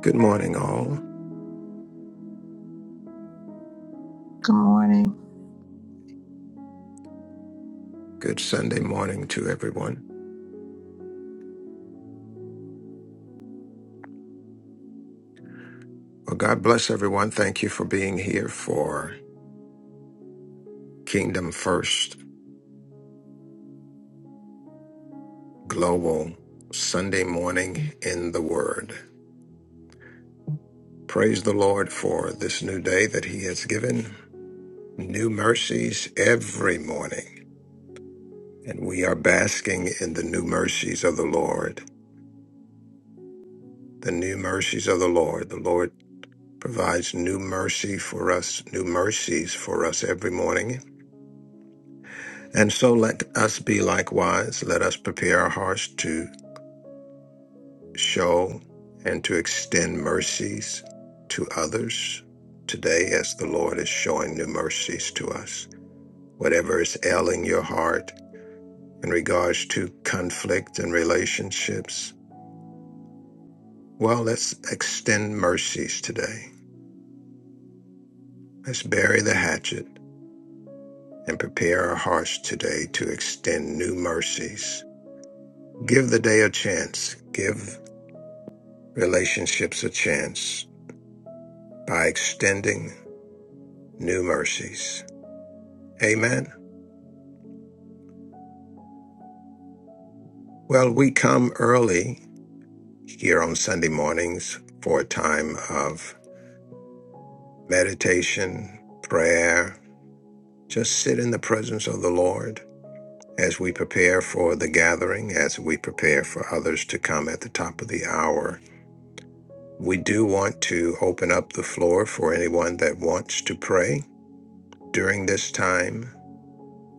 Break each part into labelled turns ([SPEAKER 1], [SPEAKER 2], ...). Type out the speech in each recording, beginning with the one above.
[SPEAKER 1] Good morning, all.
[SPEAKER 2] Good morning.
[SPEAKER 1] Good Sunday morning to everyone. Well, God bless everyone. Thank you for being here for Kingdom First Global Sunday morning in the Word. Praise the Lord for this new day that He has given, new mercies every morning. And we are basking in the new mercies of the Lord. The new mercies of the Lord. The Lord provides new mercy for us, new mercies for us every morning And so let us be likewise. Let us prepare our hearts to show and to extend mercies to others today as the Lord is showing new mercies to us. Whatever is ailing your heart in regards to conflict and relationships, well, let's extend mercies today. Let's bury the hatchet and prepare our hearts today to extend new mercies. Give the day a chance. Give relationships a chance by extending new mercies. Amen. Well, we come early here on Sunday mornings for a time of meditation, prayer, just sit in the presence of the Lord as we prepare for the gathering, as we prepare for others to come at the top of the hour. We do want to open up the floor for anyone that wants to pray during this time.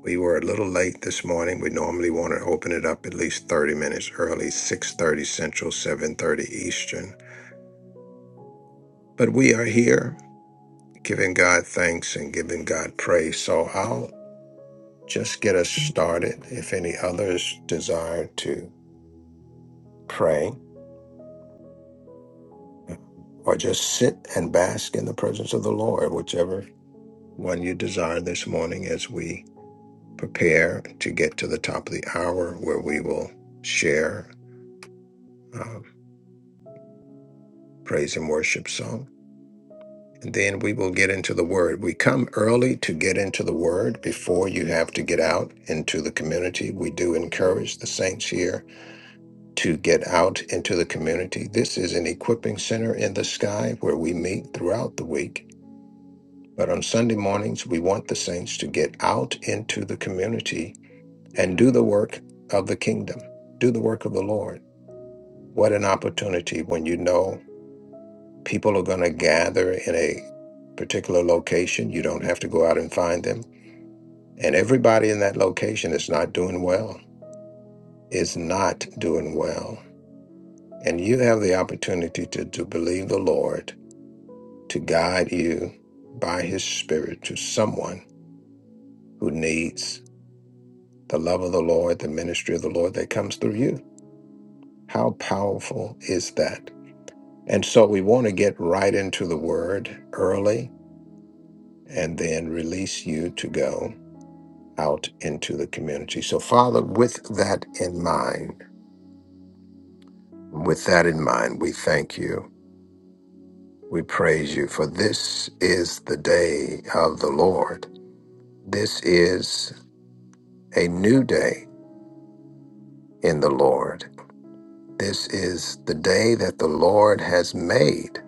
[SPEAKER 1] We were a little late this morning. We normally want to open it up at least 30 minutes early, 6:30 Central, 7:30 Eastern. But we are here giving God thanks and giving God praise. So I'll just get us started if any others desire to pray or just sit and bask in the presence of the Lord, whichever one you desire this morning as we prepare to get to the top of the hour where we will share um, praise and worship song. and then we will get into the word. We come early to get into the word before you have to get out into the community. We do encourage the saints here to get out into the community. This is an equipping center in the sky where we meet throughout the week. But on Sunday mornings, we want the saints to get out into the community and do the work of the kingdom, do the work of the Lord. What an opportunity when you know people are going to gather in a particular location. You don't have to go out and find them. And everybody in that location is not doing well, is not doing well. And you have the opportunity to, to believe the Lord to guide you by his spirit to someone who needs the love of the Lord, the ministry of the Lord that comes through you. How powerful is that? And so we want to get right into the word early and then release you to go out into the community. So, Father, with that in mind, with that in mind, we thank you. We praise you, for this is the day of the Lord. This is a new day in the Lord. This is the day that the Lord has made,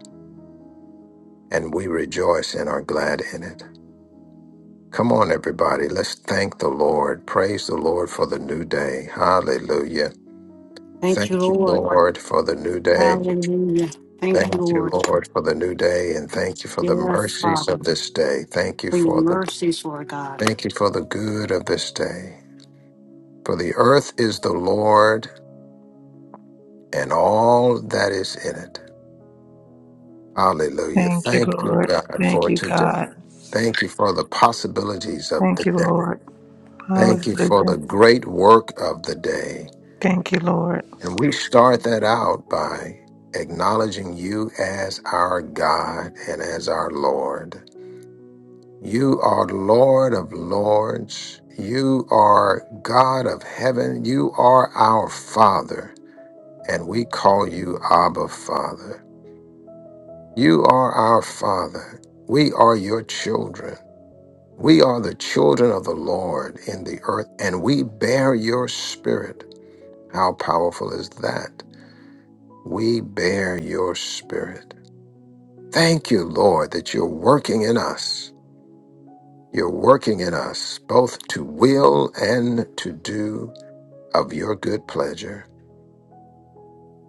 [SPEAKER 1] and we rejoice and are glad in it. Come on, everybody. Let's thank the Lord. Praise the Lord for the new day. Hallelujah.
[SPEAKER 3] Thank you,
[SPEAKER 1] Thank you,
[SPEAKER 3] Lord.
[SPEAKER 1] Lord, for the new day.
[SPEAKER 3] Hallelujah. Thank you,
[SPEAKER 1] Thank you,
[SPEAKER 3] Lord.
[SPEAKER 1] Lord, for the new day, and thank you for the
[SPEAKER 3] Yes,
[SPEAKER 1] mercies of
[SPEAKER 3] Father,
[SPEAKER 1] this day. Thank you
[SPEAKER 3] for your
[SPEAKER 1] for the
[SPEAKER 3] mercies, Lord God.
[SPEAKER 1] thank you for the good of this day. For the earth is the Lord and all that is in it. Hallelujah.
[SPEAKER 2] Thank you,
[SPEAKER 1] Thank you,
[SPEAKER 2] Lord.
[SPEAKER 1] God,
[SPEAKER 2] Thank
[SPEAKER 1] for
[SPEAKER 2] you,
[SPEAKER 1] today.
[SPEAKER 2] God.
[SPEAKER 1] Thank you for the possibilities of
[SPEAKER 2] Thank
[SPEAKER 1] the
[SPEAKER 2] you,
[SPEAKER 1] day.
[SPEAKER 2] Lord.
[SPEAKER 1] Thank you for the
[SPEAKER 2] Hallelujah.
[SPEAKER 1] great work of the day.
[SPEAKER 2] Thank you, Lord.
[SPEAKER 1] And we start that out by acknowledging you as our God and as our Lord. You are Lord of Lords. You are God of heaven. You are our Father, and we call you Abba Father. You are our Father. We are your children. We are the children of the Lord in the earth, and we bear your spirit. How powerful is that? We bear your spirit. Thank you, Lord, that you're working in us You're working in us both to will and to do of your good pleasure.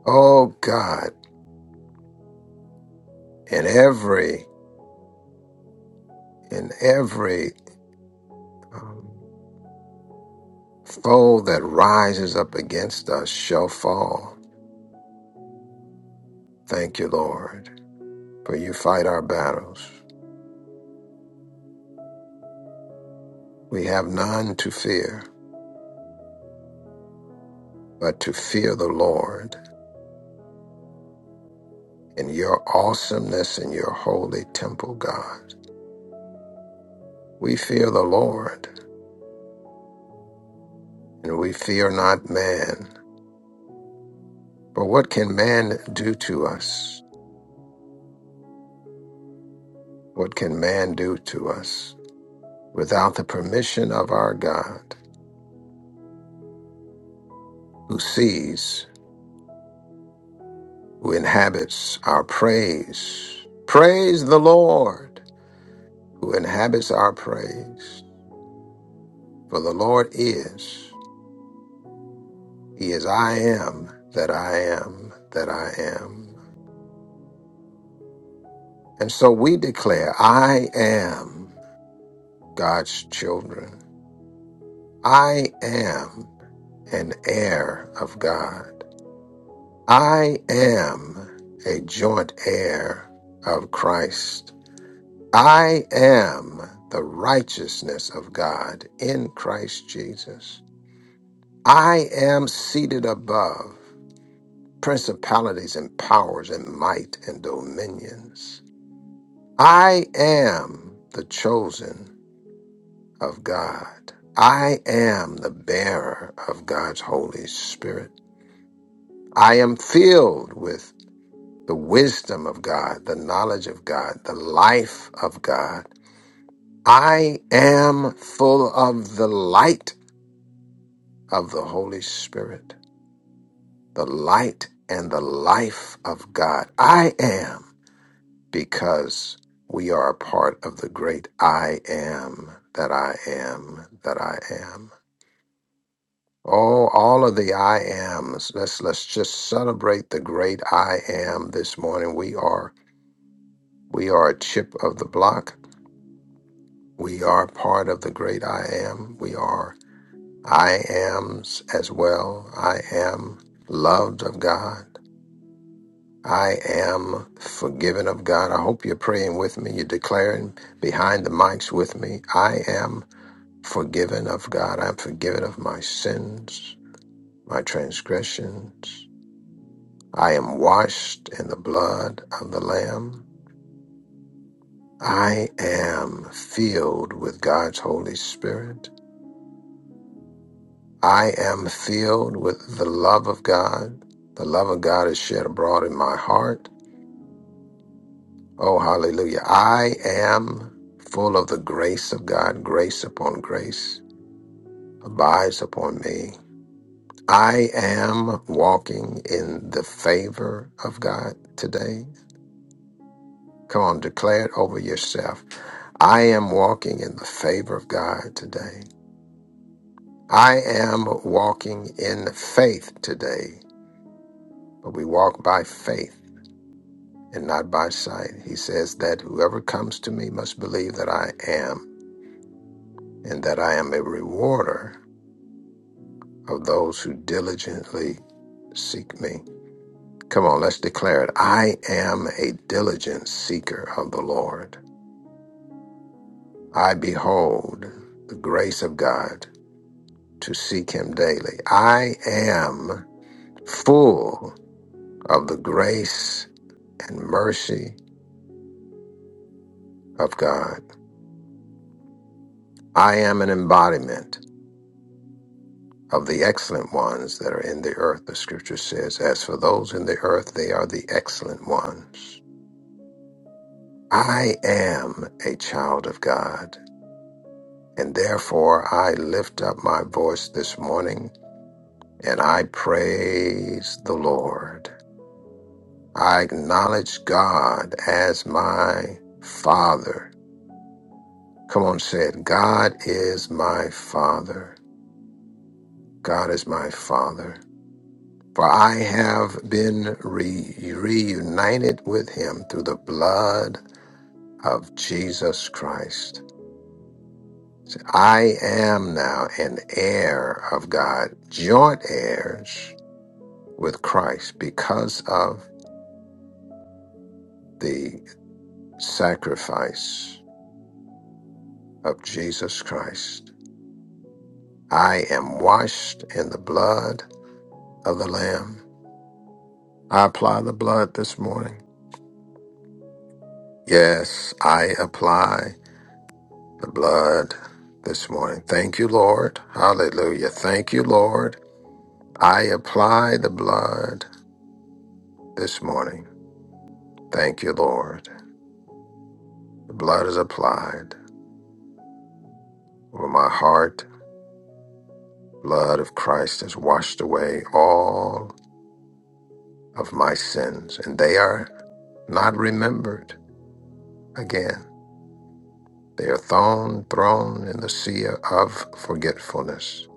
[SPEAKER 1] Oh God, in every in every um, foe that rises up against us shall fall. Thank you, Lord, for you fight our battles. We have none to fear, but to fear the Lord in your awesomeness in your holy temple, God. We fear the Lord, and we fear not man. But what can man do to us? What can man do to us without the permission of our God who sees, who inhabits our praise? Praise the Lord who inhabits our praise. For the Lord is, He is I am that I am that I am. And so we declare, I am God's children. I am an heir of God. I am a joint heir of Christ. I am the righteousness of God in Christ Jesus. I am seated above principalities and powers and might and dominions. I am the chosen of God. I am the bearer of God's Holy Spirit. I am filled with the wisdom of God, the knowledge of God, the life of God. I am full of the light of the Holy Spirit, the light and the life of God. I am because we are a part of the great I am that I am that I am. Oh, all of the I ams. Let's let's just celebrate the great I am this morning. We are we are a chip of the block We are part of the great I am. We are I ams as well. I am loved of God. I am forgiven of God. I hope you're praying with me. You're declaring behind the mics with me. I am forgiven of God. I'm forgiven of my sins, my transgressions. I am washed in the blood of the Lamb. I am filled with God's Holy Spirit. I am filled with the love of God. The love of God is shed abroad in my heart. Oh, hallelujah. I am full of the grace of God. Grace upon grace abides upon me. I am walking in the favor of God today. Come on, declare it over yourself. I am walking in the favor of God today. I am walking in faith today, but we walk by faith and not by sight. He says that whoever comes to me must believe that I am, and that I am a rewarder of those who diligently seek me. Come on, let's declare it. I am a diligent seeker of the Lord. I behold the grace of God to seek him daily. I am full of the grace and mercy of God. I am an embodiment of the excellent ones that are in the earth, the scripture says, as for those in the earth, they are the excellent ones. I am a child of God, and therefore I lift up my voice this morning and I praise the Lord. I acknowledge God as my Father. Come on, say it. God is my Father. God is my Father. For I have been re- reunited with him through the blood of Jesus Christ. So I am now an heir of God, joint heirs with Christ because of the sacrifice of Jesus Christ. I am washed in the blood of the Lamb. I apply the blood this morning. Yes, I apply the blood this morning. Thank you, Lord. Hallelujah. Thank you, Lord. I apply the blood this morning. Thank you, Lord. The blood is applied over my heart. Blood of Christ has washed away all of my sins, and they are not remembered again. They are thrown, thrown in the sea of forgetfulness.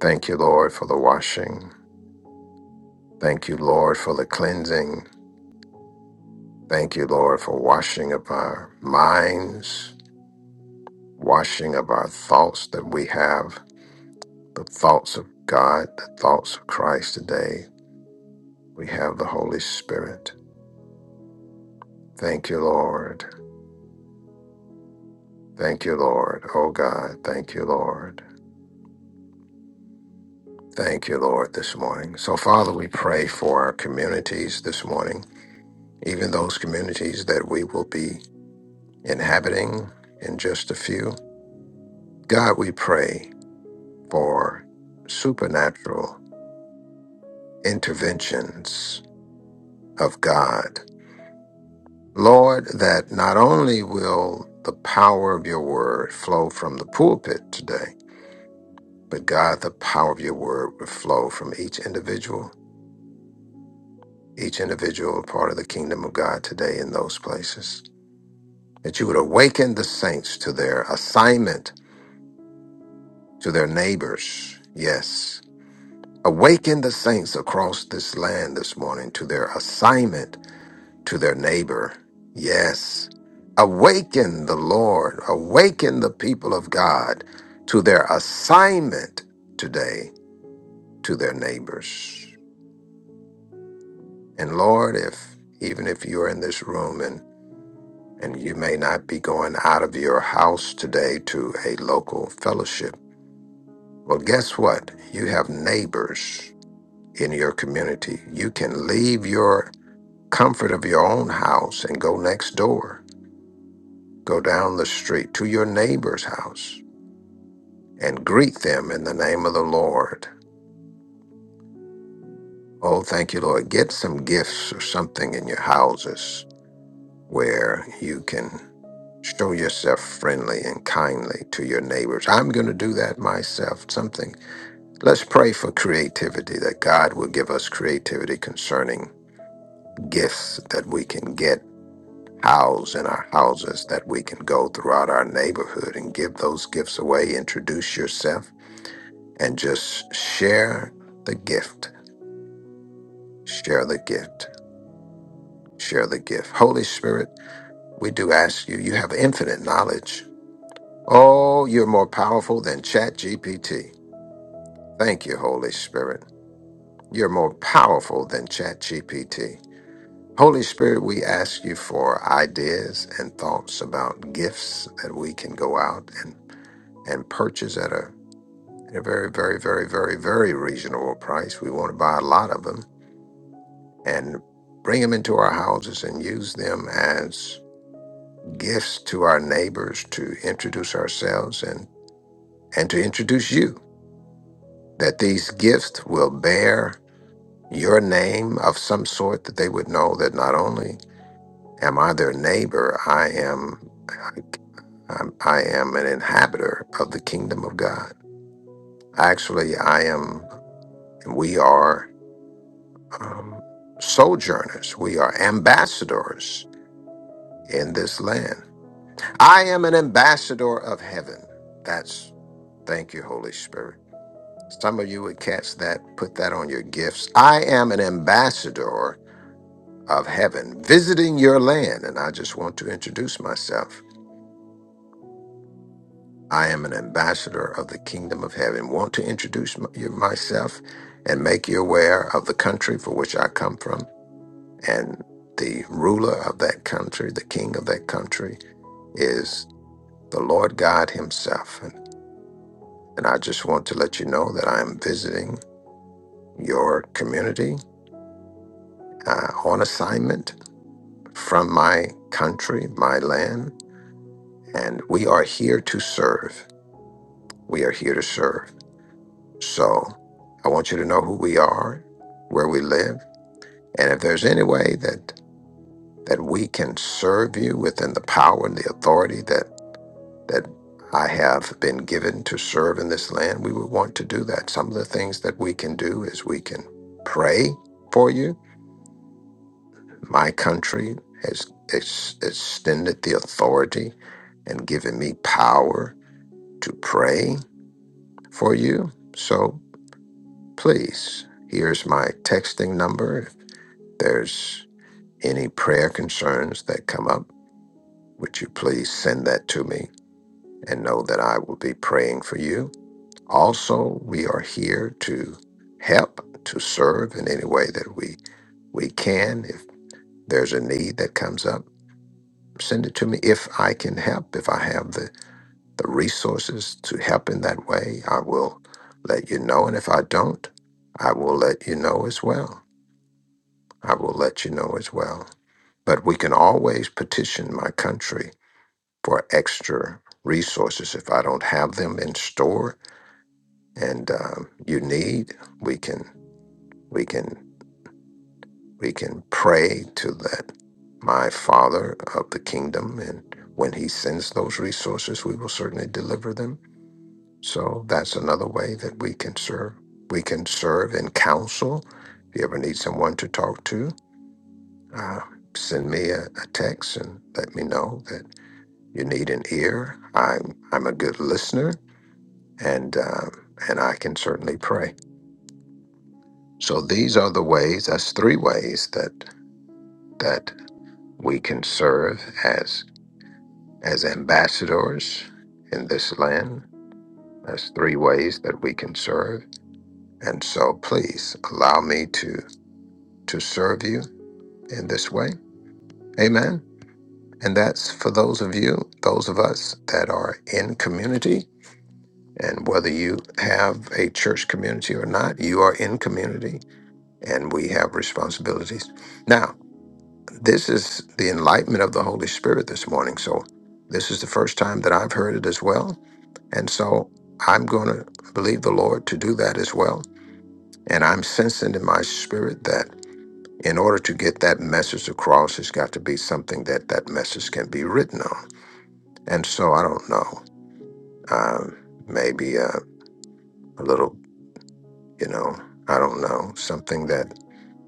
[SPEAKER 1] Thank you, Lord, for the washing. Thank you, Lord, for the cleansing. Thank you, Lord, for washing up our minds, washing up our thoughts that we have, the thoughts of God, the thoughts of Christ today. We have the Holy Spirit. Thank you, Lord. Thank you, Lord. Oh, God, thank you, Lord. Thank you, Lord, this morning. So, Father, we pray for our communities this morning, even those communities that we will be inhabiting in just a few. God, we pray for supernatural interventions of God. Lord, that not only will the power of your word flow from the pulpit today, but God, the power of your word will flow from each individual, each individual part of the kingdom of God today in those places. That you would awaken the saints to their assignment, to their neighbors. Yes. Awaken the saints across this land this morning to their assignment to their neighbor. Yes. Awaken the Lord, awaken the people of God to their assignment today to their neighbors. And Lord, if even if you're in this room and and you may not be going out of your house today to a local fellowship. Well, guess what? You have neighbors in your community. You can leave your comfort of your own house and go next door Go down the street to your neighbor's house and greet them in the name of the Lord. Oh, thank you, Lord. Get some gifts or something in your houses where you can show yourself friendly and kindly to your neighbors. I'm going to do that myself. Something. Let's pray for creativity that God will give us creativity concerning gifts that we can get house in our houses that we can go throughout our neighborhood and give those gifts away introduce yourself and just share the gift. Share the gift. Share the gift. Holy Spirit, we do ask you, you have infinite knowledge. Oh, you're more powerful than Chat GPT. Thank you, Holy Spirit. You're more powerful than Chat GPT. Holy Spirit, we ask you for ideas and thoughts about gifts that we can go out and, and purchase at a, at a very, very, very, very, very reasonable price. We want to buy a lot of them and bring them into our houses and use them as gifts to our neighbors to introduce ourselves and and to introduce you that these gifts will bear your name of some sort that they would know that not only am I their neighbor I am I'm, I am an inhabitor of the kingdom of God actually I am we are um, sojourners we are ambassadors in this land I am an ambassador of heaven. That's thank you, Holy Spirit. Some of you would catch that, put that on your gifts. I am an ambassador of heaven, visiting your land. And I just want to introduce myself. I am an ambassador of the kingdom of heaven. Want to introduce my- you- myself and make you aware of the country for which I come from. And the ruler of that country, the king of that country, is the Lord God Himself. And I just want to let you know that I am visiting your community uh, on assignment from my country, my land, and we are here to serve. We are here to serve. So I want you to know who we are, where we live, and if there's any way that that we can serve you within the power and the authority that that I have been given to serve in this land, we would want to do that. Some of the things that we can do is we can pray for you My country has ex- extended the authority and given me power to pray for you. So please, here's my texting number. If there's any prayer concerns that come up, would you please send that to me and know that I will be praying for you? Also, we are here to help, to serve in any way that we, we can. If there's a need that comes up, Send it to me if I can help, if I have the, the resources to help in that way. I will let you know. And if I don't, I will let you know as well. I will let you know as well. But we can always petition my country for extra resources if I don't have them in store and um, you need. We can we can we can pray to that my Father of the kingdom, and when He sends those resources, we will certainly deliver them So that's another way that we can serve. We can serve in counsel. If you ever need someone to talk to, uh, send me a, a text and let me know that you need an ear. I'm I'm a good listener, and uh, and I can certainly pray. So these are the ways. That's three ways that that we can serve as as ambassadors in this land. That's three ways that we can serve. And so, please allow me to. to serve you in this way. Amen. And that's for those of you, those of us that are in community. And whether you have a church community or not, you are in community and we have responsibilities. Now, this is the enlightenment of the Holy Spirit this morning. So, this is the first time that I've heard it as well. And so, I'm going to believe the Lord to do that as well. And I'm sensing in my spirit that. in order to get that message across, it's got to be something that that message can be written on. And so I don't know, um, maybe uh, a little, you know, I don't know, something that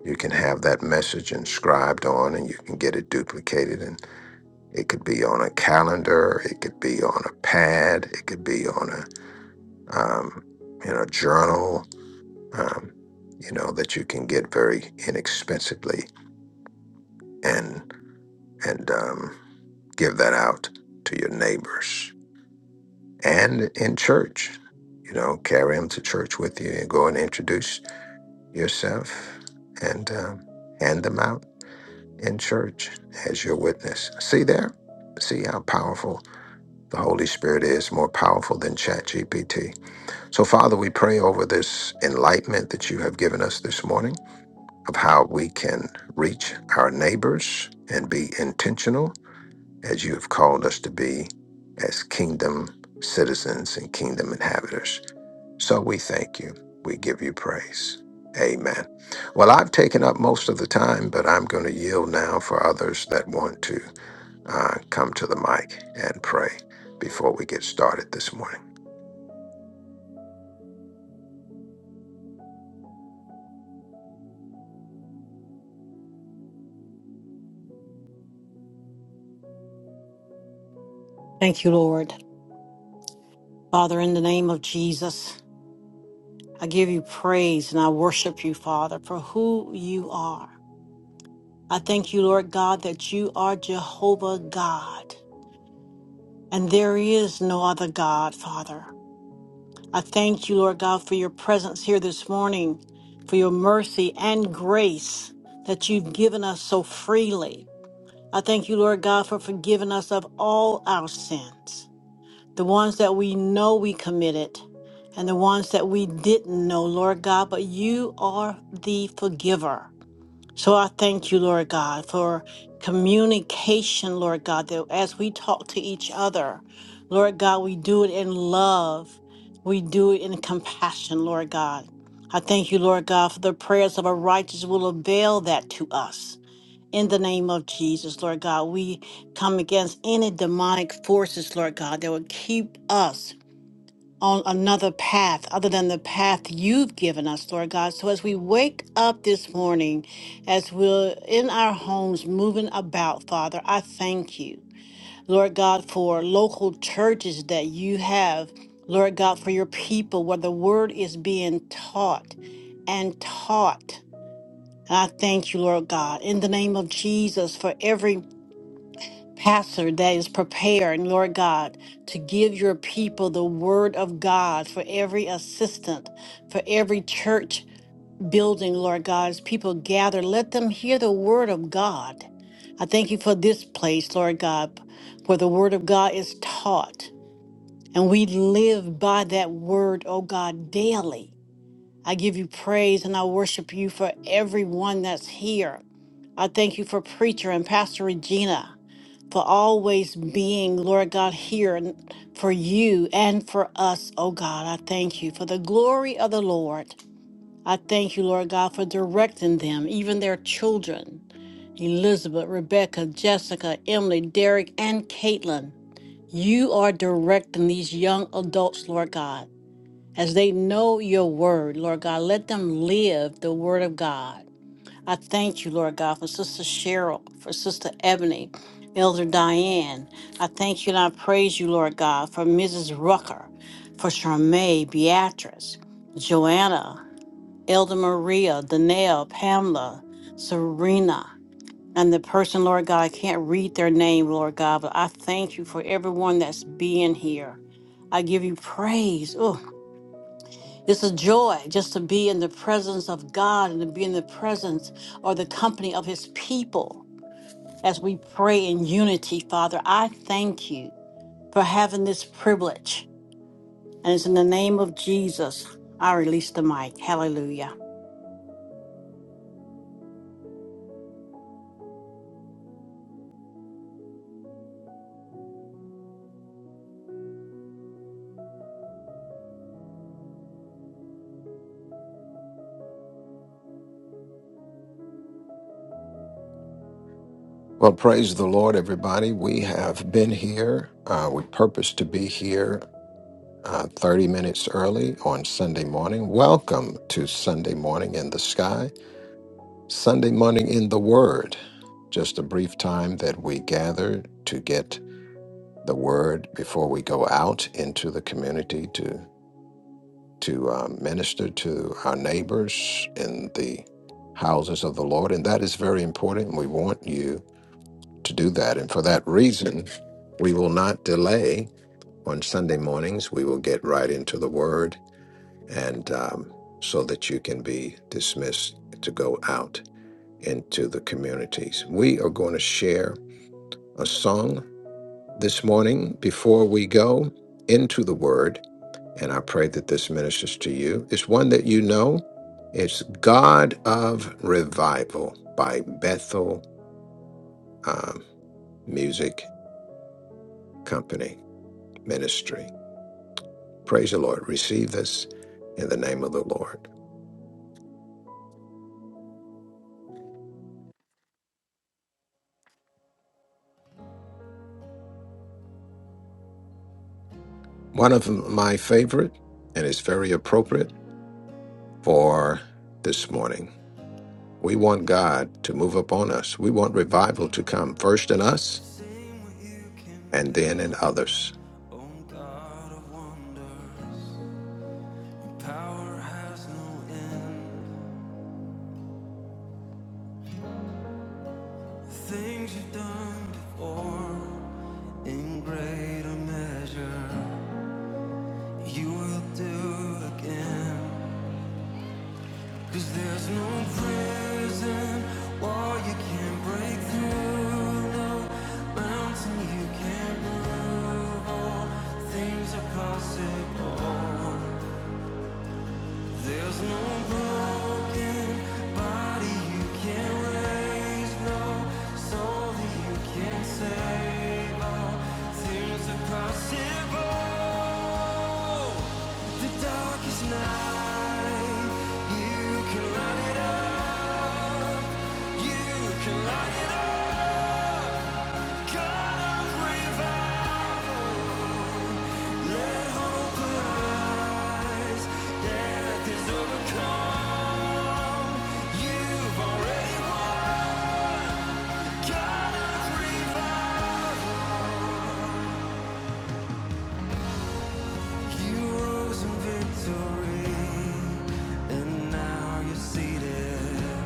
[SPEAKER 1] you can have that message inscribed on and you can get it duplicated. And it could be on a calendar, it could be on a pad, it could be on a, um, you know, journal, um, you know, that you can get very inexpensively. And, and, um, give that out to your neighbors and in church. You know, carry them to church with you and go and introduce yourself and um, hand them out in church as your witness. See there? See how powerful the Holy Spirit is, more powerful than ChatGPT. So, Father, we pray over this enlightenment that you have given us this morning of how we can reach our neighbors and be intentional as you have called us to be as kingdom citizens and kingdom inhabitants. So we thank you. We give you praise. Amen. Well, I've taken up most of the time, but I'm going to yield now for others that want to uh, come to the mic and pray before we get started this morning.
[SPEAKER 3] Thank you, Lord. Father, in the name of Jesus, I give you praise and I worship you, Father, for who you are. I thank you, Lord God, that you are Jehovah God, and there is no other God, Father. I thank you, Lord God, for your presence here this morning, for your mercy and grace that you've given us so freely. I thank you, Lord God, for forgiving us of all our sins, the ones that we know we committed and the ones that we didn't know, Lord God, but you are the forgiver. So I thank you, Lord God, for communication, Lord God, that as we talk to each other, Lord God, we do it in love. We do it in compassion, Lord God. I thank you, Lord God, for the prayers of a righteous will avail that to us. In the name of Jesus, Lord God, we come against any demonic forces, Lord God, that would keep us on another path other than the path you've given us, Lord God. So as we wake up this morning, as we're in our homes moving about, Father, I thank you, Lord God, for local churches that you have, Lord God, for your people where the word is being taught and taught. And I thank you, Lord God, in the name of Jesus for every pastor that is preparing, Lord God, to give your people the word of God for every assistant, for every church building, Lord God, as people gather, let them hear the word of God. I thank you for this place, Lord God, where the word of God is taught. And we live by that word, oh God, daily. I give you praise and I worship you for everyone that's here. I thank you for Preacher and Pastor Regina for always being, Lord God, here and for you and for us, oh God. I thank you for the glory of the Lord. I thank you, Lord God, for directing them, even their children, Elizabeth, Rebecca, Jessica, Emily, Derek, and Caitlin. You are directing these young adults, Lord God as they know your word, Lord God. Let them live the word of God. I thank you, Lord God, for Sister Cheryl, for Sister Ebony, Elder Diane. I thank you and I praise you, Lord God, for Mrs. Rucker, for Charmaine, Beatrice, Joanna, Elder Maria, Danelle, Pamela, Serena, and the person, Lord God, I can't read their name, Lord God, but I thank you for everyone that's being here. I give you praise. Oh, it's a joy just to be in the presence of God and to be in the presence or the company of his people as we pray in unity, Father. I thank you for having this privilege. And it's in the name of Jesus I release the mic. Hallelujah.
[SPEAKER 1] Well, praise the Lord, everybody. We have been here. Uh, we purpose to be here uh, 30 minutes early on Sunday morning. Welcome to Sunday Morning in the Sky. Sunday morning in the Word, just a brief time that we gather to get the Word before we go out into the community to to um, minister to our neighbors in the houses of the Lord, and that is very important. We want you to do that, and for that reason, we will not delay on Sunday mornings. We will get right into the Word, and um, so that you can be dismissed to go out. into the communities. We are going to share a song this morning before we go into the Word, and I pray that this ministers to you. It's one that you know. It's God of Revival by Bethel um, Music Company Ministry. Praise the Lord. Receive this in the name of the Lord. One of my favorite, and it's very appropriate for this morning. We want God to move upon us. We want revival to come first in us
[SPEAKER 4] Sing what you can
[SPEAKER 1] and then
[SPEAKER 4] do,
[SPEAKER 1] in others.
[SPEAKER 4] oh God of wonders. Your power has no end. The Things you've done before, in greater measure, you will do again. Cause there's no prison wall you can't break through, no mountain you can't move. All things are possible. There's no broken body you can raise, no soul that you can save. All things are possible. The darkest night, you can light it up. You can light it up. Revive. Let hope place. There's overcome. You, you rose in victory, and now you're seated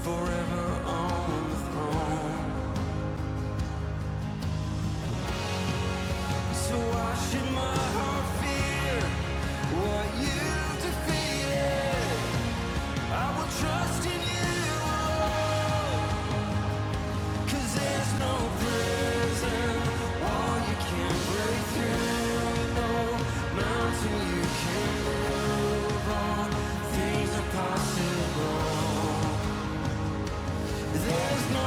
[SPEAKER 4] forever on the throne. So no no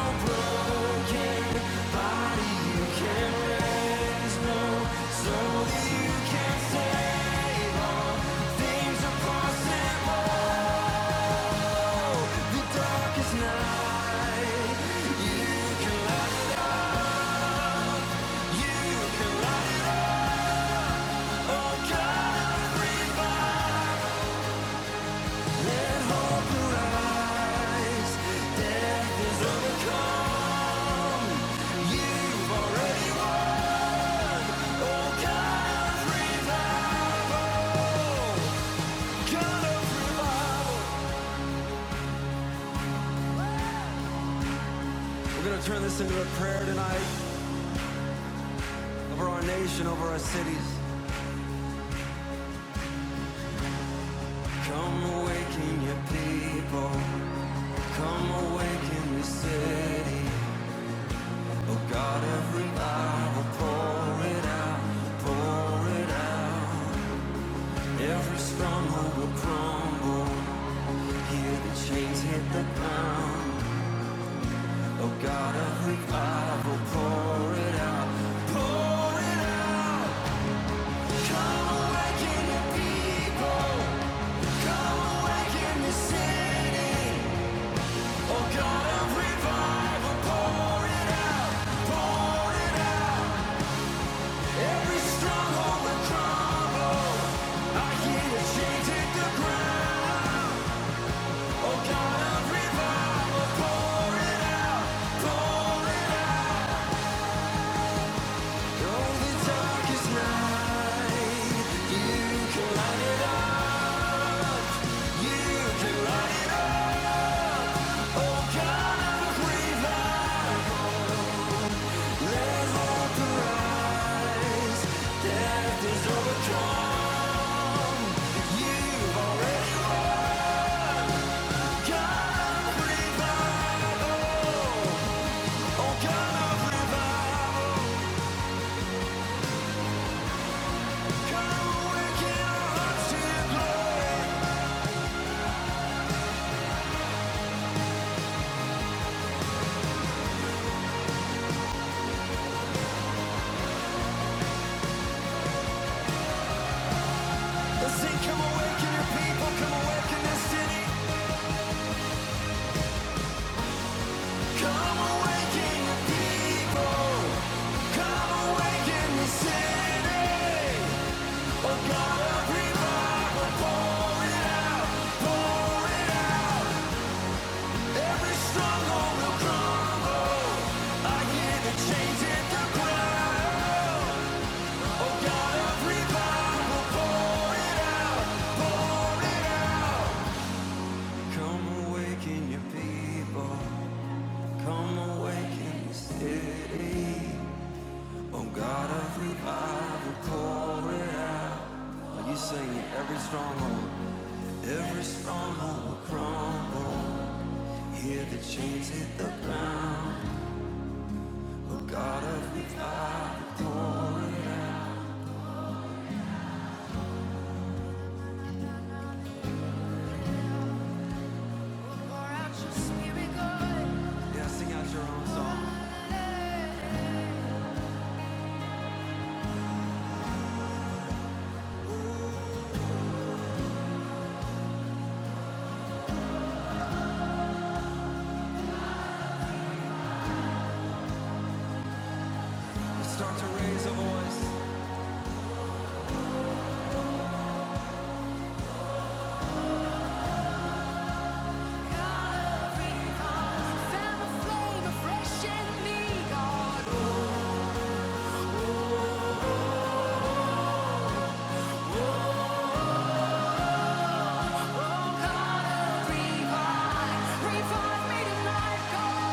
[SPEAKER 4] We're gonna turn this into a prayer tonight over our nation, over our cities. Come awaken your people. Come awaken your city. Oh God of revival, pour it out, pour it out. Every stronghold will crumble. Hear the chains hit the ground. Oh God of revival, pour it out. Pour it out. Come awaken the people. Come awaken the city. Oh God of revival. Every stronghold will crumble. I hear the chains hit the ground. Oh, the darkest night. Overcome you, God. Oh God of revival. Every stronghold, every stronghold will crumble. Hear the chains hit the ground. Oh God of revival, pour it out. Pour out your spirit, God. Now sing out your own song. Start to raise a voice. A recall, Fan a flame afresh in me, God. Oh, God, revive. Revive me tonight, God.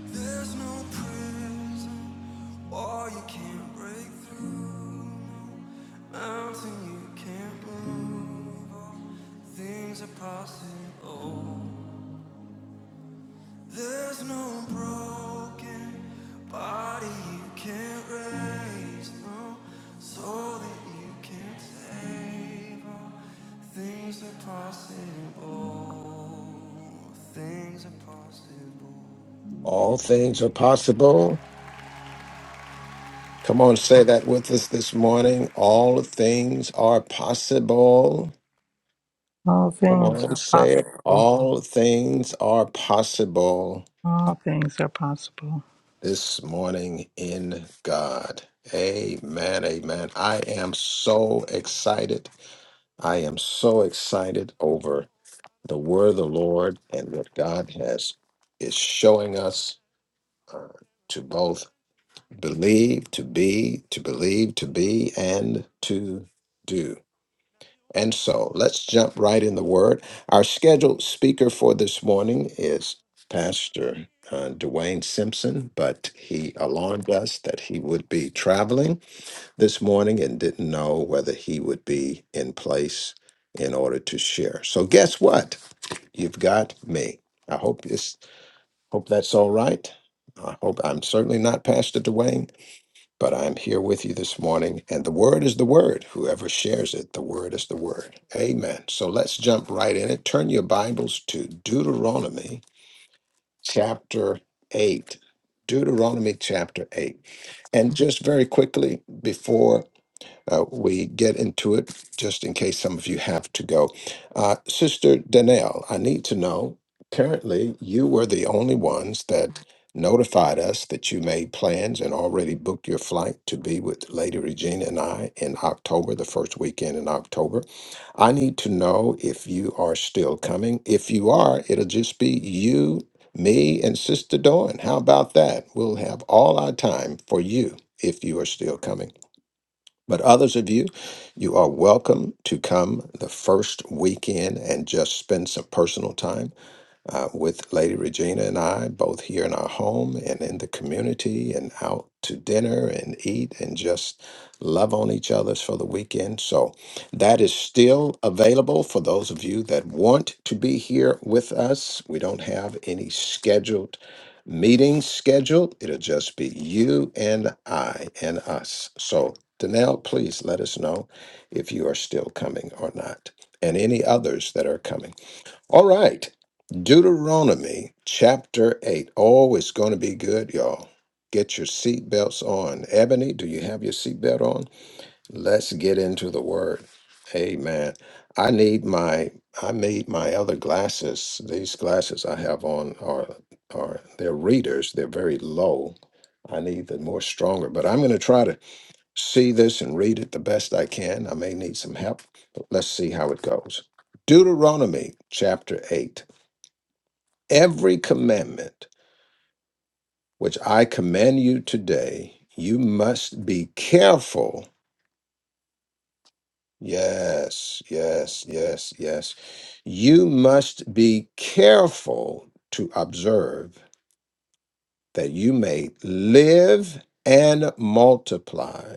[SPEAKER 4] There's no prison or you can't break through. Mountain you can't move. All things are possible. There's no broken body you can't raise, no soul that you can't save. All things are possible, things are possible.
[SPEAKER 1] All things are possible. Come on, say that with us this morning. All things are possible.
[SPEAKER 2] All
[SPEAKER 1] Come
[SPEAKER 2] things
[SPEAKER 1] on,
[SPEAKER 2] are
[SPEAKER 1] say it.
[SPEAKER 2] possible.
[SPEAKER 1] All things are possible
[SPEAKER 2] All things are possible.
[SPEAKER 1] this morning in God. Amen. Amen. I am so excited. I am so excited over the word of the Lord and what God has is showing us uh, to both believe, to be, to believe, to be, and to do. And so let's jump right in the word. Our scheduled speaker for this morning is Pastor uh, Dwayne Simpson, but he alarmed us that he would be traveling this morning and didn't know whether he would be in place in order to share. So, guess what? You've got me. I hope this hope that's all right. I hope I'm certainly not Pastor Dwayne, but I'm here with you this morning. And the word is the word. Whoever shares it, the word is the word. Amen. So let's jump right in it. Turn your Bibles to Deuteronomy chapter 8. Deuteronomy chapter 8. And just very quickly before uh, we get into it just in case some of you have to go. Uh, Sister Danelle, I need to know currently, you were the only ones that notified us that you made plans and already booked your flight to be with Lady Regina and I in October, the first weekend in October. I need to know if you are still coming. If you are, it'll just be you, me, and Sister Dawn. How about that? We'll have all our time for you if you are still coming. But others of you, you are welcome to come the first weekend and just spend some personal time uh, with Lady Regina and I, both here in our home and in the community and out to dinner and eat and just love on each other for the weekend. So that is still available for those of you that want to be here with us. We don't have any scheduled meetings scheduled. It'll just be you and I and us. So Danelle, please let us know if you are still coming or not, and any others that are coming. All right. Deuteronomy chapter 8. Oh, it's going to be good, y'all. Get your seatbelts on. Ebony, do you have your seatbelt on? Let's get into the word. Amen. I need my I need my other glasses. These glasses I have on are are they're readers. They're very low. I need the more stronger, but I'm going to try to see this and read it the best I can. I may need some help, but let's see how it goes. Deuteronomy chapter 8 every commandment which I command you today, you must be careful. Yes, yes, yes, yes. You must be careful to observe that you may live and multiply.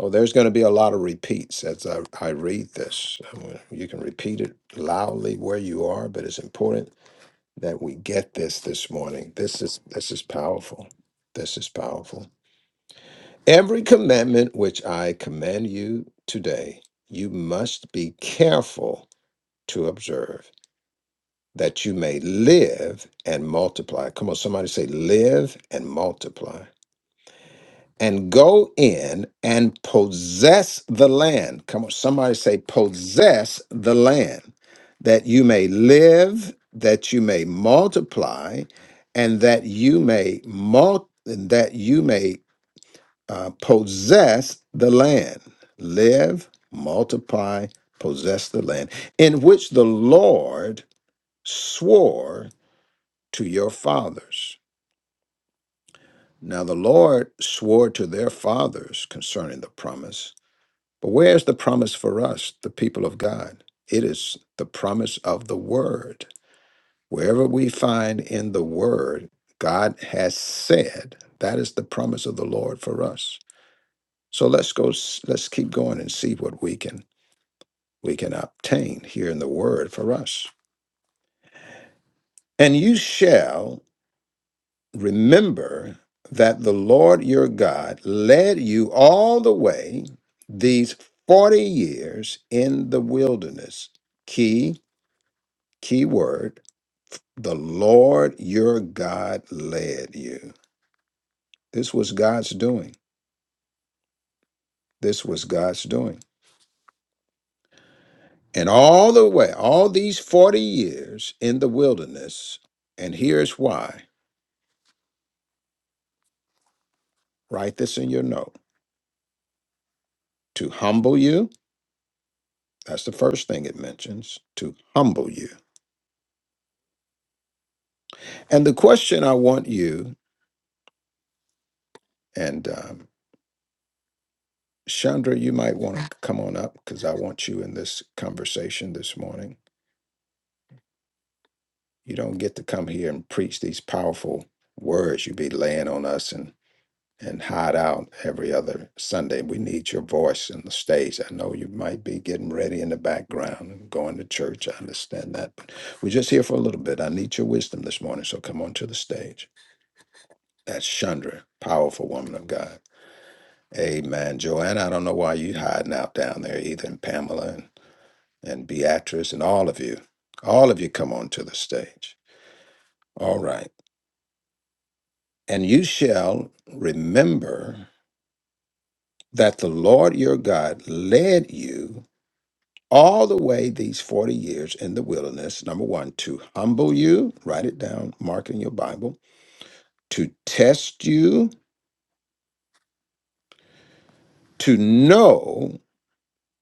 [SPEAKER 1] Oh, there's going to be a lot of repeats as I, I read this. I'm gonna- You can repeat it loudly where you are, but it's important that we get this this morning. This is this is powerful. This is powerful. Every commandment which I command you today, you must be careful to observe that you may live and multiply. Come on, somebody say, live and multiply. And go in and possess the land. Come on, somebody say, possess the land, that you may live, that you may multiply, and that you may multiply. That you may uh, possess the land, live, multiply, possess the land, in which the Lord swore to your fathers. Now, the Lord swore to their fathers concerning the promise, but where's the promise for us, the people of God? It is the promise of the Word. Wherever we find in the Word, God has said, that is the promise of the Lord for us. So let's go, s- let's keep going and see what we can we can obtain here in the word for us. And you shall remember that the Lord your God led you all the way these 40 years in the wilderness. Key, key word, the Lord your God led you. This was God's doing. This was God's doing. And all the way, all these 40 years in the wilderness, and here's why. Write this in your note. to humble you. That's the first thing it mentions to humble you. And the question I want you and um, Chandra, you might want to come on up because I want you in this conversation this morning. You don't get to come here and preach these powerful words you be laying on us and and hide out every other Sunday. We need your voice in the stage. I know you might be getting ready in the background and going to church. I understand that. But we're just here for a little bit. I need your wisdom this morning. So come on to the stage. That's Chandra, powerful woman of God. Amen. Joanna, I don't know why you hiding out down there either, and Pamela and, and Beatrice and all of you. All of you come onto the stage. All right. And you shall remember that the Lord your God led you all the way these 40 years in the wilderness, number one, to humble you, write it down, mark it in your Bible, to test you, to know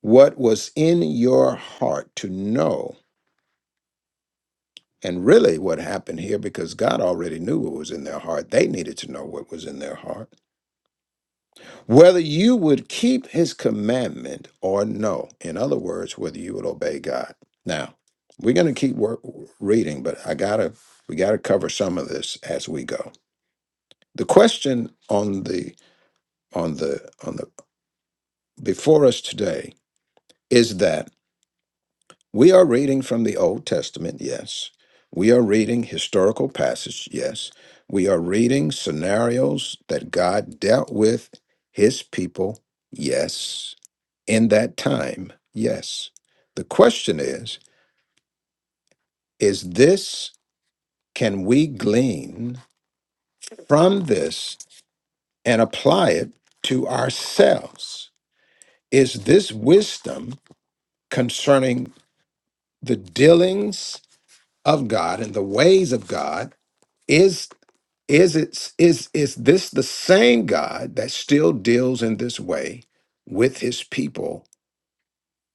[SPEAKER 1] what was in your heart to know And really, what happened here, because God already knew what was in their heart, they needed to know what was in their heart. Whether you would keep his commandment or no. In other words, whether you would obey God. Now, we're going to keep wor- reading, but I gotta we gotta cover some of this as we go. The question on the on the on the before us today is that We are reading from the Old Testament, yes. We are reading historical passage, yes. We are reading scenarios that God dealt with his people, yes. In that time, yes. The question is, is this can we glean from this and apply it to ourselves? Is this wisdom concerning the dealings of God and the ways of God Is Is it is is this the same God that still deals in this way with his people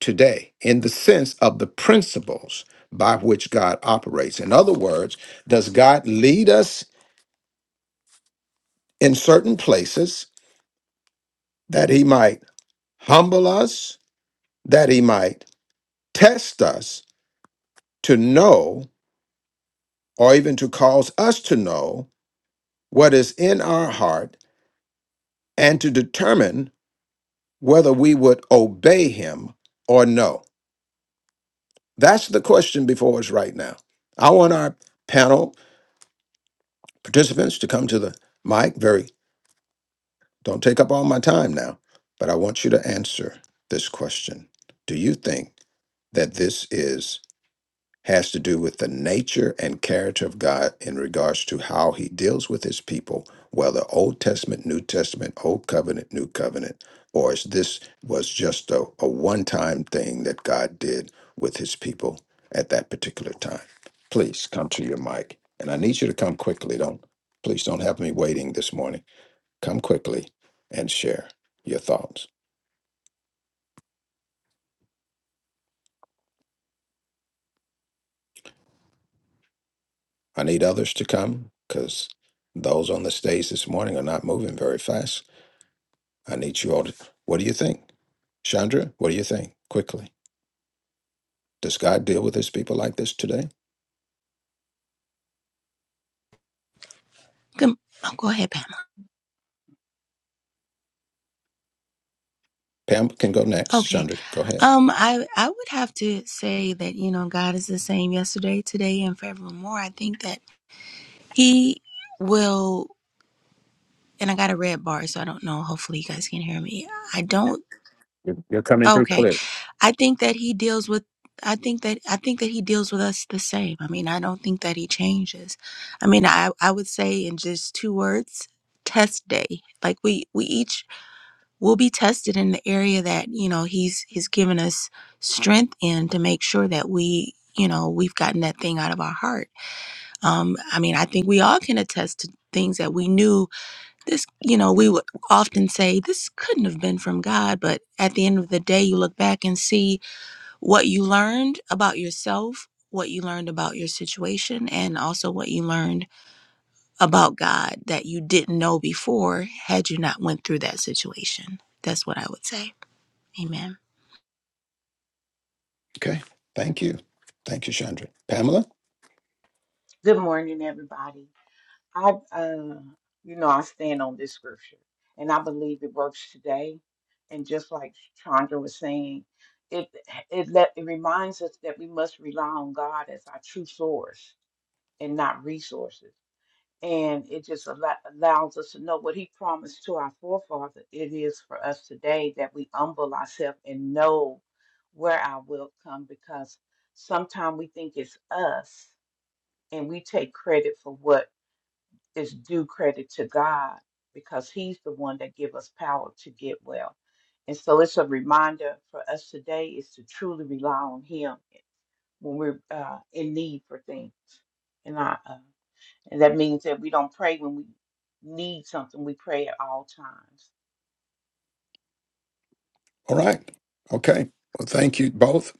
[SPEAKER 1] today in the sense of the principles by which God operates? In other words, does God lead us in certain places that he might humble us, that he might test us to know or even to cause us to know what is in our heart and to determine whether we would obey him or no? That's the question before us right now. I want our panel participants to come to the mic. Very, don't take up all my time now, but I want you to answer this question. Do you think that this is? has to do with the nature and character of God in regards to how he deals with his people, whether Old Testament, New Testament, Old Covenant, New Covenant, or is this was just a, a one time thing that God did with his people at that particular time. Please come to your mic. And I need you to come quickly. Don't please don't have me waiting this morning. Come quickly and share your thoughts. I need others to come because those on the stage this morning are not moving very fast. I need you all to. What do you think? Chandra, what do you think? Quickly. Does God deal with his people like this today?
[SPEAKER 5] Good, oh, go ahead, Pam.
[SPEAKER 1] Pam can go next.
[SPEAKER 5] Okay.
[SPEAKER 1] Chandra, go ahead.
[SPEAKER 5] Um, I I would have to say that you know God is the same yesterday, today, and forevermore. I think that He will. And I got a red bar, so I don't know. Hopefully, you guys can hear me. I don't. Okay.
[SPEAKER 1] Okay.
[SPEAKER 5] I think that He deals with. I think that I think that he deals with us the same. I mean, I don't think that he changes. I mean, I I would say in just two words, test day. Like we we each we'll be tested in the area that you know he's he's given us strength in to make sure that we you know we've gotten that thing out of our heart um i mean i think we all can attest to things that we knew this you know we would often say this couldn't have been from god but at the end of the day you look back and see what you learned about yourself what you learned about your situation and also what you learned about god that you didn't know before had you not went through that situation that's what i would say Amen.
[SPEAKER 1] Okay. Thank you. Thank you, Chandra. Pamela?
[SPEAKER 6] Good morning, everybody. I, uh, you know, I stand on this scripture, and I believe it works today. And just like Chandra was saying, it it let it reminds us that we must rely on God as our true source and not resources. And it just allo- allows us to know what He promised to our forefather. It is for us today that we humble ourselves and know where our will come, because sometimes we think it's us, and we take credit for what is due credit to God because He's the one that give us power to get well. And so it's a reminder for us today is to truly rely on Him when we're uh, in need for things. And, I, uh, and that means that we don't pray when we need something, we pray at all times.
[SPEAKER 1] All right. Okay. Well, thank you both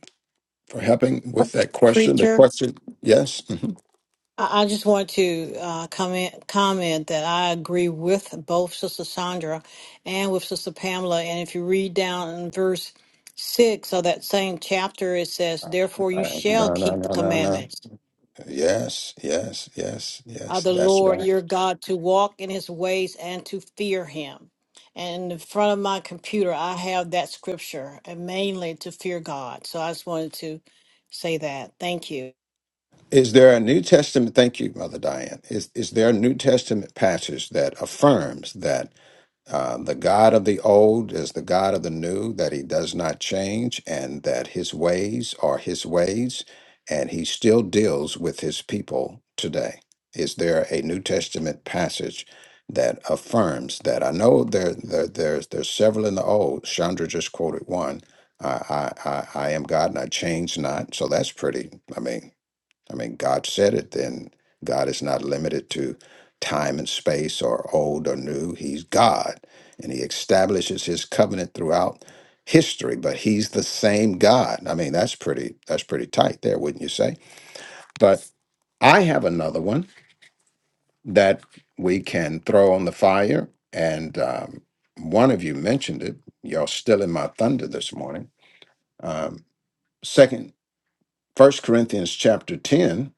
[SPEAKER 1] for helping with that question. The
[SPEAKER 3] Preacher.
[SPEAKER 1] question, yes. Mhm.
[SPEAKER 3] I I just want to uh, comment comment that I agree with both Sister Sandra and with Sister Pamela. And if you read down in verse six of that same chapter, it says, "Therefore you
[SPEAKER 1] Uh,
[SPEAKER 3] shall
[SPEAKER 1] no, no,
[SPEAKER 3] keep
[SPEAKER 1] no,
[SPEAKER 3] the
[SPEAKER 1] no, no.
[SPEAKER 3] commandments
[SPEAKER 1] Yes, yes, yes,
[SPEAKER 3] of
[SPEAKER 1] yes.
[SPEAKER 3] the
[SPEAKER 1] That's
[SPEAKER 3] Lord
[SPEAKER 1] right.
[SPEAKER 3] your God to walk in His ways and to fear Him." And in front of my computer, I have that scripture, and mainly to fear God. So I just wanted to say that. Thank you.
[SPEAKER 1] Is there a New Testament? Thank you, Mother Diane. Is is there a New Testament passage that affirms that? Uh, the God of the old is the God of the new, that he does not change, and that his ways are his ways, and he still deals with his people today. Is there a New Testament passage that affirms that? I know there, there there's there's several in the old. Chandra just quoted one. I, I I I am God and I change not. So that's pretty. I mean, I mean, God said it, then God is not limited to time and space or old or new. He's God, and He establishes His covenant throughout history, but He's the same God. I mean, that's pretty, that's pretty tight there, wouldn't you say? But I have another one that we can throw on the fire. And um, one of you mentioned it. You're still in my thunder this morning. Um, second, First Corinthians chapter 10,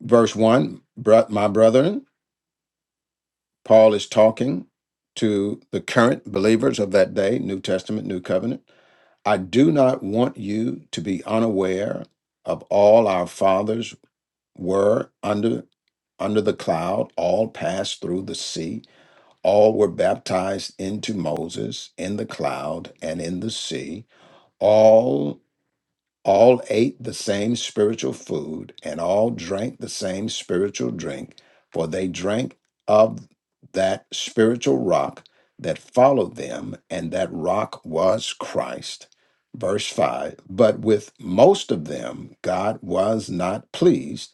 [SPEAKER 1] verse 1, bro- my brethren, Paul is talking to the current believers of that day, New Testament, New Covenant. I do not want you to be unaware of all our fathers were under under the cloud, all passed through the sea, all were baptized into Moses in the cloud and in the sea. All all ate the same spiritual food, and all drank the same spiritual drink, for they drank of that spiritual rock that followed them, and that rock was Christ. Verse 5 But with most of them God was not pleased,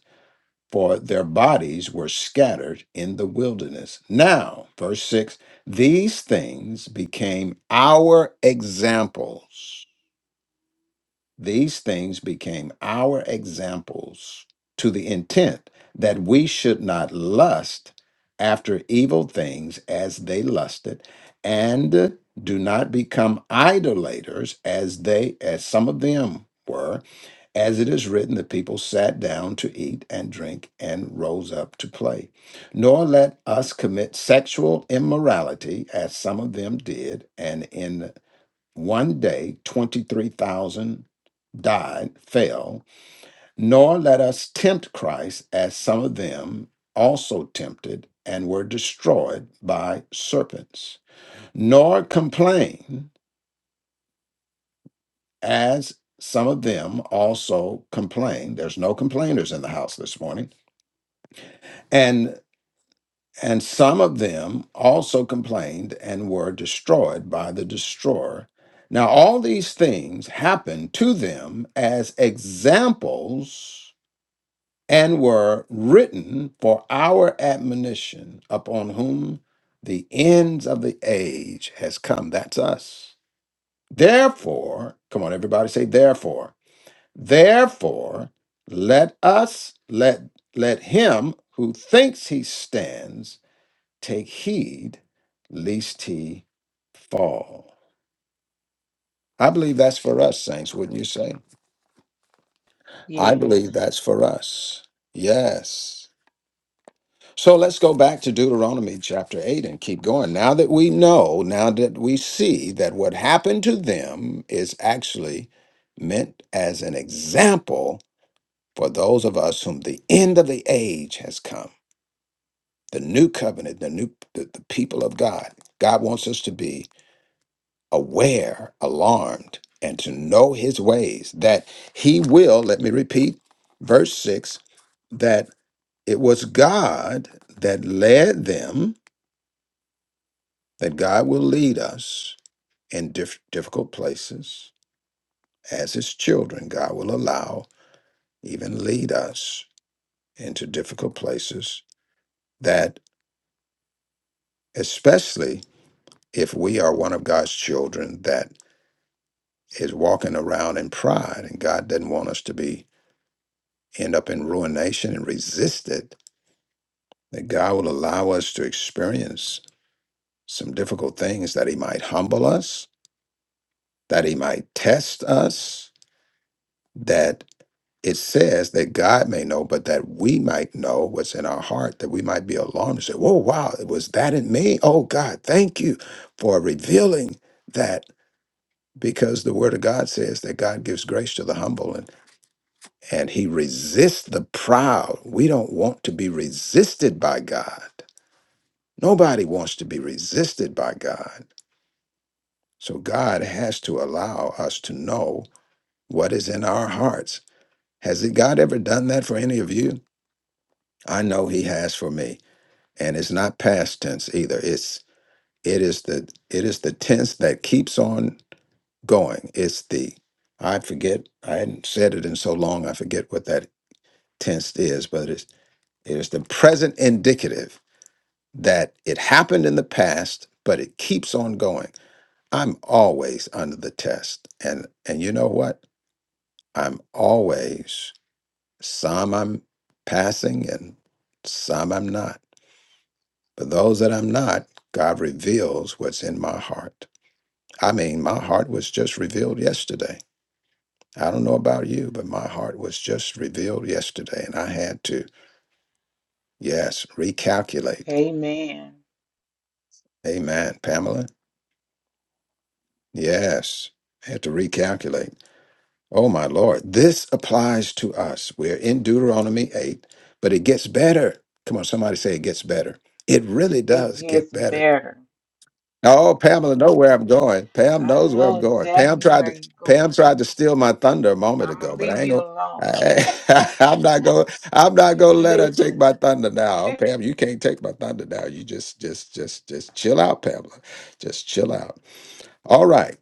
[SPEAKER 1] for their bodies were scattered in the wilderness. Now, verse 6 These things became our examples these things became our examples to the intent that we should not lust after evil things as they lusted, and do not become idolaters as they, as some of them were. As it is written, the people sat down to eat and drink and rose up to play. Nor let us commit sexual immorality as some of them did, and in one day, 23,000 died, fell. Nor let us tempt Christ, as some of them also tempted and were destroyed by serpents. Nor complain, as some of them also complained. There's no complainers in the house this morning. and. And some of them also complained and were destroyed by the destroyer. Now, all these things happened to them as examples and were written for our admonition upon whom the ends of the age has come. That's us. Therefore, come on, everybody say, therefore. Therefore, let us, let, let him who thinks he stands Take heed lest he fall. I believe that's for us, saints, wouldn't you say? I
[SPEAKER 6] Yes.
[SPEAKER 1] believe that's for us. Yes. So let's go back to Deuteronomy chapter 8 and keep going. Now that we know, now that we see that what happened to them is actually meant as an example for those of us whom the end of the age has come, the new covenant, the new the, the people of God. God wants us to be aware, alarmed, and to know his ways, that he will, let me repeat, verse 6, that it was God that led them, that God will lead us in diff- difficult places. As his children, God will allow, even lead us into difficult places, that especially if we are one of God's children that is walking around in pride and God doesn't want us to be end up in ruination and resist it, that God will allow us to experience some difficult things, that He might humble us, that He might test us, that it says that God may know, but that we might know what's in our heart, that we might be alarmed and say, Whoa, wow, it was that in me? Oh, God, thank you for revealing that. Because the word of God says that God gives grace to the humble and, and he resists the proud. We don't want to be resisted by God. Nobody wants to be resisted by God. So God has to allow us to know what is in our hearts. Has it- God ever done that for any of you? I know he has for me. And it's not past tense either. It's it is the it is the tense that keeps on going. It's the I forget I hadn't said it in so long I forget what that tense is, but it's it is the present indicative that it happened in the past, but it keeps on going I'm always under the test. And and you know what? I'm always some I'm passing and some I'm not. But those that I'm not, God reveals what's in my heart. I mean, my heart was just revealed yesterday. I don't know about you, but my heart was just revealed yesterday and I had to, yes, recalculate.
[SPEAKER 6] Amen.
[SPEAKER 1] Amen, Pamela. Yes, I had to recalculate. Oh, my Lord. This applies to us. We're in Deuteronomy 8, but it gets better. Come on, somebody say it gets better. It really
[SPEAKER 6] It
[SPEAKER 1] does get
[SPEAKER 6] gets
[SPEAKER 1] better.
[SPEAKER 6] better.
[SPEAKER 1] Oh, Pamela know where I'm going. Pam
[SPEAKER 6] I
[SPEAKER 1] knows where
[SPEAKER 6] know
[SPEAKER 1] I'm going. Pam
[SPEAKER 6] exactly
[SPEAKER 1] tried
[SPEAKER 6] where
[SPEAKER 1] to
[SPEAKER 6] you're
[SPEAKER 1] Pam
[SPEAKER 6] going.
[SPEAKER 1] tried to steal my thunder a moment
[SPEAKER 6] I'm going to
[SPEAKER 1] ago, but I
[SPEAKER 6] leave
[SPEAKER 1] ain't
[SPEAKER 6] you
[SPEAKER 1] gonna
[SPEAKER 6] alone
[SPEAKER 1] I, I'm not going. I'm not going to
[SPEAKER 6] and
[SPEAKER 1] let her take
[SPEAKER 6] listen.
[SPEAKER 1] my thunder now, Oh, Pam. You can't take my thunder now. You just, just, just, just chill out, Pamela. Just chill out. All right.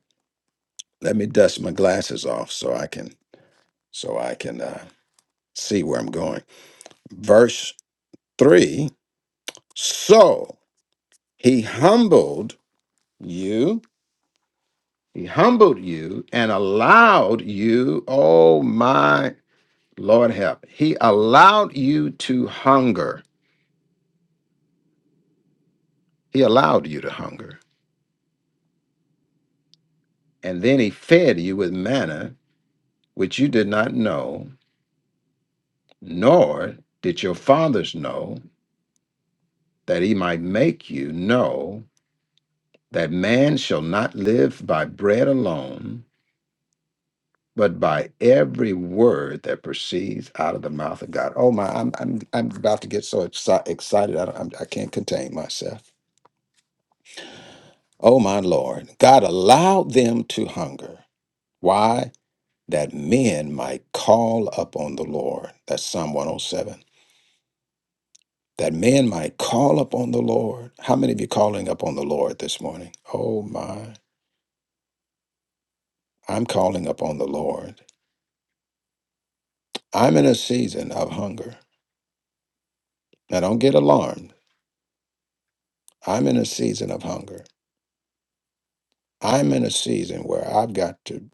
[SPEAKER 1] Let me dust my glasses off so I can, so I can uh, see where I'm going. Verse 3 So he humbled you, he humbled you and allowed you, oh my Lord help, he allowed you to hunger. He allowed you to hunger. And then he fed you with manna, which you did not know, nor did your fathers know, that he might make you know that man shall not live by bread alone but by every word that proceeds out of the mouth of God. Oh my, I'm I'm I'm about to get so exci- excited. I don't, I'm, I can't contain myself. Oh my Lord, God allowed them to hunger. Why? That men might call upon the Lord. That's Psalm 107. That men might call upon the Lord. How many of you calling upon the Lord this morning? Oh my, I'm calling upon the Lord. I'm in a season of hunger. Now don't get alarmed. I'm in a season of hunger. I'm in a season where I've got to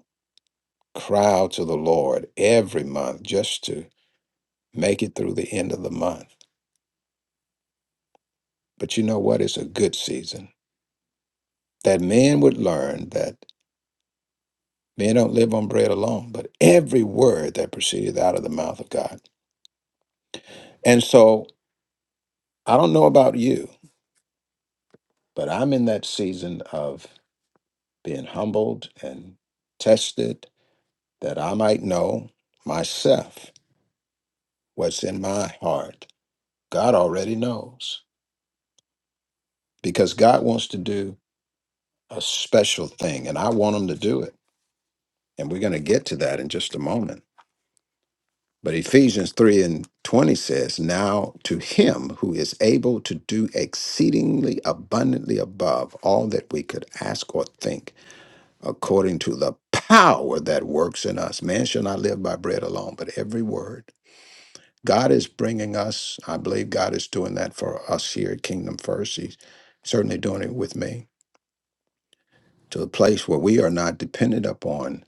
[SPEAKER 1] cry out to the Lord every month just to make it through the end of the month. But you know what? It's a good season that men would learn that men don't live on bread alone, but every word that proceedeth out of the mouth of God. And so I don't know about you, but I'm in that season of being humbled and tested that I might know myself what's in my heart. God already knows. because God wants to do a special thing, and I want Him to do it. And we're going to get to that in just a moment. But Ephesians 3 and 20 says, Now to Him who is able to do exceedingly abundantly above all that we could ask or think, according to the power that works in us. Man shall not live by bread alone, but every word. God is bringing us, I believe God is doing that for us here at Kingdom First. He's certainly doing it with me to a place where we are not dependent upon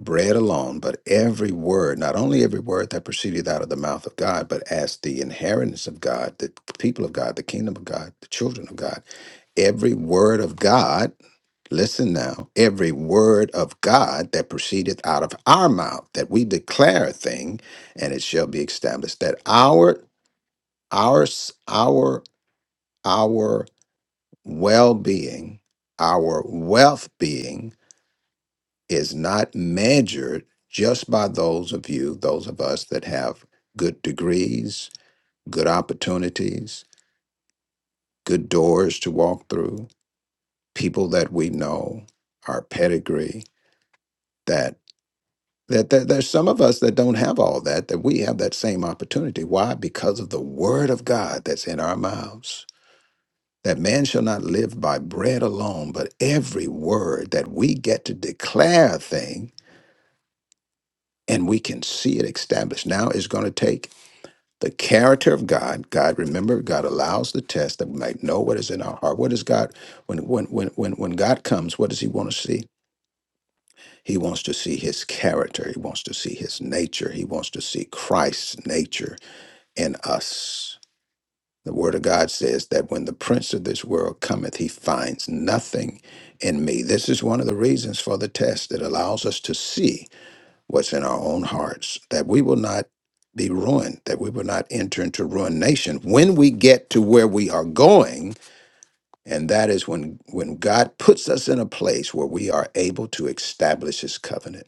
[SPEAKER 1] bread alone, but every word, not only every word that proceedeth out of the mouth of God, but as the inheritance of God, the people of God, the kingdom of God, the children of God. Every word of God, listen now, every word of God that proceedeth out of our mouth, that we declare a thing, and it shall be established, that our, our, our, our well-being, our wealth being is not measured just by those of you, those of us that have good degrees, good opportunities, good doors to walk through, people that we know, our pedigree, that that, that there's some of us that don't have all that, that we have that same opportunity. Why? Because of the word of God that's in our mouths. That man shall not live by bread alone, but every word that we get to declare a thing and we can see it established. Now it's going to take the character of God. God, remember, God allows the test that we might know what is in our heart. What is God when when when when when God comes? What does He want to see? He wants to see His character. He wants to see His nature. He wants to see Christ's nature in us. The Word of God says that when the prince of this world cometh, he finds nothing in me. This is one of the reasons for the test. It allows us to see what's in our own hearts, that we will not be ruined, that we will not enter into ruination when we get to where we are going. And that is when, when God puts us in a place where we are able to establish his covenant.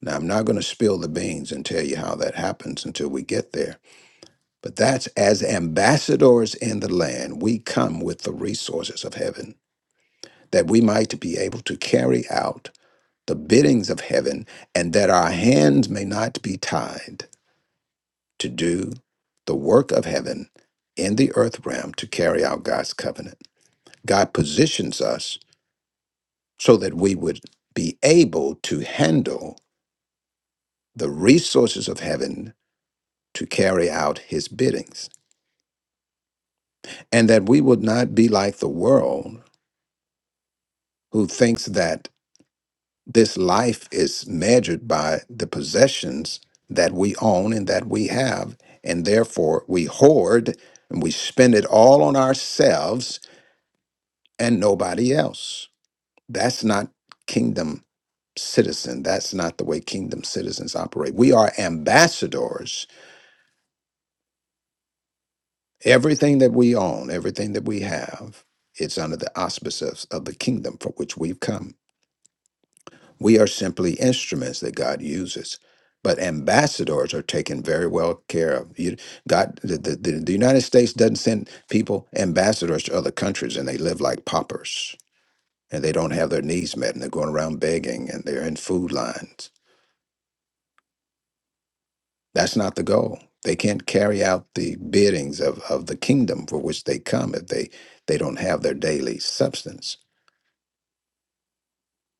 [SPEAKER 1] Now, I'm not going to spill the beans and tell you how that happens until we get there. But that's as ambassadors in the land, we come with the resources of heaven that we might be able to carry out the biddings of heaven and that our hands may not be tied to do the work of heaven in the earth realm to carry out God's covenant. God positions us so that we would be able to handle the resources of heaven to carry out his biddings, and that we would not be like the world who thinks that this life is measured by the possessions that we own and that we have, and therefore we hoard and we spend it all on ourselves and nobody else That's not kingdom citizen. That's not the way kingdom citizens operate. We are ambassadors. Everything that we own, everything that we have, it's under the auspices of the kingdom for which we've come. We are simply instruments that God uses. But ambassadors are taken very well care of. You, God, the, the, the the United States doesn't send people ambassadors to other countries and they live like paupers and they don't have their needs met and they're going around begging and they're in food lines That's not the goal. They can't carry out the biddings of, of the kingdom for which they come if they, they don't have their daily substance.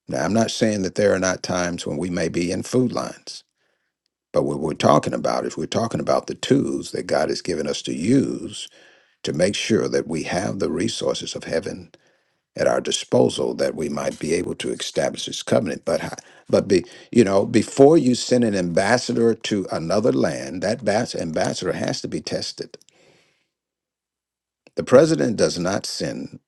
[SPEAKER 1] Now, I'm not saying that there are not times when we may be in food lines, but what we're talking about is we're talking about the tools that God has given us to use to make sure that we have the resources of heaven at our disposal that we might be able to establish this covenant. But, ho- but be, you know, before you send an ambassador to another land, that bas- ambassador has to be tested The president does not send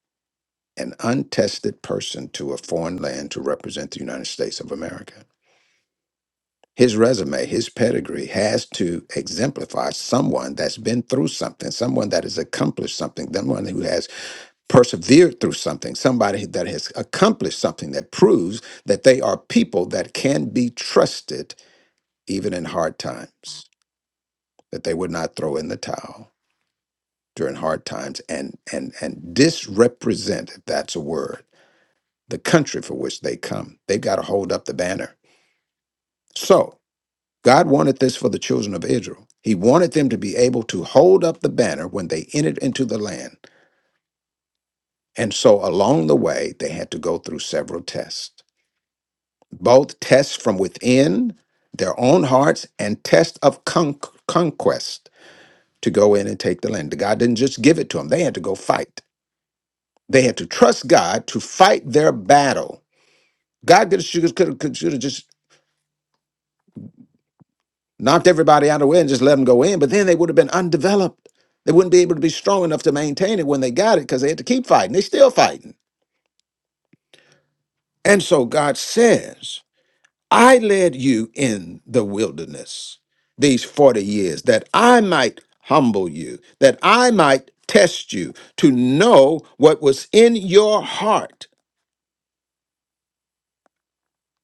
[SPEAKER 1] an untested person to a foreign land to represent the United States of America. His resume, his pedigree has to exemplify someone that's been through something, someone that has accomplished something, someone who has persevered through something, somebody that has accomplished something that proves that they are people that can be trusted even in hard times, that they would not throw in the towel during hard times and and and disrepresent, if that's a word the country for which they come. They've got to hold up the banner. So, God wanted this for the children of Israel. He wanted them to be able to hold up the banner when they entered into the land. And so, along the way, they had to go through several tests both tests from within their own hearts and tests of con- conquest to go in and take the land. God didn't just give it to them, they had to go fight. They had to trust God to fight their battle. God could have just knocked everybody out of the way and just let them go in. But then they would have been undeveloped. They wouldn't be able to be strong enough to maintain it when they got it because they had to keep fighting. They still fighting. And so God says, I led you in the wilderness these 40 years that I might humble you, that I might test you to know what was in your heart.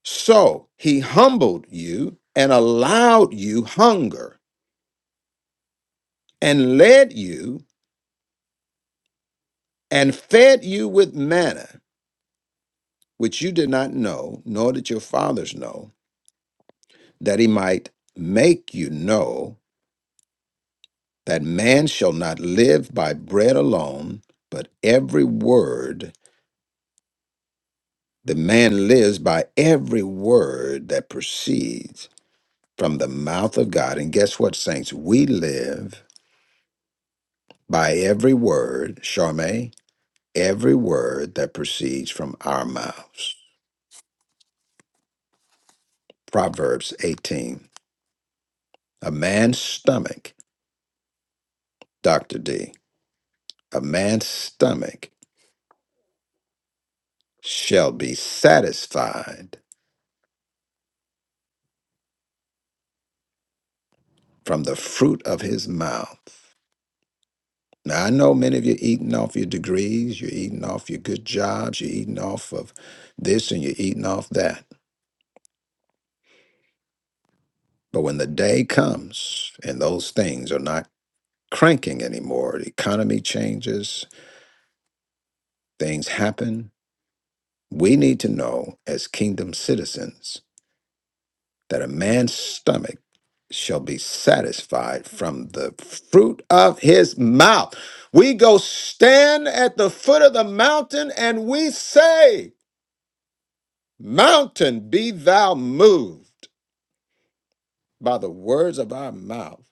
[SPEAKER 1] So he humbled you and allowed you hunger and led you and fed you with manna which you did not know, nor did your fathers know, that he might make you know that man shall not live by bread alone, but every word, the man lives by every word that proceeds from the mouth of God. And guess what, saints? We live by every word, Charme, every word that proceeds from our mouths. Proverbs 18. A man's stomach, Dr. D, a man's stomach shall be satisfied from the fruit of his mouth. Now, I know many of you eating off your degrees, you're eating off your good jobs, you're eating off of this and you're eating off that. But when the day comes and those things are not cranking anymore, the economy changes, things happen, we need to know as kingdom citizens that a man's stomach shall be satisfied from the fruit of his mouth. We go stand at the foot of the mountain and we say, Mountain, be thou moved by the words of our mouth.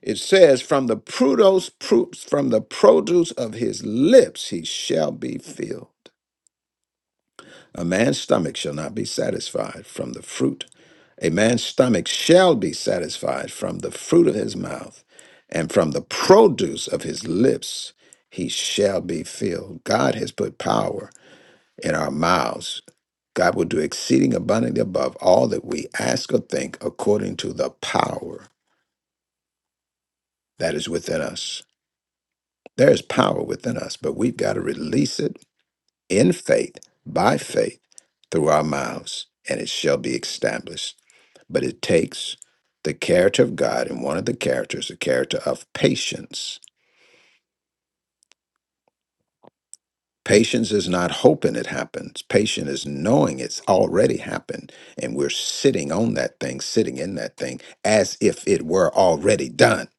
[SPEAKER 1] It says, From the produce from the produce of his lips he shall be filled. A man's stomach shall not be satisfied from the fruit. A man's stomach shall be satisfied from the fruit of his mouth, and from the produce of his lips he shall be filled. God has put power in our mouths. God will do exceeding abundantly above all that we ask or think according to the power that is within us. There is power within us, but we've got to release it in faith, by faith, through our mouths, and it shall be established. but it takes the character of God, and one of the characters, the character of patience. Patience is not hoping it happens. Patience is knowing it's already happened, and we're sitting on that thing, sitting in that thing, as if it were already done.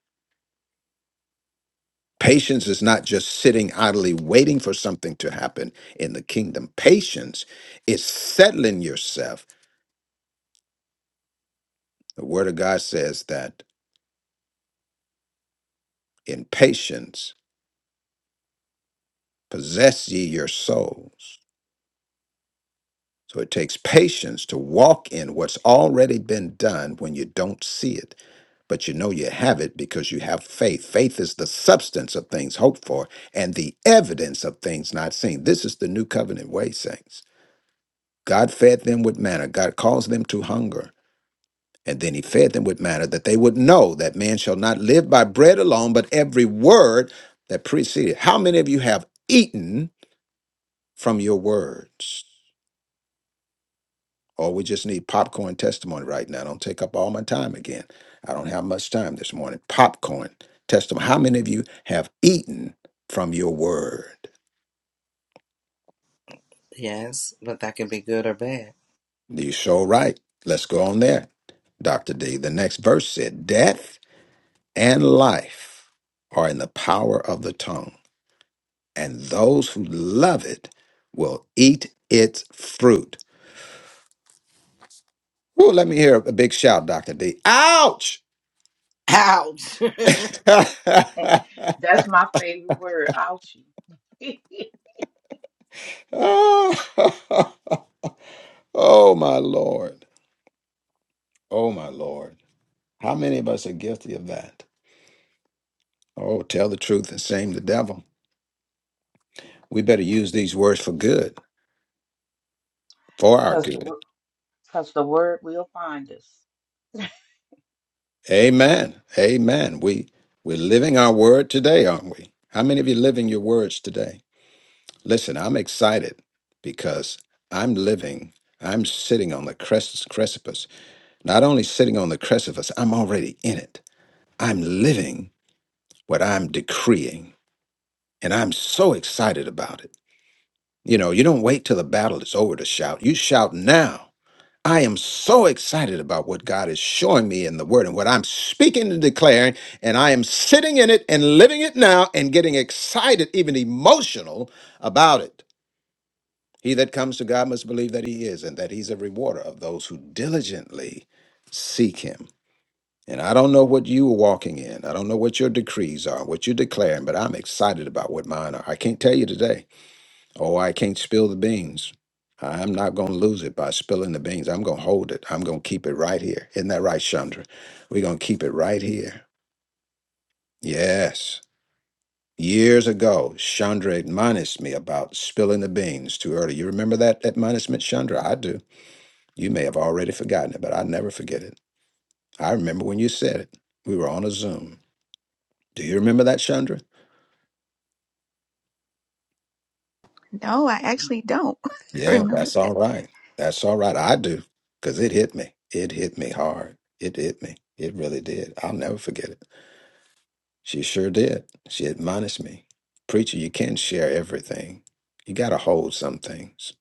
[SPEAKER 1] Patience is not just sitting idly waiting for something to happen in the kingdom. Patience is settling yourself. The word of God says that in patience possess ye your souls. So it takes patience to walk in what's already been done when you don't see it, but you know you have it because you have faith. Faith is the substance of things hoped for and the evidence of things not seen. This is the new covenant way, saints. God fed them with manna, God caused them to hunger. And then he fed them with manna that they would know that man shall not live by bread alone, but every word that preceded. How many of you have eaten from your words? or we just need popcorn testimony right now. Don't take up all my time again. I don't have much time this morning. Popcorn testimony. How many of you have eaten from your word?
[SPEAKER 7] Yes, but that could be good or bad.
[SPEAKER 1] You so right. Let's go on there. Dr. D, the next verse said, Death and life are in the power of the tongue, and those who love it will eat its fruit. Ooh, let me hear a big shout, Dr. D. Ouch!
[SPEAKER 7] Ouch.
[SPEAKER 6] That's my favorite word, ouchie.
[SPEAKER 1] Oh, Oh, my Lord. Oh, my Lord. How many of us are guilty of that? Oh, tell the truth and shame the devil. We better use these words for good, for our
[SPEAKER 6] Because the,
[SPEAKER 1] good.
[SPEAKER 6] wo- cause the word will find us.
[SPEAKER 1] Amen. Amen. We, we're living our word today, aren't we? How many of you living your words today? Listen, I'm excited because I'm living, I'm sitting on the crest, precipice. Not only sitting on the precipice, I'm already in it. I'm living what I'm decreeing, and I'm so excited about it. You know, you don't wait till the battle is over to shout. You shout now. I am so excited about what God is showing me in the word and what I'm speaking and declaring, and I am sitting in it and living it now and getting excited, even emotional about it. He that comes to God must believe that he is and that he's a rewarder of those who diligently seek him. And I don't know what you are walking in. I don't know what your decrees are, what you're declaring, but I'm excited about what mine are. I can't tell you today Oh, I can't spill the beans. I'm not going to lose it by spilling the beans. I'm going to hold it. I'm going to keep it right here. Isn't that right, Chandra? We're going to keep it right here. Yes. Years ago, Chandra admonished me about spilling the beans too early. You remember that admonishment, Chandra? I do. You may have already forgotten it, but I never forget it. I remember when you said it. We were on a Zoom. Do you remember that, Chandra?
[SPEAKER 5] No, I actually don't
[SPEAKER 1] Yeah, that's
[SPEAKER 5] remember.
[SPEAKER 1] all right. That's all right. I do because it hit me. It hit me hard. It hit me. It really did. I'll never forget it. She sure did. She admonished me. Preacher, you can't share everything. You got to hold some things.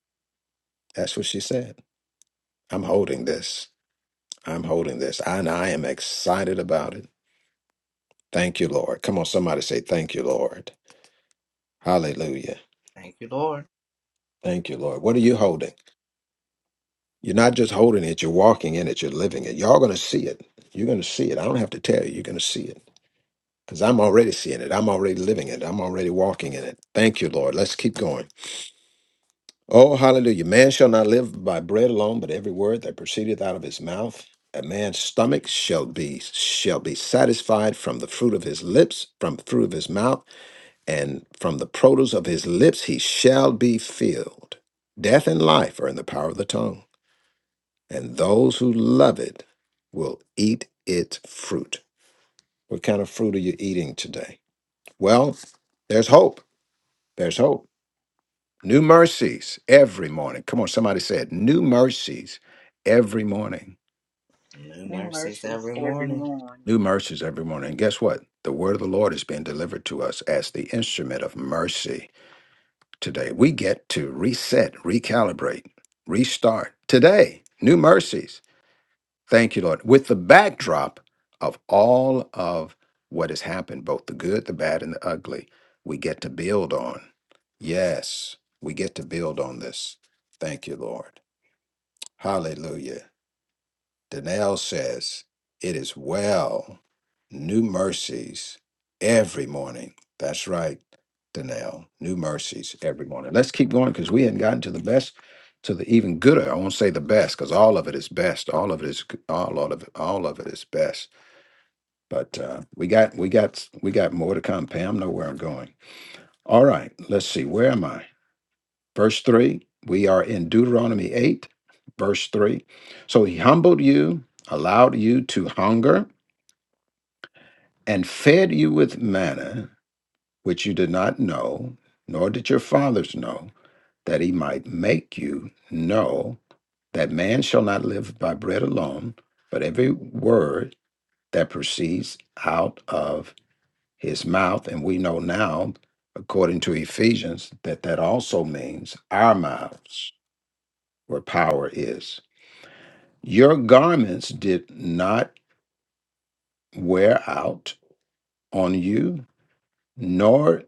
[SPEAKER 1] That's what she said. I'm holding this. I'm holding this. And I am excited about it. Thank you, Lord. Come on, somebody say, Thank you, Lord. Hallelujah.
[SPEAKER 7] Thank you, Lord.
[SPEAKER 1] Thank you, Lord. What are you holding? You're not just holding it, you're walking in it, you're living it. Y'all gonna see it. You're gonna see it. I don't have to tell you, you're gonna see it. Because I'm already seeing it. I'm already living it. I'm already walking in it. Thank you, Lord. Let's keep going. Oh, hallelujah. Man shall not live by bread alone, but every word that proceedeth out of his mouth. A man's stomach shall be shall be satisfied from the fruit of his lips, from the fruit of his mouth, and from the produce of his lips he shall be filled. Death and life are in the power of the tongue and those who love it will eat its fruit. What kind of fruit are you eating today? Well, there's hope. There's hope. New mercies every morning. Come on, somebody said, New mercies every morning.
[SPEAKER 7] New
[SPEAKER 6] New
[SPEAKER 7] mercies
[SPEAKER 6] mercies
[SPEAKER 7] every
[SPEAKER 6] every
[SPEAKER 7] morning.
[SPEAKER 6] morning.
[SPEAKER 1] New mercies every morning. And guess what? The word of the Lord is being delivered to us as the instrument of mercy today. We get to reset, recalibrate, restart today. New mercies. Thank you, Lord. With the backdrop of all of what has happened, both the good, the bad, and the ugly, we get to build on. Yes, we get to build on this. Thank you, Lord. Hallelujah. Danelle says, It is well, new mercies every morning. That's right, Danelle, new mercies every morning. Let's keep going because we hadn't gotten to the best, to the even gooder. I won't say the best because all of it is best. All of it is g- all of it, all of it is best. But uh, we got we got we got more to come. Pam, know where I'm going. All right, let's see. Where am I? Verse 3, we are in Deuteronomy 8, verse 3. So he humbled you, allowed you to hunger, and fed you with manna, which you did not know, nor did your fathers know, that he might make you know that man shall not live by bread alone, but every word that proceeds out of his mouth. And we know now, according to Ephesians, that that also means our mouths, where power is. Your garments did not wear out on you, nor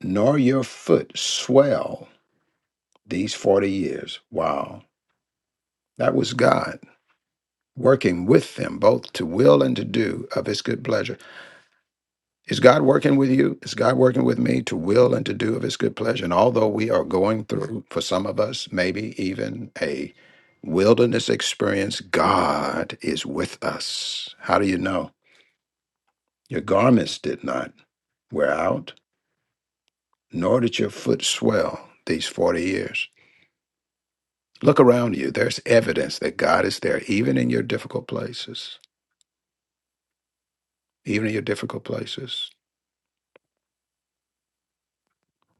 [SPEAKER 1] nor your foot swell these forty years. Wow. That was God working with them both to will and to do of his good pleasure. Is God working with you? Is God working with me to will and to do of his good pleasure? And although we are going through, for some of us, maybe even a wilderness experience, God is with us. How do you know? Your garments did not. wear out, nor did your foot swell these 40 years. Look around you. There's evidence that God is there, even in your difficult places. Even in your difficult places.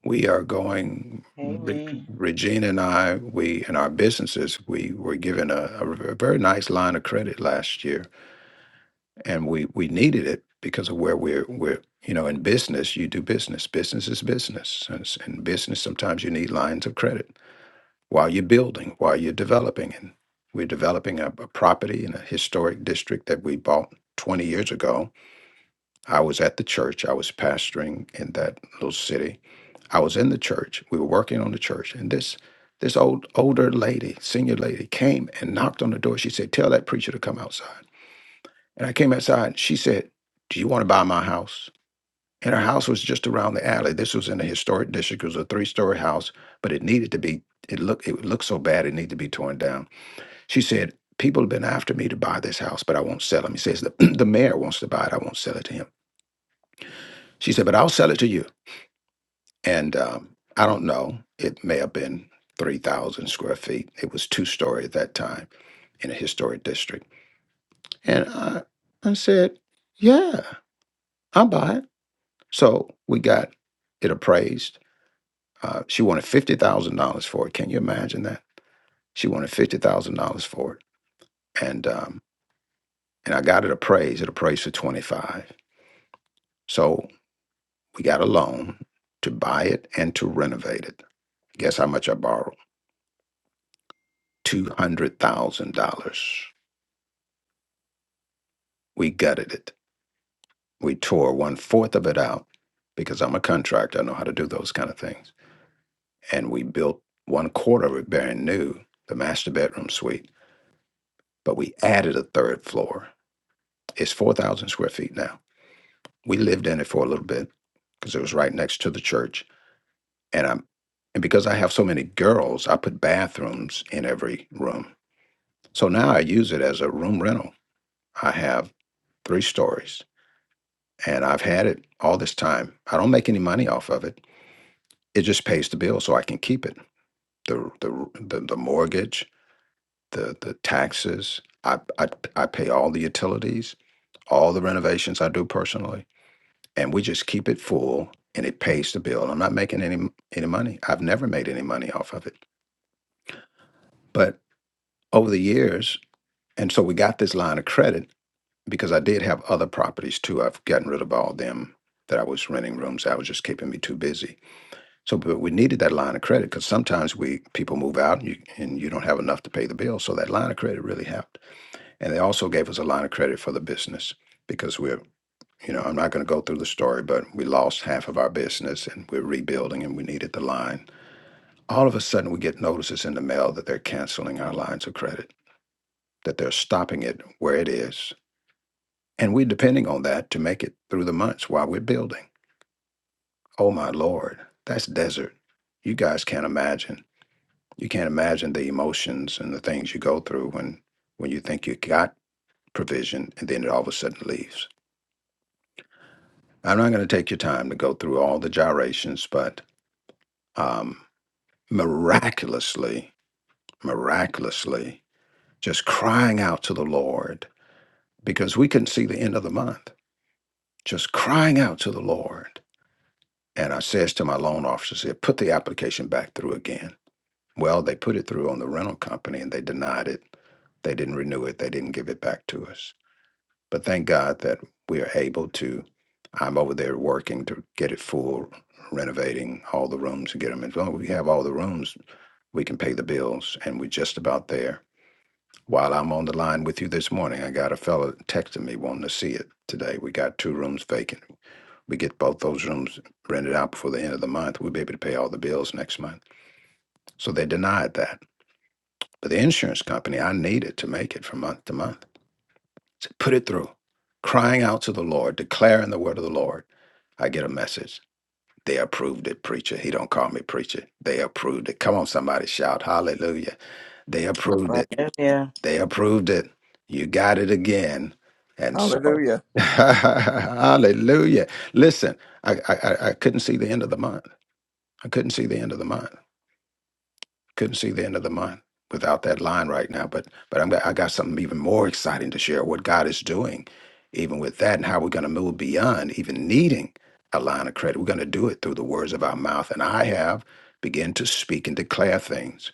[SPEAKER 1] We are going, Re-
[SPEAKER 6] Amen.
[SPEAKER 1] Regina and I, we, in our businesses, we were given a, a very nice line of credit last year, and we, we needed it because of where we're, we're, you know, in business, you do business. Business is business. And s- in business, sometimes you need lines of credit while you're building, while you're developing. And we're developing a, a property in a historic district that we bought 20 years ago. I was at the church, I was pastoring in that little city. I was in the church. We were working on the church, and this this old older lady, senior lady, came and knocked on the door. She said, "Tell that preacher to come outside." And I came outside. she said, "Do you want to buy my house?" And her house was just around the alley. This was in a historic district. It was a three story house, but it needed to be, it looked, it looked so bad, it needed to be torn down. She said, People have been after me to buy this house, but I won't sell him. He says, The, the mayor wants to buy it. I won't sell it to him. She said, But I'll sell it to you. And um, I don't know. It may have been 3,000 square feet. It was two story at that time in a historic district. And I, I said, Yeah, I'll buy it. So we got it appraised Uh, she wanted fifty thousand dollars for it. Can you imagine that? She wanted fifty thousand dollars for it, and um, and I got it appraised. It appraised for twenty five. So we got a loan to buy it and to renovate it. Guess how much I borrowed? Two hundred thousand dollars. We gutted it. We tore one fourth of it out because I'm a contractor. I know how to do those kind of things. And we built one quarter of it brand new, the master bedroom suite. But we added a third floor. It's four thousand square feet now we lived in it for a little bit because it was right next to the church. And I'm and because I have so many girls, I put bathrooms in every room. So now I use it as a room rental. I have three stories and I've had it all this time. I don't make any money off of it. It just pays the bill so I can keep it. The the the, the mortgage, the the taxes, I, I I pay all the utilities, all the renovations I do personally and we just keep it full and it pays the bill. I'm not making any any money. I've never made any money off of it. But over the years, and so we got this line of credit because I did have other properties too. I've gotten rid of all them that I was renting rooms. I was just keeping me too busy. So but we needed that line of credit because sometimes we people move out and you and you don't have enough to pay the bill. So that line of credit really helped. And they also gave us a line of credit for the business because we're You know, I'm not going to go through the story, but we lost half of our business and we're rebuilding and we needed the line. All of a sudden, we get notices in the mail that they're canceling our lines of credit, that they're stopping it where it is. And we're depending on that to make it through the months while we're building. Oh my Lord, that's desert. You guys can't imagine. You can't imagine the emotions and the things you go through when, when you think you got provision and then it all of a sudden leaves. I'm not going to take your time to go through all the gyrations, but. Um, miraculously, miraculously, just crying out to the Lord because we couldn't see the end of the month, just crying out to the Lord. And I says to my loan officer, said, put the application back through again. Well, they put it through on the rental company and they denied it. They didn't renew it. They didn't give it back to us. But thank God that we are able to. I'm over there working to get it full, renovating all the rooms and get them. As long as we have all the rooms, we can pay the bills, and we're just about there While I'm on the line with you this morning, I got a fella texting me wanting to see it today. We got two rooms vacant. We get both those rooms rented out before the end of the month. We'll be able to pay all the bills next month. So they denied that. But the insurance company, I need it to make it from month to month. So put it through. Crying out to the Lord, declaring the word of the Lord, I get a message. They approved it, preacher. He don't call me preacher. They approved it. Come on, somebody shout hallelujah. They approved it.
[SPEAKER 7] Hallelujah.
[SPEAKER 1] They approved it. You got it again. And so,
[SPEAKER 8] Hallelujah.
[SPEAKER 1] hallelujah. Listen, I, I, I I couldn't see the end of the month. I couldn't see the end of the month. Couldn't see the end of the month without that line right now. But but I'm, I got something even more exciting to share what God is doing, even with that, and how we're going to move beyond even needing a line of credit. We're going to do it through the words of our mouth. And I have begun to speak and declare things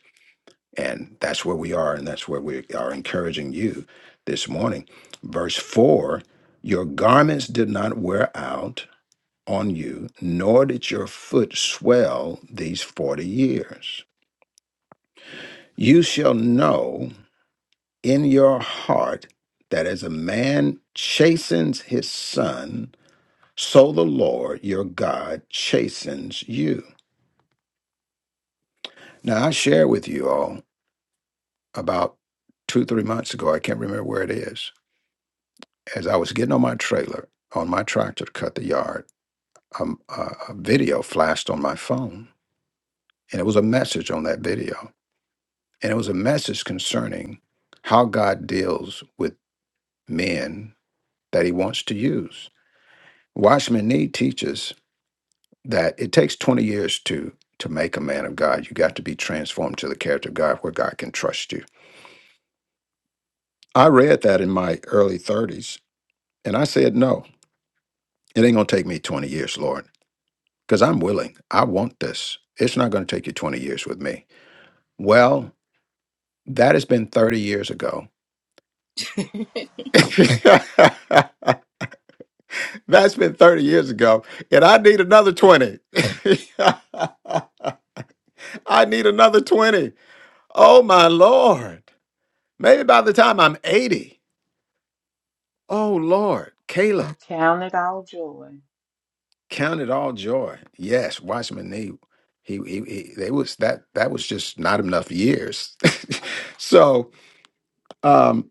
[SPEAKER 1] and that's where we are, and that's where we are encouraging you this morning. Verse 4 Your garments did not wear out on you, nor did your foot swell these 40 years. You shall know in your heart that as a man chastens his son, so the Lord your God chastens you. Now, I share with you all about two, three months ago, I can't remember where it is as I was getting on my trailer, on my tractor to cut the yard, um, a, a video flashed on my phone. And it was a message on that video. And it was a message concerning how God deals with men that he wants to use. Watchman Nee teaches that it takes 20 years to to make a man of God. You got to be transformed to the character of God where God can trust you. I read that in my early 30s and I said, no, it ain't gonna take me 20 years, Lord. because I'm willing. I want this. It's not going to take you 20 years with me. Well, that has been 30 years ago. That's been 30 years ago. And I need another 20. I need another 20. Oh, my Lord. Maybe by the time I'm 80. Oh, Lord. Caleb,
[SPEAKER 6] Count it all joy.
[SPEAKER 1] count it all joy. Yes, Watchman Nee. He, he, he, they was that that was just not enough years. so, um,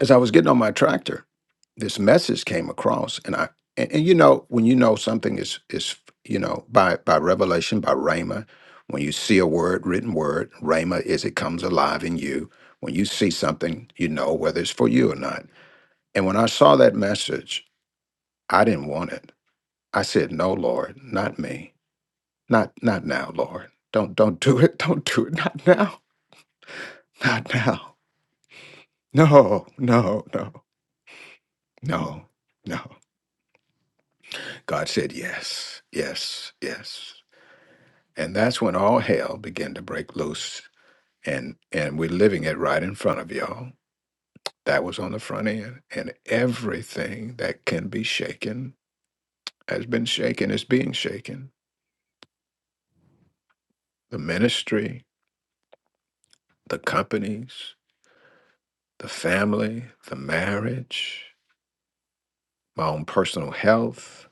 [SPEAKER 1] as I was getting on my tractor, this message came across, and I and, and you know when you know something is is you know by by revelation by rhema, when you see a word written word rhema is it comes alive in you. When you see something, you know whether it's for you or not. And when I saw that message, I didn't want it. I said, "No, Lord, not me, not not now, Lord. Don't don't do it. Don't do it. Not now. Not now. No, no, no, no, no." God said, Yes, yes, yes. And that's when all hell began to break loose. And and we're living it right in front of y'all. That was on the front end. And everything that can be shaken has been shaken, is being shaken. The ministry, the companies, the family, the marriage, my own personal health,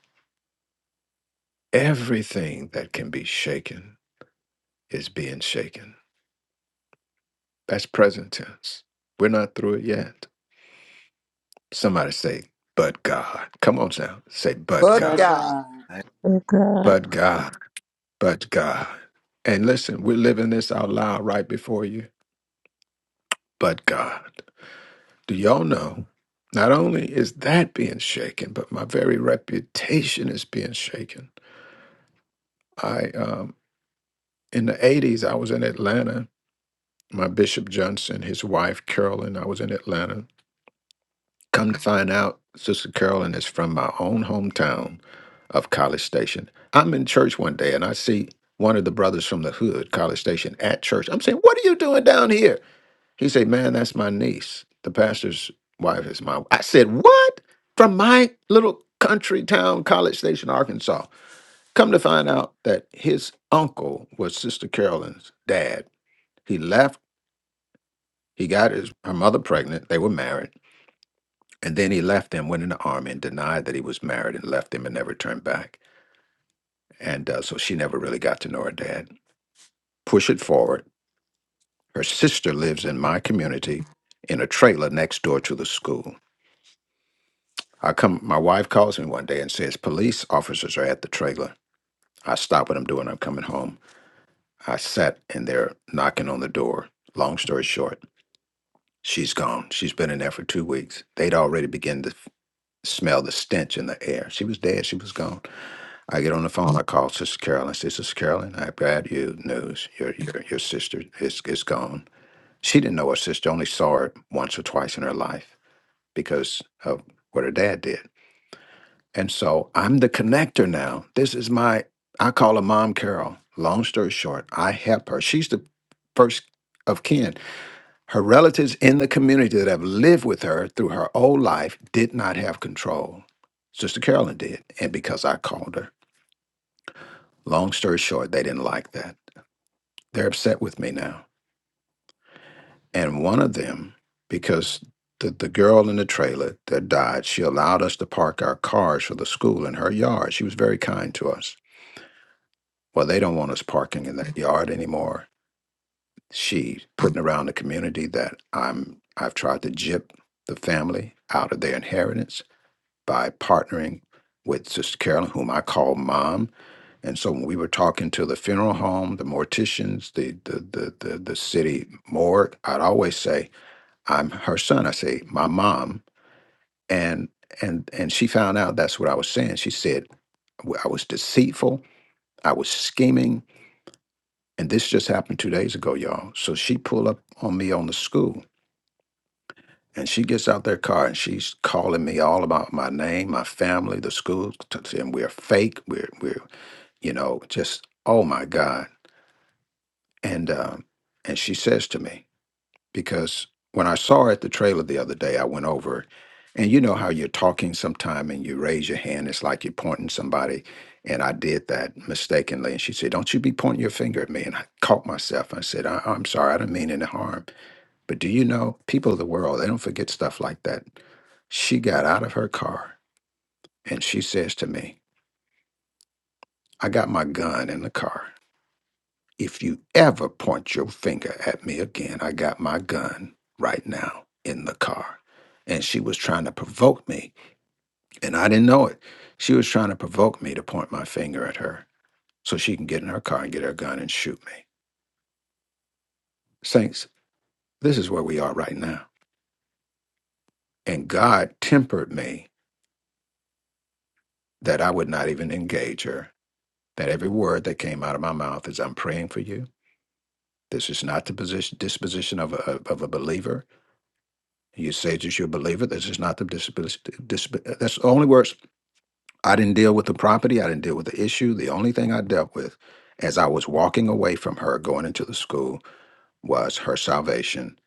[SPEAKER 1] everything that can be shaken is being shaken. That's present tense. We're not through it yet Somebody say, but God. Come on now. Say, but
[SPEAKER 8] But
[SPEAKER 1] God.
[SPEAKER 6] But
[SPEAKER 8] God,
[SPEAKER 6] God.
[SPEAKER 7] Thank
[SPEAKER 2] Good God.
[SPEAKER 1] But God. But God. And listen, we're living this out loud right before you. But God. Do y'all know? Not only is that being shaken, but my very reputation is being shaken. I um in the 80s, I was in Atlanta. My Bishop Johnson, his wife Carolyn, I was in Atlanta Come to find out, Sister Carolyn is from my own hometown of College Station. I'm in church one day and I see one of the brothers from the hood, College Station, at church. I'm saying, What are you doing down here? He said, Man, that's my niece. The pastor's wife is my I said, What? From my little country town, College Station, Arkansas. Come to find out that his uncle was Sister Carolyn's dad. He left, he got his her mother pregnant. They were married. And then he left and went in the army and denied that he was married and left him and never turned back. And uh, so she never really got to know her dad. Push it forward. Her sister lives in my community in a trailer next door to the school. I come, my wife calls me one day and says, Police officers are at the trailer. I stop what I'm doing. I'm coming home. I sat and they're knocking on the door. Long story short, she's gone. She's been in there for two weeks. They'd already begun to f- smell the stench in the air. She was dead. She was gone. I get on the phone. I call Sister Carolyn. I Say, Sister Carolyn, I've got you news. Your your your sister is is gone. She didn't know her sister. Only saw her once or twice in her life because of what her dad did. And so I'm the connector now. This is my. I call her Mom Carol. Long story short, I help her. She's the first of kin. Her relatives in the community that have lived with her through her whole life did not have control. Sister Carolyn did, and because I called her. Long story short, they didn't like that. They're upset with me now. And one of them, because the, the girl in the trailer that died, she allowed us to park our cars for the school in her yard. She was very kind to us. Well, they don't want us parking in that yard anymore. She putting around the community that I'm I've tried to jip the family out of their inheritance by partnering with Sister Carolyn, whom I call mom, And so when we were talking to the funeral home, the morticians, the the the the, the city morgue, I'd always say, I'm her son. I say, my mom. And and and she found out that's what I was saying. She said, "W- I was deceitful, I was scheming, and this just happened two days ago, y'all. So she pulled up on me on the school and she gets out their car and she's calling me all about my name, my family, the school, t- saying we're fake, we're we're, you know, just oh my God. and um, and she says to me because when I saw her at the trailer the other day, I went over, and you know how you're talking sometime and you raise your hand, it's like you're pointing somebody, and I did that mistakenly, and she said, "Don't you be pointing your finger at me," and I caught myself. I said, I- "I'm sorry, I didn't mean any harm." But do you know, people of the world, they don't forget stuff like that. She got out of her car and she says to me, "I got my gun in the car." If you ever point your finger at me again, I got my gun right now in the car. And she was trying to provoke me, and I didn't know it. She was trying to provoke me to point my finger at her so she can get in her car and get her gun and shoot me. Saints, this is where we are right now. And God tempered me that I would not even engage her, that every word that came out of my mouth is, I'm praying for you. This is not the position, disposition of a, of a believer. You say that you believe it. This is not the disability. disab- that's the only words. I didn't deal with the property. I didn't deal with the issue. The only thing I dealt with as I was walking away from her going into the school was her salvation,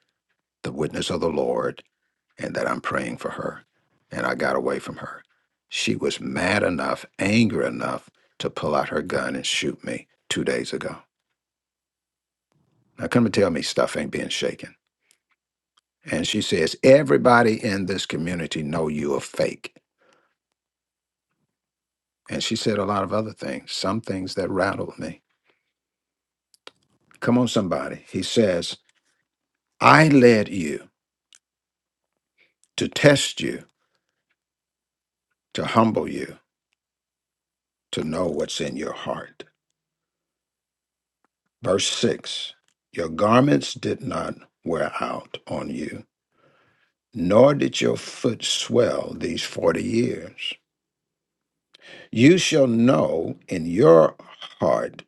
[SPEAKER 1] the witness of the Lord, and that I'm praying for her. And I got away from her. She was mad enough, angry enough to pull out her gun and shoot me two days ago. Now come and tell me stuff ain't being shaken. And she says, everybody in this community know you are fake. And she said a lot of other things, some things that rattled me. Come on, somebody. He says, I led you to test you, to humble you, to know what's in your heart. Verse 6 Your garments did not wear out on you, nor did your foot swell these 40 years. You shall know in your heart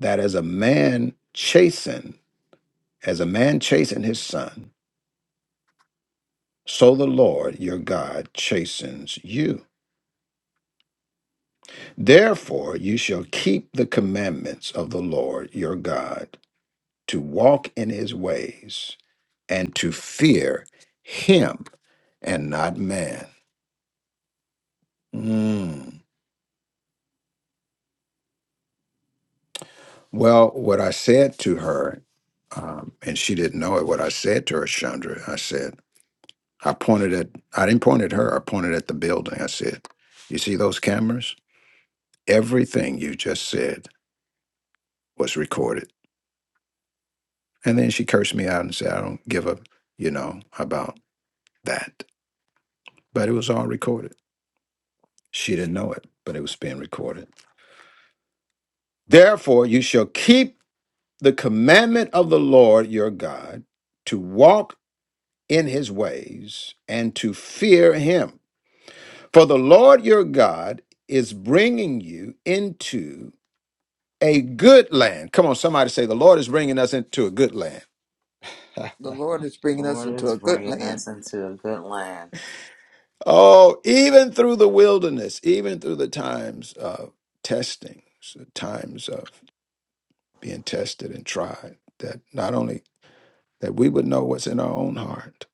[SPEAKER 1] that as a man chasten, as a man chasten his son, so the Lord your God chastens you. Therefore, you shall keep the commandments of the Lord your God, to walk in his ways, and to fear him and not man. Mm. Well, what I said to her, um, and she didn't know it, what I said to her, Chandra, I said, I pointed at, I didn't point at her, I pointed at the building. I said, You see those cameras? Everything you just said was recorded. And then she cursed me out and said, I don't give a, you know, about that. but it was all recorded. She didn't know it, but it was being recorded. Therefore, you shall keep the commandment of the Lord your God to walk in his ways and to fear him. For the Lord your God is bringing you into a good land. Come on, somebody say, The Lord is bringing us into a good land.
[SPEAKER 8] the
[SPEAKER 7] you.
[SPEAKER 8] Lord is
[SPEAKER 7] The
[SPEAKER 8] bringing us
[SPEAKER 7] Lord
[SPEAKER 8] into
[SPEAKER 7] is
[SPEAKER 8] a good
[SPEAKER 7] bringing
[SPEAKER 8] land.
[SPEAKER 7] us into a good land.
[SPEAKER 1] Oh, even through the wilderness, even through the times of testings, the times of being tested and tried, that not only that we would know what's in our own heart.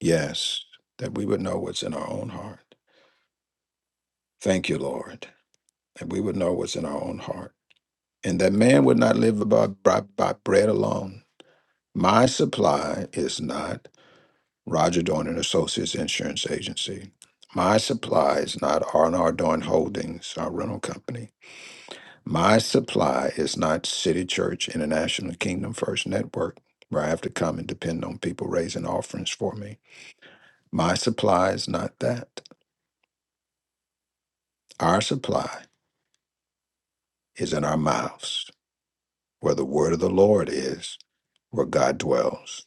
[SPEAKER 1] Yes, that we would know what's in our own heart. Thank you, Lord, that we would know what's in our own heart. And that man would not live by, by, by bread alone. My supply is not Roger Dorn and Associates Insurance Agency. My supply is not R&R Dorn Holdings, our rental company. My supply is not City Church International Kingdom First Network, where I have to come and depend on people raising offerings for me. My supply is not that. Our supply is in our mouths, where the word of the Lord is, where God dwells.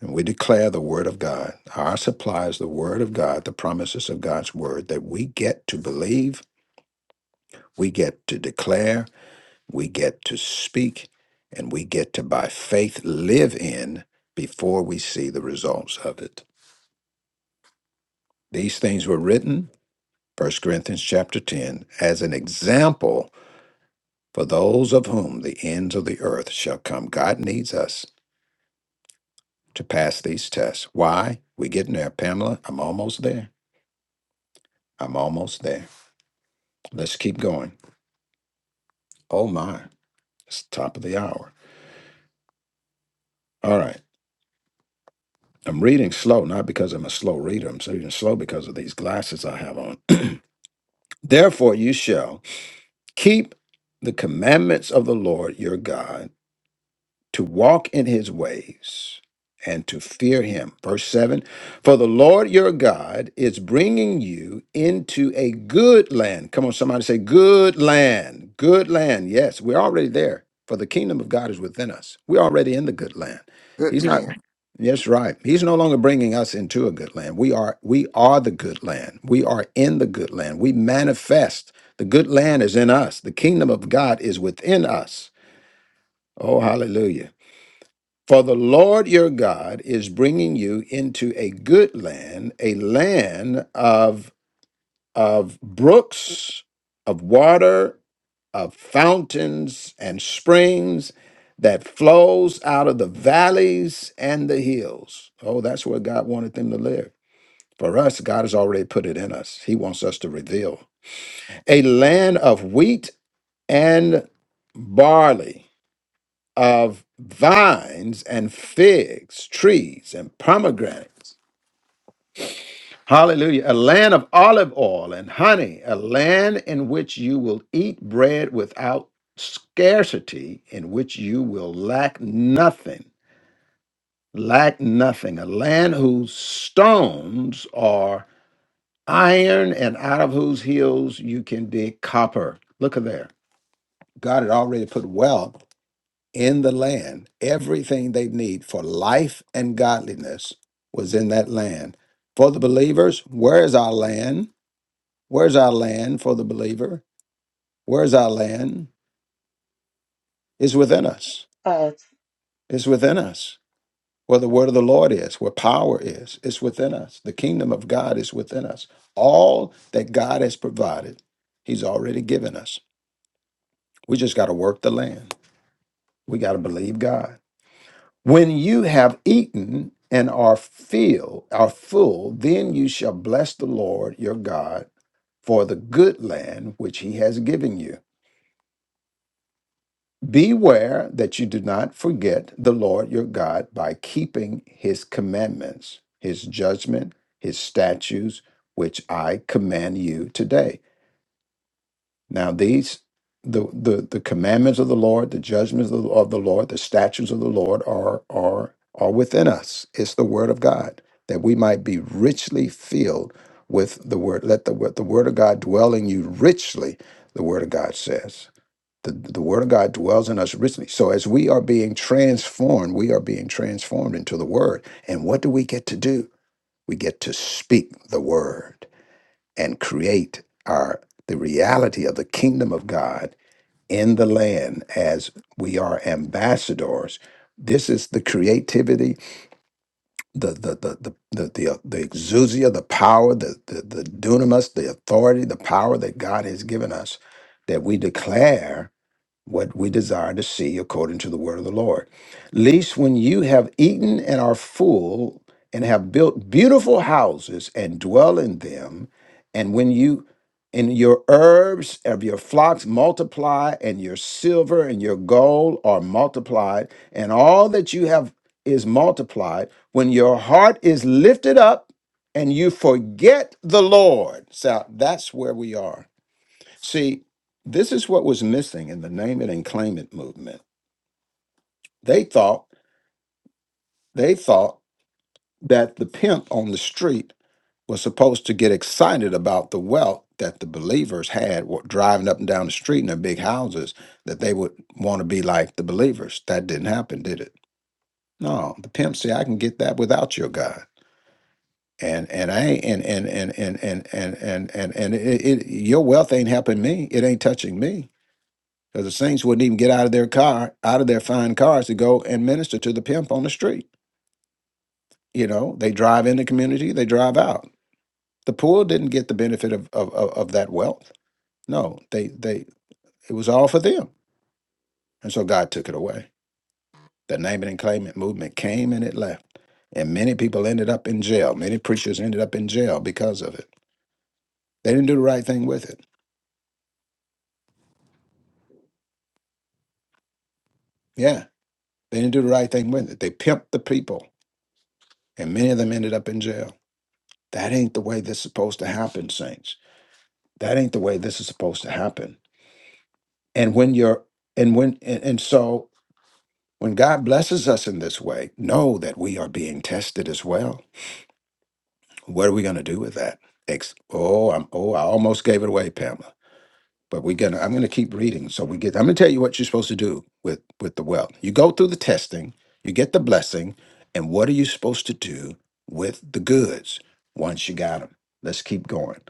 [SPEAKER 1] And we declare the word of God. Our supply is the word of God, the promises of God's word that we get to believe, we get to declare, we get to speak, and we get to, by faith, live in before we see the results of it. These things were written, First Corinthians chapter 10, as an example For those of whom the ends of the earth shall come, God needs us to pass these tests. Why? We getting there, Pamela. I'm almost there. I'm almost there. Let's keep going. Oh my, it's the top of the hour. All right. I'm reading slow, not because I'm a slow reader. I'm reading slow because of these glasses I have on. Therefore, you shall keep the commandments of the Lord your God to walk in his ways and to fear him. Verse 7 For the Lord your God is bringing you into a good land. Come on, somebody say, Good land, good land. Yes, we're already there, for the kingdom of God is within us. We're already in the good land.
[SPEAKER 8] Good
[SPEAKER 1] He's not.
[SPEAKER 8] land.
[SPEAKER 1] Yes, right. He's no longer bringing us into a good land. We are we are the good land. We are in the good land. We manifest. The good land is in us. The kingdom of God is within us. Oh, hallelujah. For the Lord your God is bringing you into a good land, a land of, of brooks, of water, of fountains and springs that flows out of the valleys and the hills. Oh, that's where God wanted them to live. For us, God has already put it in us. He wants us to reveal a land of wheat and barley of vines and figs, trees and pomegranates. Hallelujah. A land of olive oil and honey, a land in which you will eat bread without scarcity, in which you will lack nothing. Lack nothing. A land whose stones are iron and out of whose hills you can dig copper. Look at there. God had already put wealth in the land. Everything they need for life and godliness was in that land. For the believers, where is our land? Where's our land for the believer? Where's our land? It's within us.
[SPEAKER 6] But,
[SPEAKER 1] It's within us. Where the word of the Lord is, where power is, it's within us. The kingdom of God is within us. All that God has provided, He's already given us. We just got to work the land. We got to believe God. When you have eaten and are filled, are full, then you shall bless the Lord your God for the good land which he has given you. Beware that you do not forget the Lord your God by keeping his commandments, his judgment, his statutes, which I command you today. Now these the the the commandments of the Lord, the judgments of the, of the Lord, the statutes of the Lord are are are within us. It's the word of God that we might be richly filled with the word. Let the word- the word of God dwell in you richly. The word of God says. The, the word of God dwells in us richly. So as we are being transformed, we are being transformed into the word. And what do we get to do? We get to speak the word and create our the reality of the kingdom of God in the land as we are ambassadors. This is the creativity, the the the the the the, uh, the exousia, the power, the, the the dunamis, the authority, the power that God has given us that we declare what we desire to see according to the word of the Lord. Least when you have eaten and are full, and have built beautiful houses and dwell in them, and when you and your herbs of your flocks multiply, and your silver and your gold are multiplied, and all that you have is multiplied, when your heart is lifted up and you forget the Lord. So that's where we are See, this is what was missing in the name it and claim it movement. They thought they thought that the pimp on the street was supposed to get excited about the wealth that the believers had wa- driving up and down the street in their big houses that they would want to be like the believers. That didn't happen, did it? No, the pimp said, "I can get that without your God." And and I ain't, and and and and and and and and, and it, it, your wealth ain't helping me. It ain't touching me because the saints wouldn't even get out of their car, out of their fine cars to go and minister to the pimp on the street. You know, they drive in the community, they drive out. The poor didn't get the benefit of of, of, of that wealth. No, they they it was all for them, and so God took it away. The name it and claim it movement came and it left, and many people ended up in jail. Many preachers ended up in jail because of it. They didn't do the right thing with it. Yeah, they didn't do the right thing with it. They pimped the people, and many of them ended up in jail. That ain't the way this is supposed to happen, saints. that ain't the way this is supposed to happen and when you're and when and, and so when god blesses us in this way know that we are being tested as well what are we going to do with that Ex- oh i'm oh i almost gave it away pamela but we're gonna i'm gonna keep reading so we get i'm gonna tell you what you're supposed to do with with the wealth you go through the testing you get the blessing and what are you supposed to do with the goods once you got them let's keep going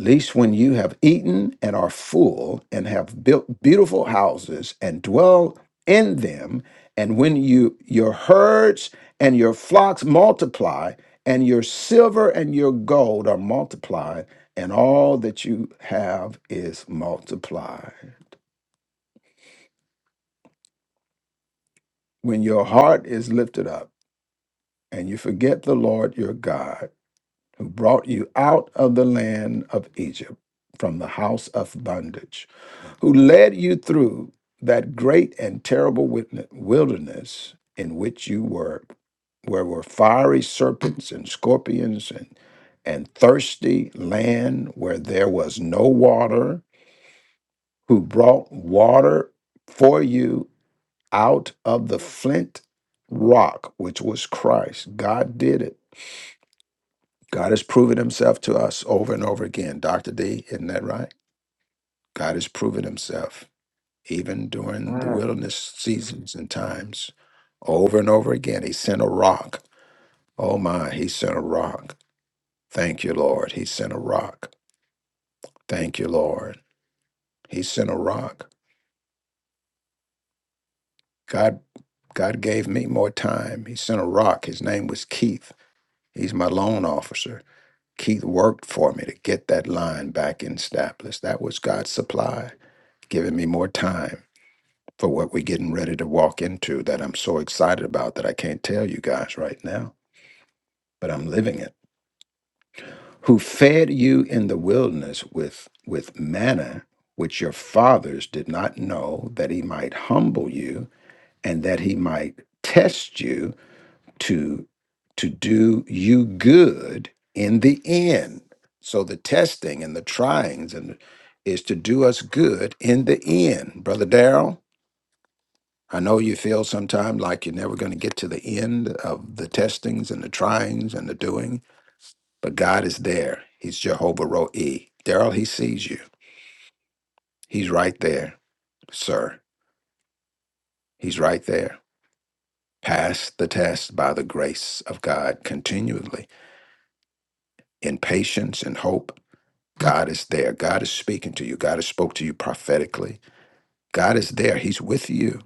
[SPEAKER 1] Least when you have eaten and are full, and have built beautiful houses and dwell in them, and when you your herds and your flocks multiply, and your silver and your gold are multiplied, and all that you have is multiplied. When your heart is lifted up, and you forget the Lord your God, who brought you out of the land of Egypt from the house of bondage who led you through that great and terrible witne- wilderness in which you were, where were fiery serpents and scorpions and, and thirsty land where there was no water, who brought water for you out of the flint rock, which was Christ. God did it. God has proven himself to us over and over again. Dr. D, isn't that right? God has proven himself. even during the
[SPEAKER 7] Ah,
[SPEAKER 1] wilderness seasons and times. Over and over again, he sent a rock. Oh my, he sent a rock. Thank you, Lord. He sent a rock. Thank you, Lord. He sent a rock. God, God gave me more time. He sent a rock. His name was Keith. He's my loan officer. Keith worked for me to get that line back in established. That was God's supply, giving me more time for what we're getting ready to walk into that I'm so excited about that I can't tell you guys right now. but I'm living it. Who fed you in the wilderness with, with manna, which your fathers did not know, that he might humble you and that he might test you to, to do you good in the end. So the testing and the tryings and is to do us good in the end. Brother Darrell, I know you feel sometimes like you're never going to get to the end of the testings and the tryings and the doing But God is there. He's Jehovah Roe. Daryl, he sees you. He's right there, sir. He's right there. Pass the test by the grace of God continually in patience and hope. God is there. God is speaking to you. God has spoke to you prophetically. God is there. He's with you.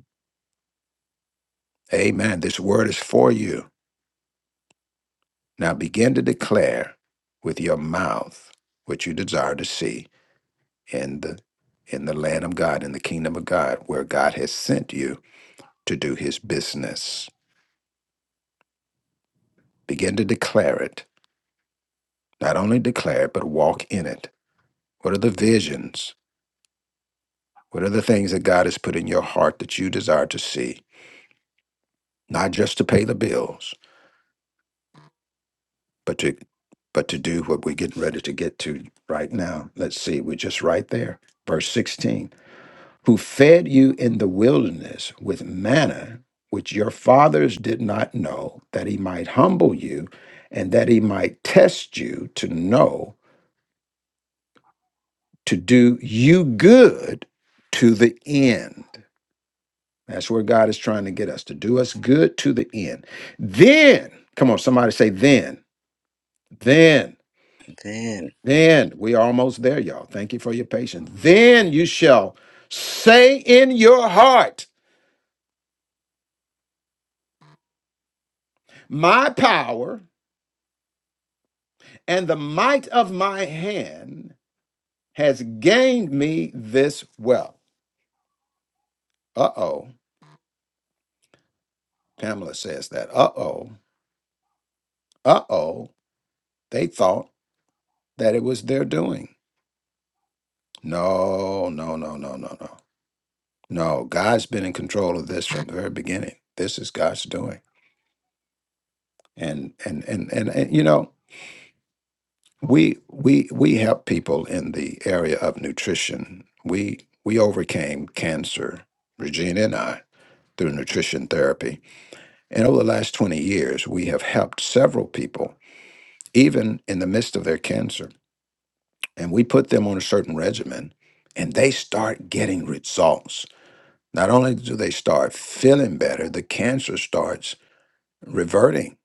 [SPEAKER 1] Amen. This word is for you. Now begin to declare with your mouth what you desire to see in the in the land of God, in the kingdom of God, where God has sent you to do his business. Begin to declare it. Not only declare it, but walk in it. What are the visions? What are the things that God has put in your heart that you desire to see? Not just to pay the bills, but to but to do what we're getting ready to get to right now. Let's see, we're just right there. Verse 16. Who fed you in the wilderness with manna, which your fathers did not know, that he might humble you and that he might test you to know to do you good to the end. That's where God is trying to get us to do us good to the end. Then, come on, somebody say, then, then,
[SPEAKER 7] Then,
[SPEAKER 1] then. We are almost there, y'all. Thank you for your patience. Then you shall say in your heart, My power and the might of my hand has gained me this wealth. Uh oh. Pamela says that. Uh oh. Uh oh. They thought that it was their doing. No, no, no, no, no, no. No, God's been in control of this from the very beginning. This is God's doing. And and and and, and you know, we we we help people in the area of nutrition. We we overcame cancer, Regina and I, through nutrition therapy. And over the last 20 years, we have helped several people, even in the midst of their cancer. And we put them on a certain regimen and they start getting results Not only do they start feeling better, the cancer starts reverting.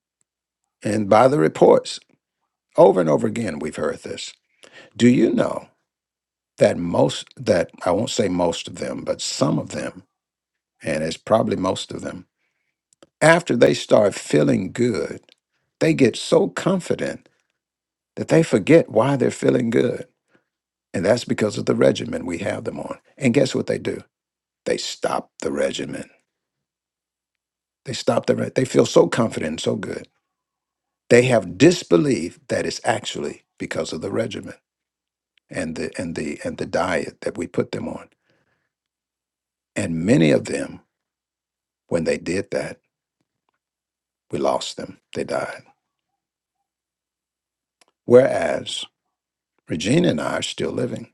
[SPEAKER 1] And by the reports, over and over again, we've heard this. Do you know that most, that I won't say most of them, but some of them, and it's probably most of them, after they start feeling good, they get so confident that they forget why they're feeling good. And that's because of the regimen we have them on. And guess what they do? They stop the regimen. They stop the, re- they feel so confident and so good They have disbelief that it's actually because of the regimen and the and the and the diet that we put them on. And many of them, when they did that, we lost them. They died. Whereas Regina and I are still living.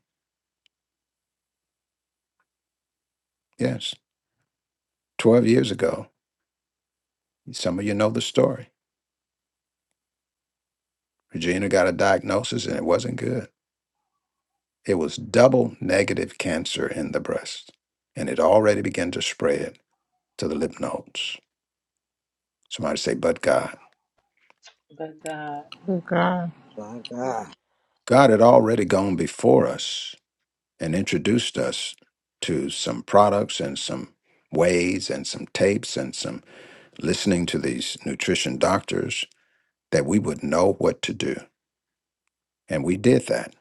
[SPEAKER 1] Yes. Twelve years ago, some of you know the story. Regina got a diagnosis and it wasn't good. It was double negative cancer in the breast. And it already began to spread to the lymph nodes. Somebody say, but God.
[SPEAKER 6] but God.
[SPEAKER 2] Good God.
[SPEAKER 7] My God.
[SPEAKER 1] God had already gone before us and introduced us to some products and some ways and some tapes and some listening to these nutrition doctors that we would know what to do. And we did that.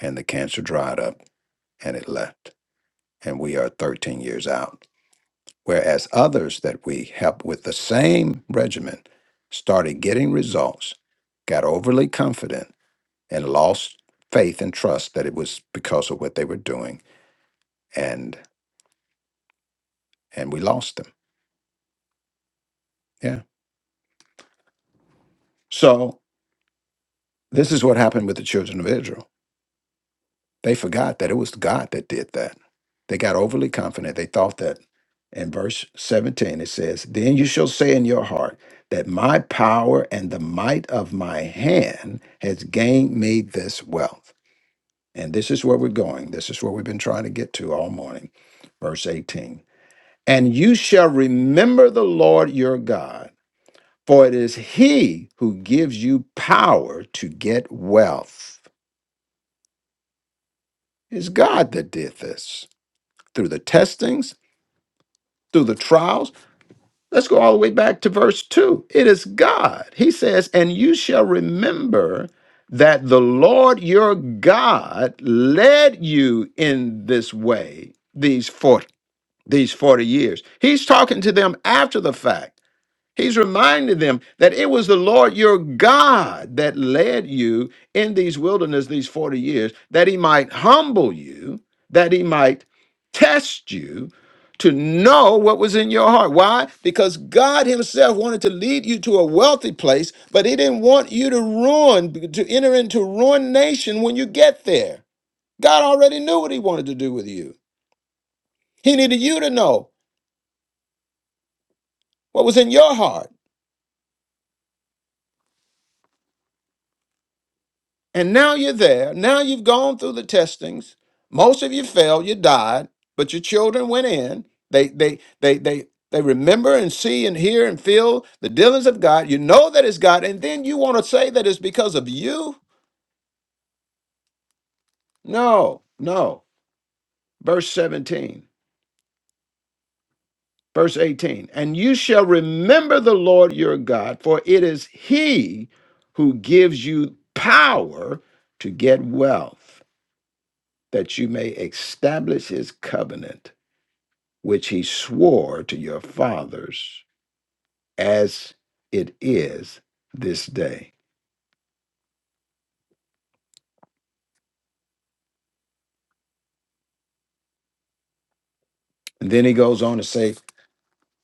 [SPEAKER 1] And the cancer dried up and it left. And we are 13 years out. Whereas others that we helped with the same regimen started getting results, got overly confident, and lost faith and trust that it was because of what they were doing. And and we lost them. Yeah. So this is what happened with the children of Israel. They forgot that it was God that did that. They got overly confident. They thought that in verse 17 it says, Then you shall say in your heart that my power and the might of my hand has gained me this wealth. And this is where we're going. This is where we've been trying to get to all morning. Verse 18. And you shall remember the Lord your God, for it is he who gives you power to get wealth It's God that did this through the testings, through the trials. Let's go all the way back to verse 2. It is God. He says, And you shall remember that the Lord your God led you in this way these 40, these 40 years. He's talking to them after the fact. He's reminding them that it was the Lord your God that led you in these wilderness these 40 years, that he might humble you, that he might test you to know what was in your heart. Why? Because God himself wanted to lead you to a wealthy place, but he didn't want you to ruin, to enter into ruination when you get there. God already knew what he wanted to do with you. He needed you to know what was in your heart. And now you're there. Now you've gone through the testings. Most of you failed, you died, but your children went in. They they they they they remember and see and hear and feel the dealings of God. You know that it's God, and then you want to say that it's because of you? No, no. Verse 17, verse 18. And you shall remember the Lord your God, for it is he who gives you power to get wealth, that you may establish his covenant which he swore to your fathers, as it is this day. And then he goes on to say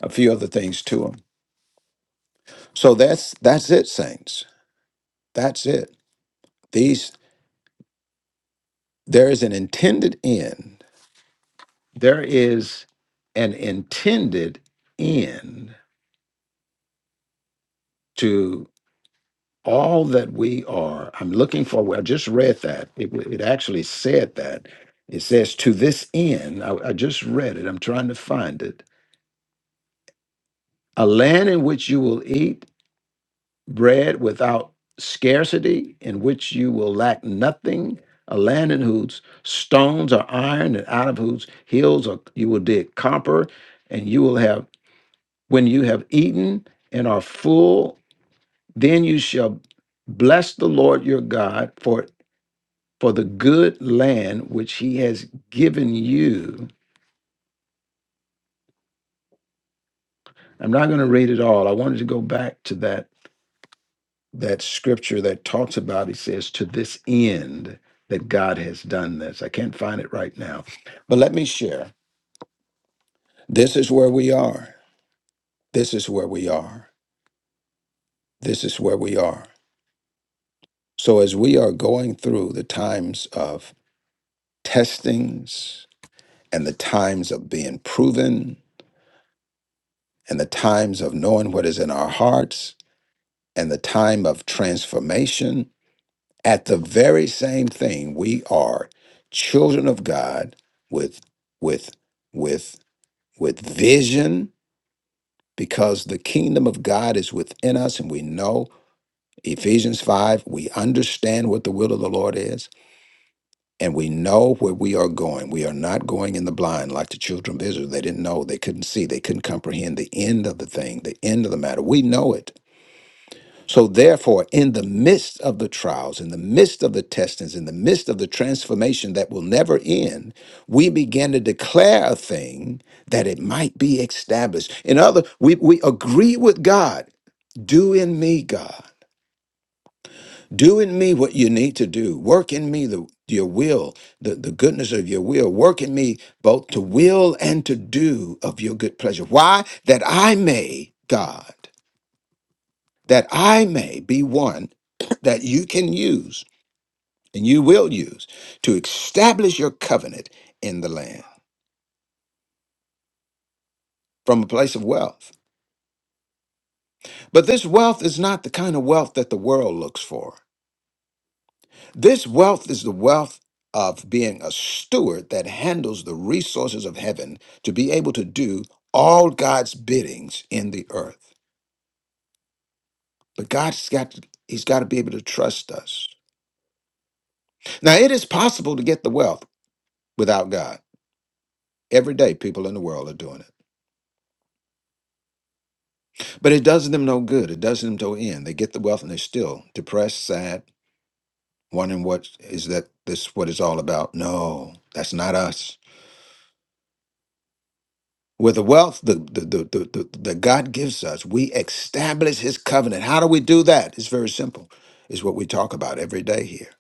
[SPEAKER 1] a few other things to him. So that's that's it, saints. That's it. These there is an intended end. There is an intended end to all that we are. I'm looking for. I just read that. It, it actually said that. It says to this end. I, I just read it. I'm trying to find it a land in which you will eat bread without scarcity, in which you will lack nothing, a land in whose stones are iron, and out of whose hills are, you will dig copper, and you will have, when you have eaten and are full, then you shall bless the Lord your God for for the good land which he has given you. I'm not going to read it all. I wanted to go back to that that scripture that talks about, he says, to this end that God has done this. I can't find it right now, but let me share. This is where we are. This is where we are. This is where we are. So, as we are going through the times of testings and the times of being proven and the times of knowing what is in our hearts and the time of transformation, at the very same thing we are children of god with with with with vision because the kingdom of god is within us and we know ephesians 5 we understand what the will of the lord is and we know where we are going we are not going in the blind like the children of israel they didn't know they couldn't see they couldn't comprehend the end of the thing the end of the matter we know it So, therefore, in the midst of the trials, in the midst of the testings, in the midst of the transformation that will never end, we begin to declare a thing that it might be established. In other, we, we agree with God. Do in me, God. Do in me what you need to do. Work in me the, your will, the, the goodness of your will. Work in me both to will and to do of your good pleasure. Why? That I may, God that I may be one that you can use and you will use to establish your covenant in the land from a place of wealth. But this wealth is not the kind of wealth that the world looks for. This wealth is the wealth of being a steward that handles the resources of heaven to be able to do all God's biddings in the earth. But God's got to, he's got to be able to trust us. Now it is possible to get the wealth without God. Every day people in the world are doing it. But it does them no good. It does them no end. They get the wealth and they're still depressed, sad, wondering what is that this what it's all about. No, that's not us. With the wealth the the, the, the, the that God gives us, we establish his covenant. How do we do that? It's very simple. Is what we talk about every day here.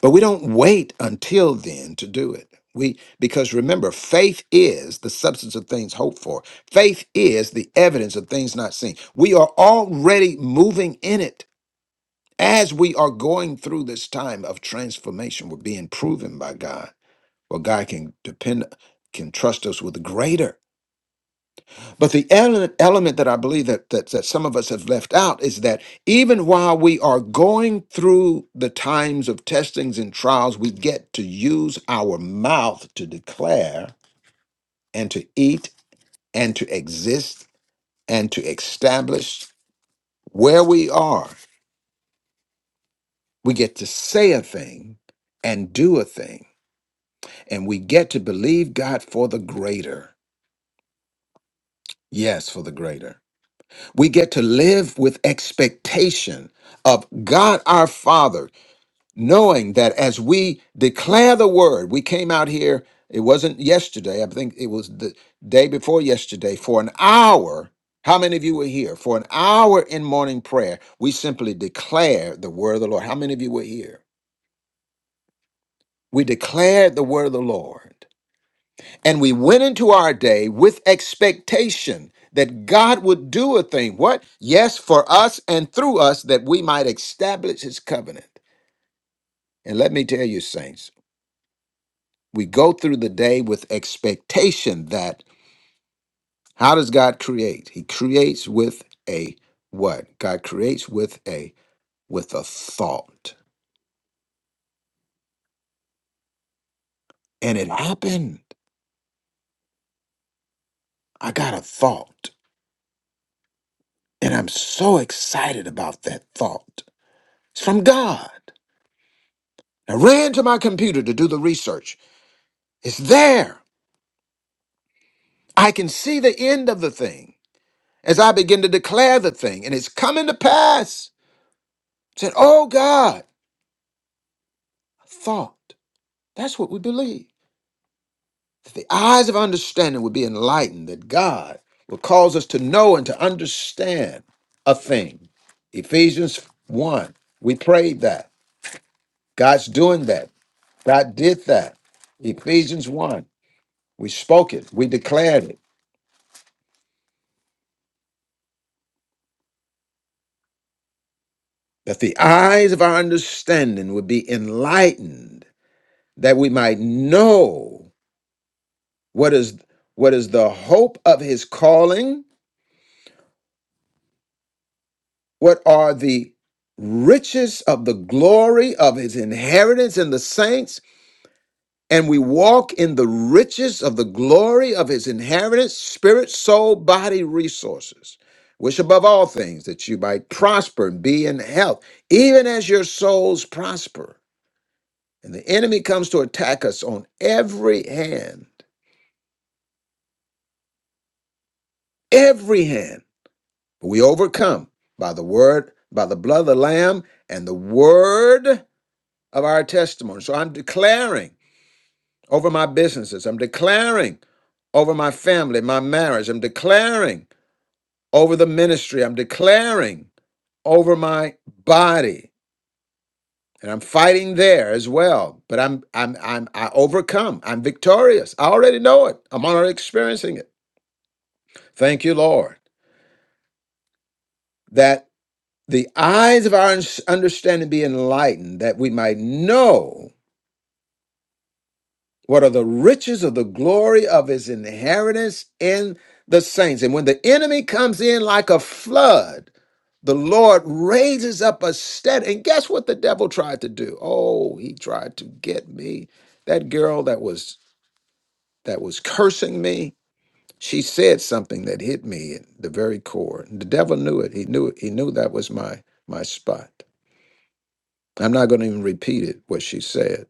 [SPEAKER 1] But we don't wait until then to do it. We because remember, faith is the substance of things hoped for. Faith is the evidence of things not seen. We are already moving in it. As we are going through this time of transformation, we're being proven by God. Well, God can depend, can trust us with greater. But the element, element that I believe that, that that some of us have left out is that even while we are going through the times of testings and trials, we get to use our mouth to declare and to eat and to exist and to establish where we are. We get to say a thing and do a thing and we get to believe God for the greater. Yes, for the greater. We get to live with expectation of God our Father, knowing that as we declare the word, we came out here, it wasn't yesterday, I think it was the day before yesterday, for an hour. How many of you were here? For an hour in morning prayer, we simply declare the word of the Lord. How many of you were here? We declared the word of the Lord. And we went into our day with expectation that God would do a thing. What? Yes, for us and through us that we might establish his covenant. And let me tell you, saints, we go through the day with expectation that how does God create? He creates with a what? God creates with a with a thought. And it happened. I got a thought. And I'm so excited about that thought. It's from God. I ran to my computer to do the research. It's there. I can see the end of the thing as I begin to declare the thing, and it's coming to pass. I said, Oh God, I thought. That's what we believe. That the eyes of understanding would be enlightened, that God will cause us to know and to understand a thing. Ephesians 1. We prayed that. God's doing that. God did that. Ephesians 1. We spoke it. We declared it. that the eyes of our understanding would be enlightened, that we might know what is what is the hope of his calling, what are the riches of the glory of his inheritance in the saints, and we walk in the riches of the glory of his inheritance, spirit, soul, body, resources. Wish above all things that you might prosper and be in health, even as your souls prosper. And the enemy comes to attack us on every hand, every hand. But we overcome by the word, by the blood of the Lamb, and the word of our testimony. So I'm declaring over my businesses, I'm declaring over my family, my marriage, I'm declaring over the ministry, I'm declaring over my body and i'm fighting there as well but i'm i'm i'm i overcome i'm victorious i already know it i'm already experiencing it Thank you, Lord, that the eyes of our understanding be enlightened, that we might know what are the riches of the glory of his inheritance in the saints. And when the enemy comes in like a flood, the Lord raises up a steady. And guess what the devil tried to do? Oh, he tried to get me. That girl that was that was cursing me, she said something that hit me at the very core. The devil knew it. He knew it. He knew that was my my spot. I'm not going to even repeat it, what she said.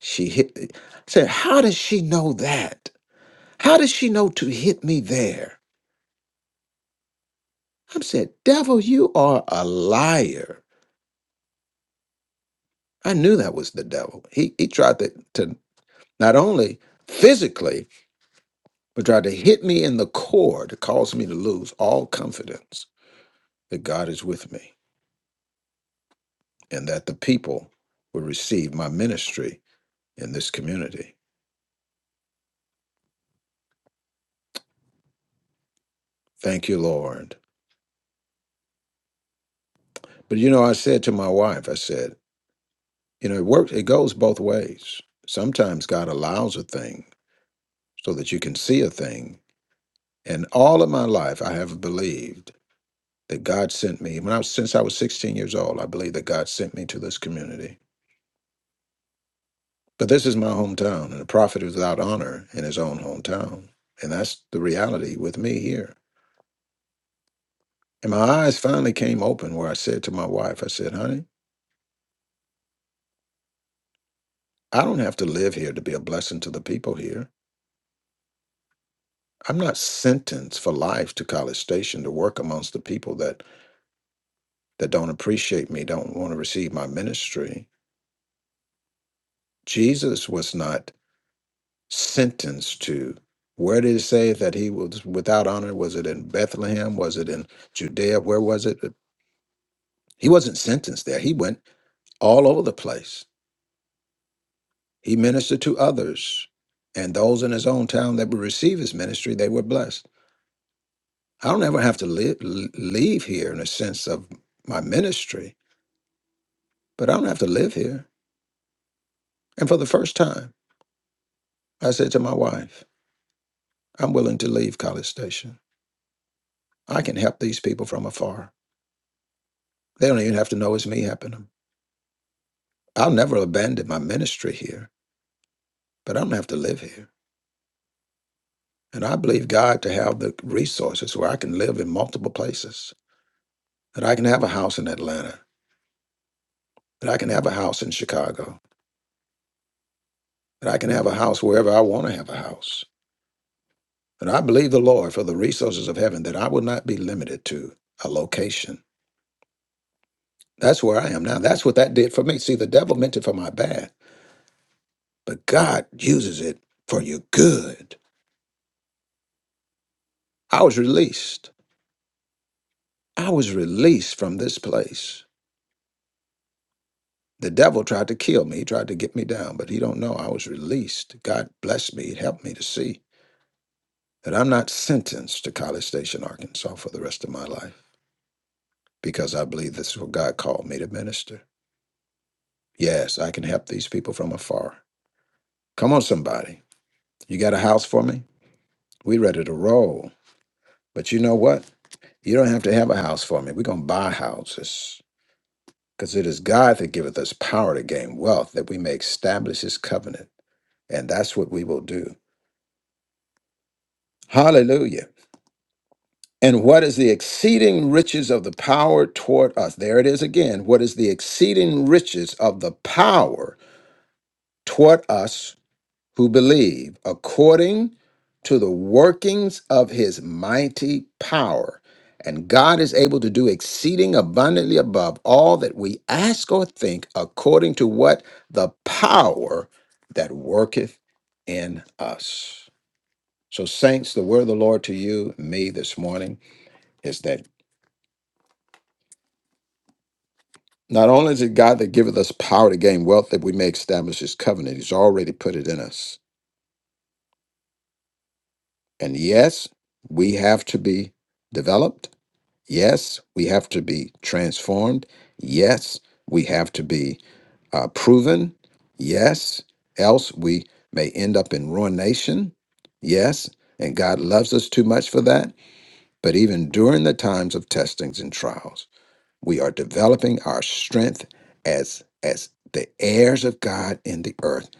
[SPEAKER 1] She hit it. said, How does she know that? How does she know to hit me there? I said, Devil, you are a liar. I knew that was the devil. He he tried to, to not only physically, but tried to hit me in the core to cause me to lose all confidence that God is with me and that the people will receive my ministry in this community. Thank you, Lord. But you know, I said to my wife, I said. You know, it works, it goes both ways. Sometimes God allows a thing so that you can see a thing. And all of my life, I have believed that God sent me. When I was, since I was 16 years old, I believed that God sent me to this community. But this is my hometown, and a prophet is without honor in his own hometown. And that's the reality with me here. And my eyes finally came open where I said to my wife, I said, honey, I don't have to live here to be a blessing to the people here. I'm not sentenced for life to College Station to work amongst the people that that don't appreciate me, don't want to receive my ministry. Jesus was not sentenced to. Where did it say that he was without honor? Was it in Bethlehem? Was it in Judea? Where was it? He wasn't sentenced there. He went all over the place. He ministered to others. And those in his own town that would receive his ministry, they were blessed. I don't ever have to live, leave here in a sense of my ministry, but I don't have to live here. And for the first time, I said to my wife, I'm willing to leave College Station. I can help these people from afar. They don't even have to know it's me helping them. I'll never abandon my ministry here, but I don't have to live here. And I believe God to have the resources where I can live in multiple places, that I can have a house in Atlanta, that I can have a house in Chicago, that I can have a house wherever I want to have a house. And I believe the Lord for the resources of heaven that I will not be limited to a location. That's where I am now. That's what that did for me. See, the devil meant it for my bad but God uses it for your good. I was released. I was released from this place. The devil tried to kill me, he tried to get me down, but he don't know I was released. God blessed me, it helped me to see that I'm not sentenced to College Station, Arkansas for the rest of my life because I believe this is what God called me to minister. Yes, I can help these people from afar. Come on, somebody. You got a house for me? We ready to roll. But you know what? You don't have to have a house for me. We're going to buy houses. Because it is God that giveth us power to gain wealth, that we may establish his covenant. And that's what we will do. Hallelujah. And what is the exceeding riches of the power toward us? There it is again. What is the exceeding riches of the power toward us who believe according to the workings of his mighty power. And God is able to do exceeding abundantly above all that we ask or think, according to what the power that worketh in us. So, saints, the word of the Lord to you, and me this morning, is that not only is it God that giveth us power to gain wealth that we may establish his covenant, he's already put it in us. And yes, we have to be developed Yes, we have to be transformed. Yes, we have to be uh, proven. Yes, else we may end up in ruination. Yes, and God loves us too much for that. But even during the times of testings and trials, we are developing our strength as as the heirs of God in the earth.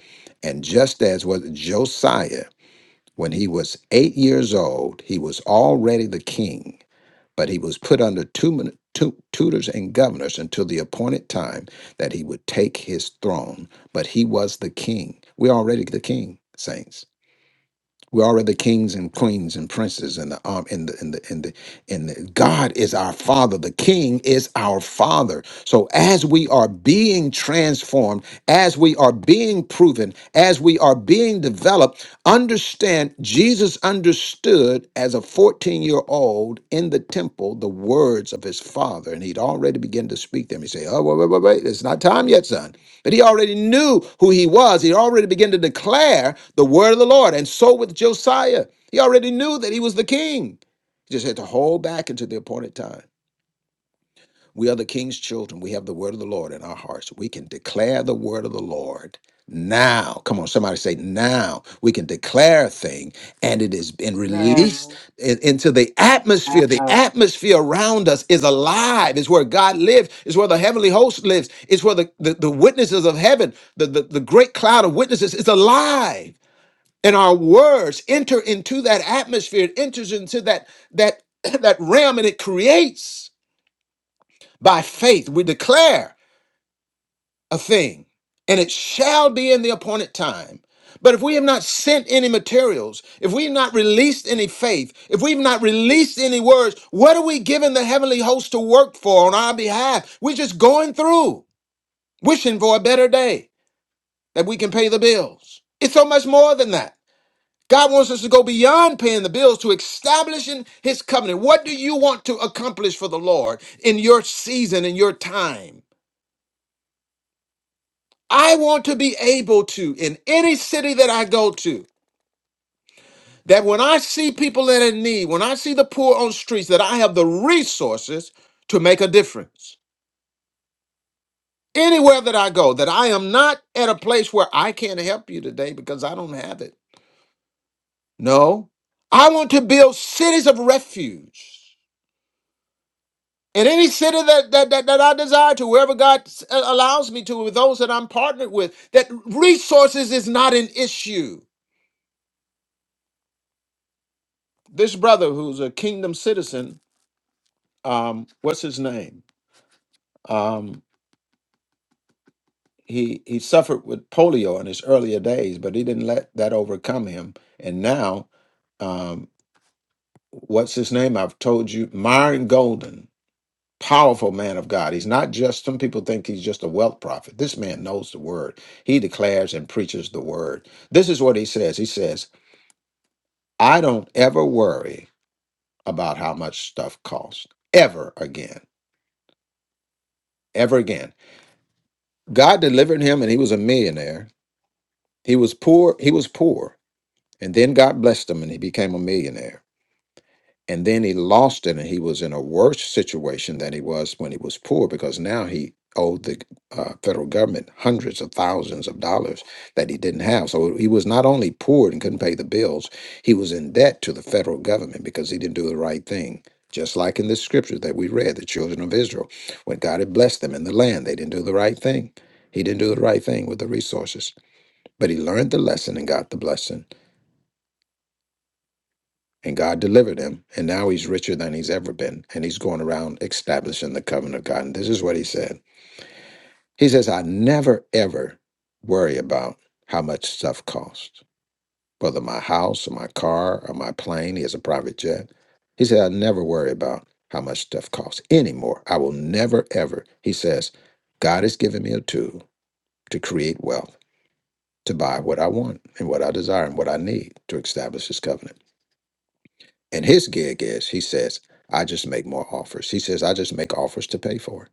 [SPEAKER 1] And just as was Josiah, when he was eight years old, he was already the king but he was put under two, min- tutors and governors until the appointed time that he would take his throne. But he was the king. We're already the king, saints. We're already kings and queens and princes and the um and the and the and the and the, God is our Father. The King is our Father. So as we are being transformed, as we are being proven, as we are being developed, understand Jesus understood as a 14-year-old in the temple the words of his father, and he'd already begun to speak them. He say, Oh, wait, wait, wait, wait, it's not time yet, son. But he already knew who he was. He already began to declare the word of the Lord. And so with Josiah, he already knew that he was the king. He just had to hold back until the appointed time. We are the king's children. We have the word of the Lord in our hearts. We can declare the word of the Lord now. Come on, somebody say now. We can declare a thing and it has been released
[SPEAKER 6] Now.
[SPEAKER 1] in- into the atmosphere. The
[SPEAKER 7] Ah.
[SPEAKER 1] atmosphere around us is alive. It's where God lives. It's where the heavenly host lives. It's where the, the, the witnesses of heaven, the, the, the great cloud of witnesses is alive. And our words enter into that atmosphere. It enters into that that that realm and it creates. By faith, we declare a thing, and it shall be in the appointed time. But if we have not sent any materials, if we have not released any faith, if we've not released any words, what are we giving the heavenly host to work for on our behalf? We're just going through, wishing for a better day that we can pay the bills. It's so much more than that. God wants us to go beyond paying the bills to establishing his covenant. What do you want to accomplish for the Lord in your season, in your time? I want to be able to, in any city that I go to, that when I see people that are in need, when I see the poor on streets, that I have the resources to make a difference. Anywhere that I go, that I am not at a place where I can't help you today because I don't have it. No. I want to build cities of refuge. In any city that, that, that, that I desire to, wherever God s- allows me to, with those that I'm partnered with, that resources is not an issue this brother who's a kingdom citizen um, what's his name? Um, he he suffered with polio in his earlier days, but he didn't let that overcome him. And now, um, what's his name? I've told you, Myron Golden, powerful man of God. He's not just some people think he's just a wealth prophet. This man knows the word. He declares and preaches the word. This is what he says. He says, "I don't ever worry about how much stuff costs ever again, ever again." God delivered him, and he was a millionaire He was poor. He was poor. And then God blessed him and he became a millionaire. And then he lost it and he was in a worse situation than he was when he was poor because now he owed the uh, federal government hundreds of thousands of dollars that he didn't have. So he was not only poor and couldn't pay the bills, he was in debt to the federal government because he didn't do the right thing. Just like in the scriptures that we read, the children of Israel, when God had blessed them in the land, they didn't do the right thing. He didn't do the right thing with the resources. But he learned the lesson and got the blessing, and God delivered him. And now he's richer than he's ever been, and he's going around establishing the covenant of God. And this is what he said He says, I never, ever worry about how much stuff costs, whether my house or my car or my plane. He has a private jet. He said, I never worry about how much stuff costs anymore. I will never, ever. He says, God has given me a tool to create wealth, to buy what I want and what I desire and what I need to establish his covenant. And his gig is, he says, I just make more offers. He says, I just make offers to pay for it.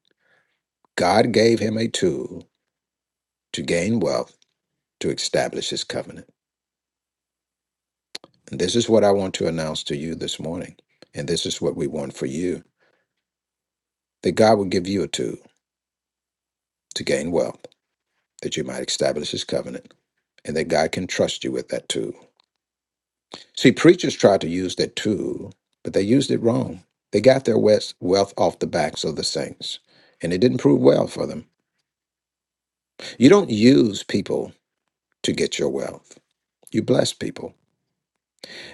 [SPEAKER 1] God gave him a tool to gain wealth to establish his covenant. And this is what I want to announce to you this morning. And this is what we want for you that God will give you a tool to gain wealth that you might establish his covenant and that God can trust you with that tool. See, preachers tried to use that tool, but they used it wrong. They got their wes- wealth off the backs of the saints, and it didn't prove well for them. You don't use people to get your wealth. You bless people.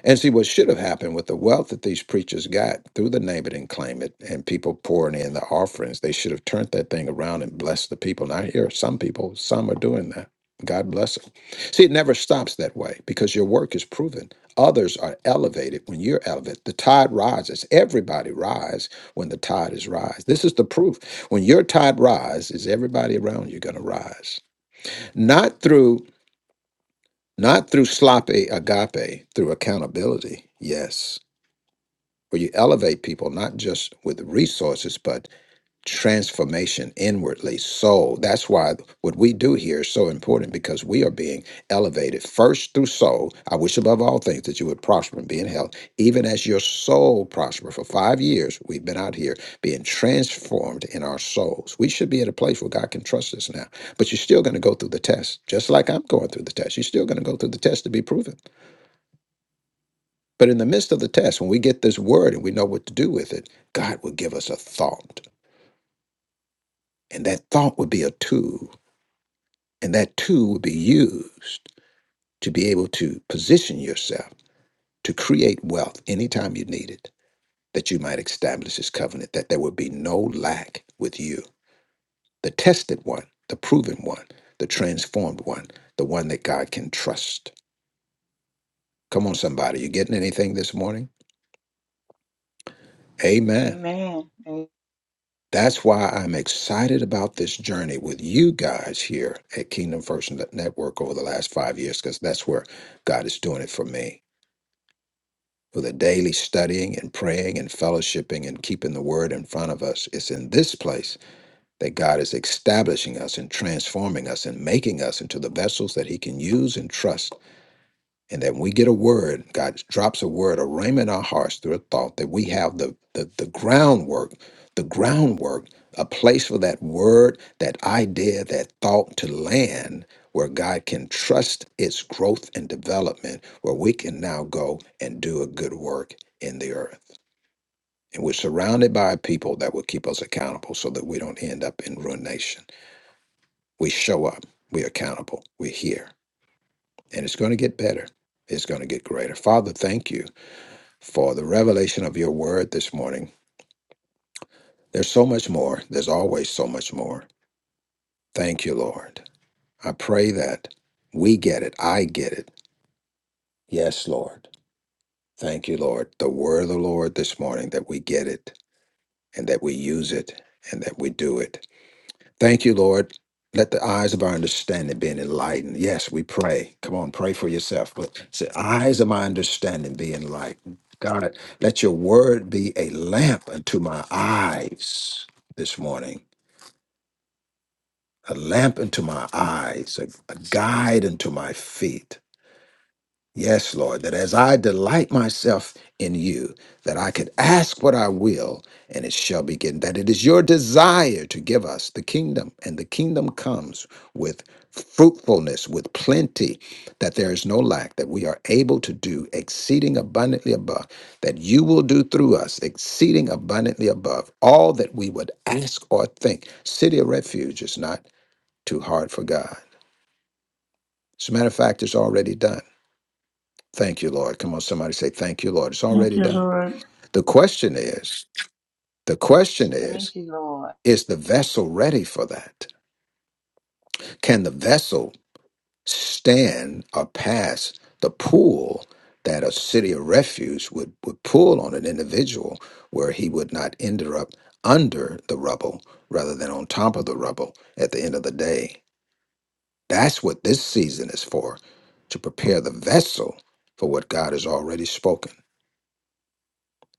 [SPEAKER 1] And see, what should have happened with the wealth that these preachers got through the name it and claim it and people pouring in the offerings, they should have turned that thing around and blessed the people. And I hear some people, some are doing that. God bless them. See, it never stops that way because your work is proven. Others are elevated when you're elevated. The tide rises. Everybody rise when the tide is rise. This is the proof. When your tide rise, is everybody around you going to rise? Not through not through sloppy agape, through accountability. Yes, where you elevate people not just with resources, but transformation inwardly. Soul. That's why what we do here is so important because we are being elevated first through soul. I wish above all things that you would prosper and be in health, even as your soul prosper. For five years, we've been out here being transformed in our souls. We should be at a place where God can trust us now. But you're still going to go through the test, just like I'm going through the test. You're still going to go through the test to be proven. But in the midst of the test, when we get this word and we know what to do with it, God will give us a thought. And that thought would be a tool And that tool will be used to be able to position yourself to create wealth anytime you need it, that you might establish this covenant, that there will be no lack with you. The tested one, the proven one, the transformed one, the one that God can trust. Come on, somebody, you getting anything this morning? Amen.
[SPEAKER 6] Amen.
[SPEAKER 1] That's why I'm excited about this journey with you guys here at Kingdom First Network over the last five years, because that's where God is doing it for me. for the daily studying and praying and fellowshipping and keeping the word in front of us. It's in this place that God is establishing us and transforming us and making us into the vessels that He can use and trust and that when we get a word, God drops a word, a rhema in our hearts through a thought, that we have the, the, the groundwork, the groundwork, a place for that word, that idea, that thought to land where God can trust its growth and development, where we can now go and do a good work in the earth. And we're surrounded by people that will keep us accountable so that we don't end up in ruination. We show up, we're accountable, we're here, and it's going to get better. It's going to get greater. Father, thank you for the revelation of your word this morning. There's so much more. There's always so much more. Thank you, Lord. I pray that we get it. I get it. Yes, Lord. Thank you, Lord. The word of the Lord this morning that we get it and that we use it and that we do it. Thank you, Lord. Let the eyes of our understanding be enlightened. Yes, we pray. Come on, pray for yourself. But it's the eyes of my understanding be enlightened. God, let your word be a lamp unto my eyes this morning, a lamp unto my eyes, a, a guide unto my feet. Yes, Lord, that as I delight myself in you, that I could ask what I will and it shall be given. That it is your desire to give us the kingdom, and the kingdom comes with fruitfulness, with plenty, that there is no lack, that we are able to do exceeding abundantly above, that you will do through us exceeding abundantly above all that we would ask or think. City of refuge is not too hard for God. As a matter of fact, it's already done. Thank you, Lord. Come on, somebody say, Thank you, Lord. It's
[SPEAKER 2] Thank
[SPEAKER 1] already
[SPEAKER 2] you,
[SPEAKER 1] done.
[SPEAKER 2] Lord.
[SPEAKER 1] The question is, the question
[SPEAKER 6] Thank
[SPEAKER 1] is,
[SPEAKER 6] you, Lord.
[SPEAKER 1] is the vessel ready for that? Can the vessel stand or pass the pull that a city of refuge would, would pull on an individual where he would not end up under the rubble rather than on top of the rubble at the end of the day? That's what this season is for, to prepare the vessel for what God has already spoken.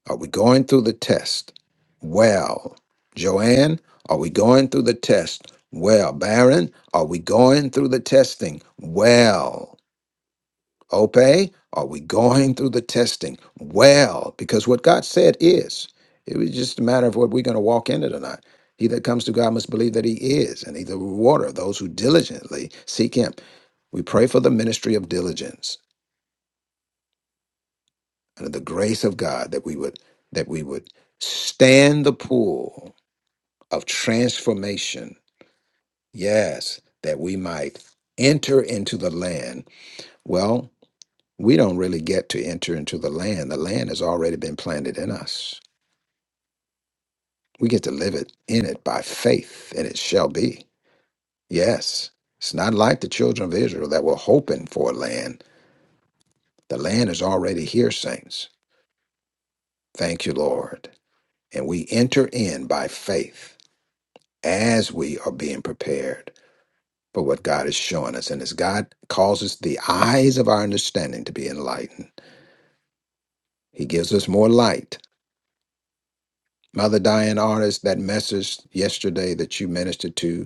[SPEAKER 1] Are we going through the test? Well, Joanne, are we going through the test? Well, Baron, are we going through the testing? Well, Ope, are we going through the testing? Well, because what God said is, it was just a matter of what we're going to walk in it or not. He that comes to God must believe that he is, and he's the rewarder of those who diligently seek him. We pray for the ministry of diligence and of the grace of God that we would that we would stand the pull of transformation. Yes, that we might enter into the land. Well, we don't really get to enter into the land. The land has already been planted in us. We get to live it in it by faith, and it shall be. Yes. It's not like the children of Israel that were hoping for a land. The land is already here, saints. Thank you, Lord. And we enter in by faith as we are being prepared. for what God is showing us. And as God causes the eyes of our understanding to be enlightened, He gives us more light. Mother Diane Artist, that message yesterday that you ministered to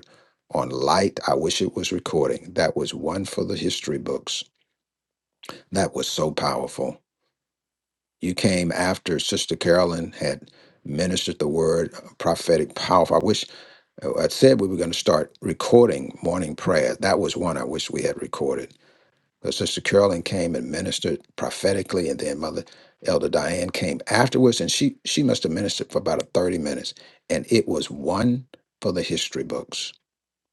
[SPEAKER 1] on light, I wish it was recording. That was one for the history books. That was so powerful. You came after Sister Carolyn had ministered the word prophetic powerful. I wish I said we were going to start recording morning prayer. That was one I wish we had recorded But Sister Carolyn came and ministered prophetically, and then Mother Elder Diane came afterwards, and she she must have ministered for about 30 minutes. And it was one for the history books.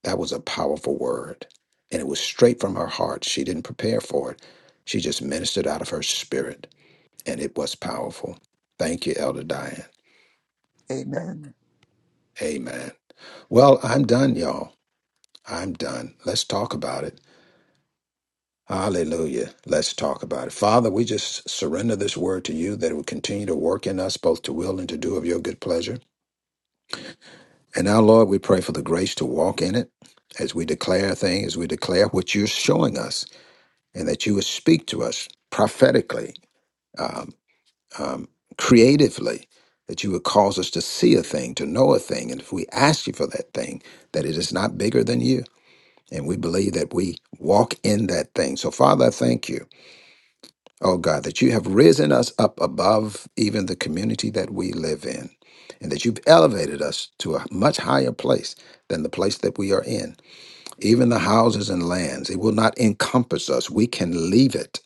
[SPEAKER 1] That was a powerful word. And it was straight from her heart. She didn't prepare for it. She just ministered out of her spirit. And it was powerful. Thank you, Elder Diane.
[SPEAKER 8] Amen.
[SPEAKER 1] Amen. Well, I'm done, y'all. I'm done. Let's talk about it. Hallelujah. Let's talk about it. Father, we just surrender this word to you that it would continue to work in us both to will and to do of your good pleasure. And now, Lord, we pray for the grace to walk in it as we declare things, as we declare what you're showing us, and that you would speak to us prophetically, um, um, creatively, that you would cause us to see a thing, to know a thing. And if we ask you for that thing, that it is not bigger than you. And we believe that we walk in that thing. So, Father, I thank you. oh God, that you have risen us up above even the community that we live in, and that you've elevated us to a much higher place than the place that we are in. Even the houses and lands, it will not encompass us. We can leave it.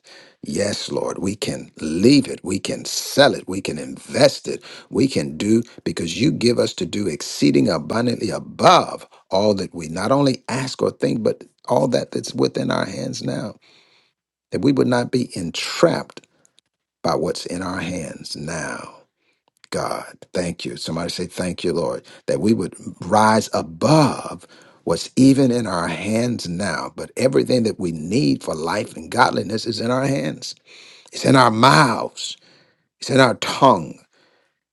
[SPEAKER 1] Yes, Lord, we can leave it. We can sell it. We can invest it. We can do because you give us to do exceeding abundantly above all that we not only ask or think, but all that that's within our hands now. That we would not be entrapped by what's in our hands now. God, thank you. Somebody say, Thank you, Lord, that we would rise above what's even in our hands now. But everything that we need for life and godliness is in our hands, it's in our mouths, it's in our tongue,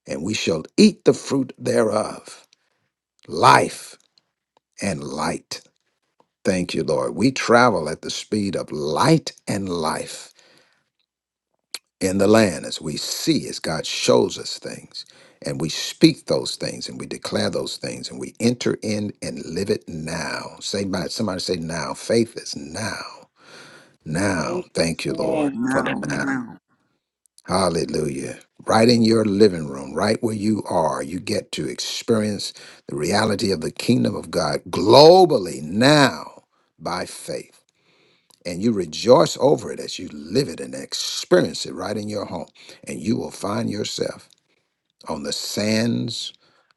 [SPEAKER 1] and we shall eat the fruit thereof. Life and light. Thank you, Lord. We travel at the speed of light and life. in the land as we see as God shows us things and we speak those things and we declare those things and we enter in and live it now. Say by somebody say now. Faith is now. Now.
[SPEAKER 6] Take this
[SPEAKER 1] Thank you, Lord, for
[SPEAKER 6] now.
[SPEAKER 1] the
[SPEAKER 8] Now,
[SPEAKER 1] now.
[SPEAKER 8] now.
[SPEAKER 1] Hallelujah. Right in your living room, right where you are, you get to experience the reality of the kingdom of God globally now by faith and you rejoice over it as you live it and experience it right in your home. And you will find yourself on the sands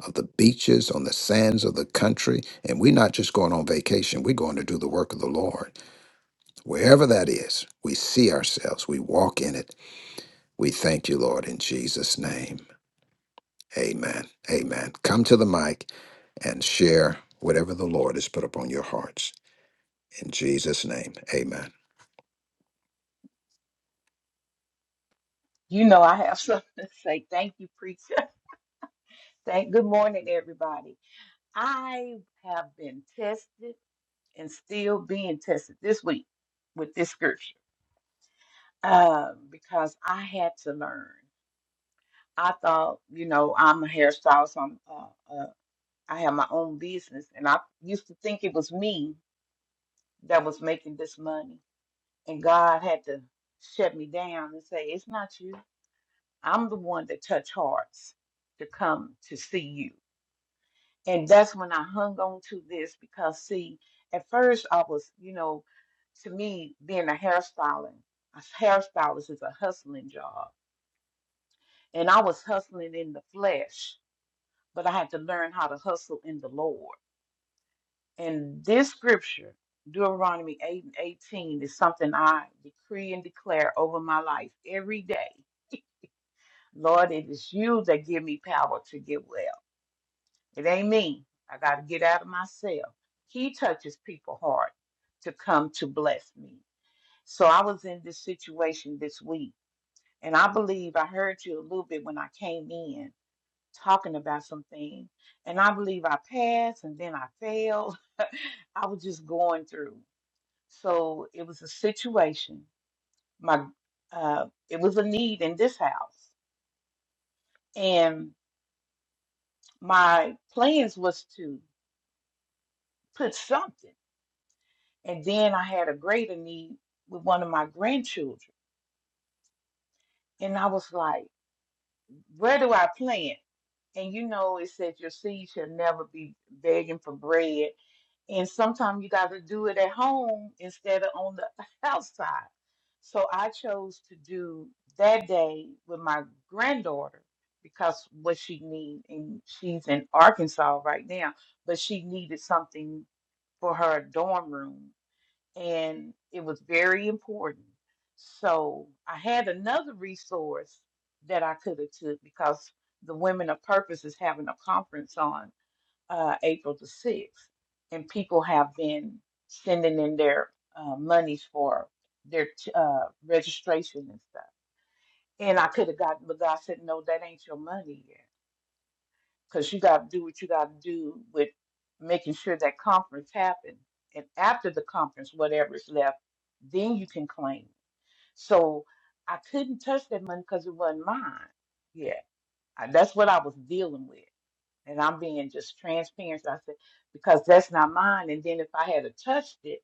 [SPEAKER 1] of the beaches, on the sands of the country. And we're not just going on vacation, we're going to do the work of the Lord. Wherever that is, we see ourselves, we walk in it. We thank you, Lord, in Jesus' name. Amen. Amen. Come to the mic and share whatever the Lord has put upon your hearts. In Jesus' name, amen.
[SPEAKER 6] You know I have something to say. Thank you, preacher. Thank good morning, everybody. I have been tested and still being tested this week with this scripture. Um, because I had to learn. I thought, you know, I'm a hairstylist. so I'm, uh, uh, I have my own business, and I used to think it was me that was making this money. And God had to shut me down and say, "It's not you. I'm the one that touch hearts to come to see you. And that's when I hung on to this because see, at first I was, you know, to me being a hairstylist, a hairstylist is a hustling job. And I was hustling in the flesh, but I had to learn how to hustle in the Lord. And this scripture, Deuteronomy 8 and 18, is something I decree and declare over my life every day. Lord, it is you that give me power to get well. It ain't me. I got to get out of myself. He touches people's heart to come to bless me. So I was in this situation this week, and I believe I heard you a little bit when I came in talking about something. And I believe I passed and then I failed. I was just going through. So it was a situation. My uh, it was a need in this house, and my plans was to put something. And then I had a greater need with one of my grandchildren. And I was like, where do I plant? And you know, it said your seed shall never be begging for bread. And sometimes you got to do it at home instead of on the outside. So I chose to do that day with my granddaughter because what she needed, and she's in Arkansas right now, but she needed something for her dorm room and it was very important. So I had another resource that I could have took because the Women of Purpose is having a conference on uh, April the sixth, and people have been sending in their uh, monies for their t- uh, registration and stuff. And I could have gotten, but God said, "No, that ain't your money yet." because you got to do what you got to do with making sure that conference happened. And after the conference, whatever is left, then you can claim. So I couldn't touch that money because it wasn't mine. Yeah, I- that's what I was dealing with. And I'm being just transparent. So I said, because that's not mine. And then if I had a touched it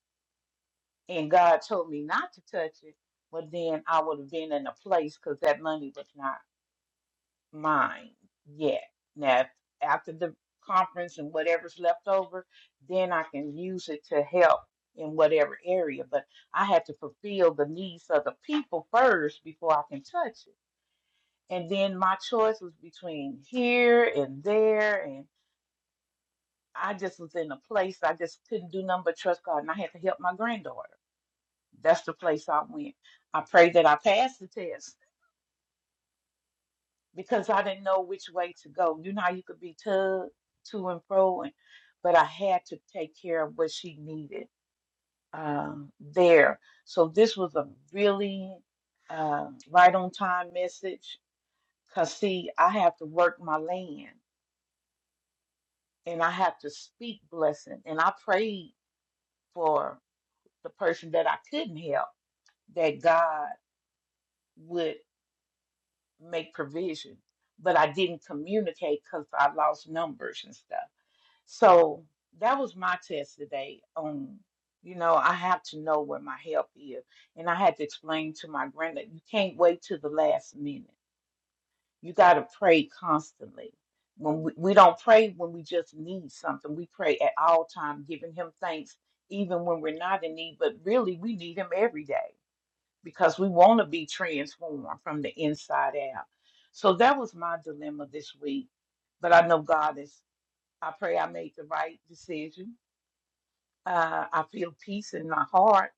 [SPEAKER 6] and God told me not to touch it, well, then I would have been in a place because that money was not mine yet. Now, if after the conference and whatever's left over, then I can use it to help in whatever area. But I have to fulfill the needs of the people first before I can touch it. And then my choice was between here and there. And I just was in a place I just couldn't do nothing but trust God. And I had to help my granddaughter. That's the place I went. I prayed that I passed the test because I didn't know which way to go. You know how you could be tugged to and fro, and, but I had to take care of what she needed um, there. So this was a really uh, right on time message. Cause see, I have to work my land, and I have to speak blessing, and I prayed for the person that I couldn't help that God would make provision, but I didn't communicate because I lost numbers and stuff. So that was my test today on, you know, I have to know where my help is. And I had to explain to my granddad, you can't wait till the last minute. You got to pray constantly. When we, we don't pray when we just need something, we pray at all time, giving him thanks, even when we're not in need. But really, we need him every day because we want to be transformed from the inside out. So that was my dilemma this week. But I know God is, I pray I made the right decision uh, I feel peace in my heart,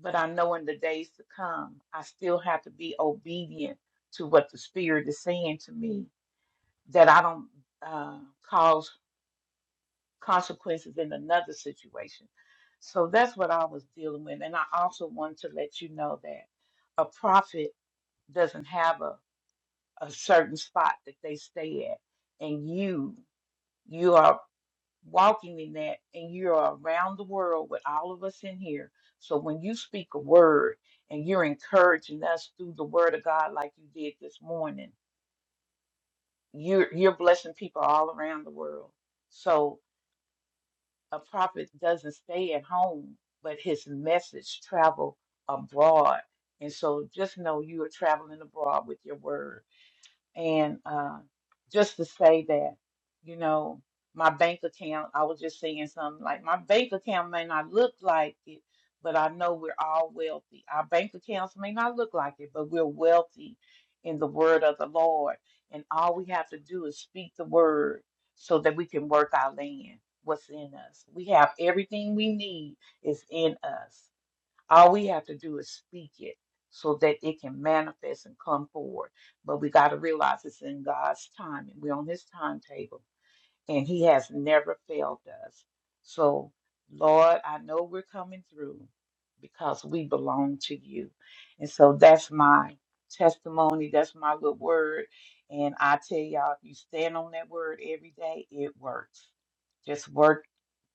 [SPEAKER 6] but I know in the days to come, I still have to be obedient to what the Spirit is saying to me that I don't uh, cause consequences in another situation. So that's what I was dealing with. And I also wanted to let you know that a prophet doesn't have a, a certain spot that they stay at. And you, you are walking in that, and you're around the world with all of us in here. So when you speak a word and you're encouraging us through the word of God like you did this morning, you're you're blessing people all around the world. So a prophet doesn't stay at home, but his message travel abroad. And so just know you are traveling abroad with your word. And uh, just to say that, you know, my bank account, I was just saying something like my bank account may not look like it, but I know we're all wealthy. Our bank accounts may not look like it, but we're wealthy in the word of the Lord. And all we have to do is speak the word so that we can work our land, what's in us. We have everything we need is in us. All we have to do is speak it so that it can manifest and come forward. But we got to realize it's in God's time and we're on His timetable and he has never failed us. So, Lord, I know we're coming through because we belong to you. And so that's my testimony, that's my little word. And I tell y'all, if you stand on that word every day, it works. Just work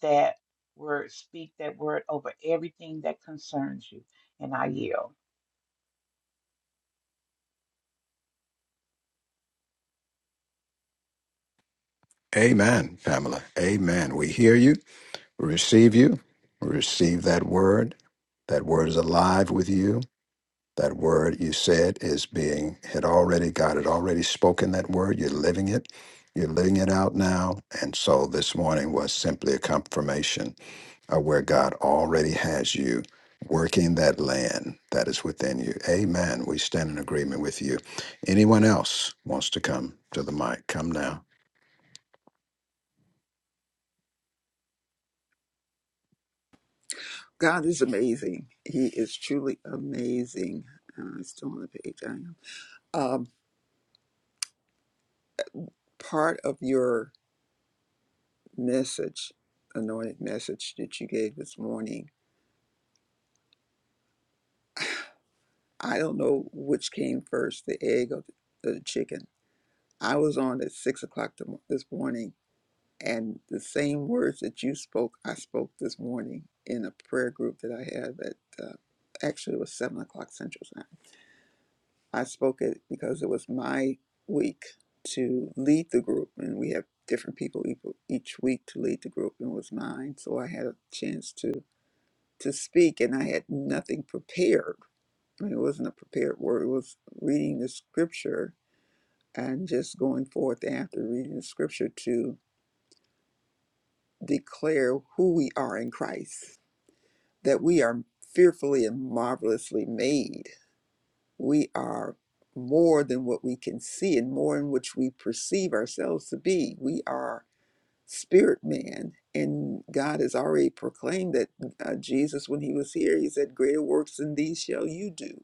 [SPEAKER 6] that word, speak that word over everything that concerns you. And I yield.
[SPEAKER 1] Amen, Pamela. Amen. We hear you. receive you, receive that word. That word is alive with you. That word you said is being had already God had already spoken that word. You're living it. You're living it out now. And so this morning was simply a confirmation of where God already has you working that land that is within you. Amen. We stand in agreement with you. Anyone else wants to come to the mic? Come now.
[SPEAKER 8] God is amazing. He is truly amazing. Uh, it's still on the page. I am. Um, part of your message, anointed message that you gave this morning. I don't know which came first, the egg or the chicken. I was on at six o'clock this morning, and the same words that you spoke, I spoke this morning in a prayer group that I had. at uh, actually it was seven o'clock Central Time. I spoke it because it was my week to lead the group, and we have different people each week to lead the group, and it was mine. So I had a chance to to speak, and I had nothing prepared. I mean, it wasn't a prepared word. It was reading the scripture and just going forth after reading the scripture to declare who we are in Christ, that we are fearfully and marvelously made. We are more than what we can see and more in which we perceive ourselves to be. We are spirit man, and God has already proclaimed that uh, Jesus, when he was here, he said, Greater works than these shall you do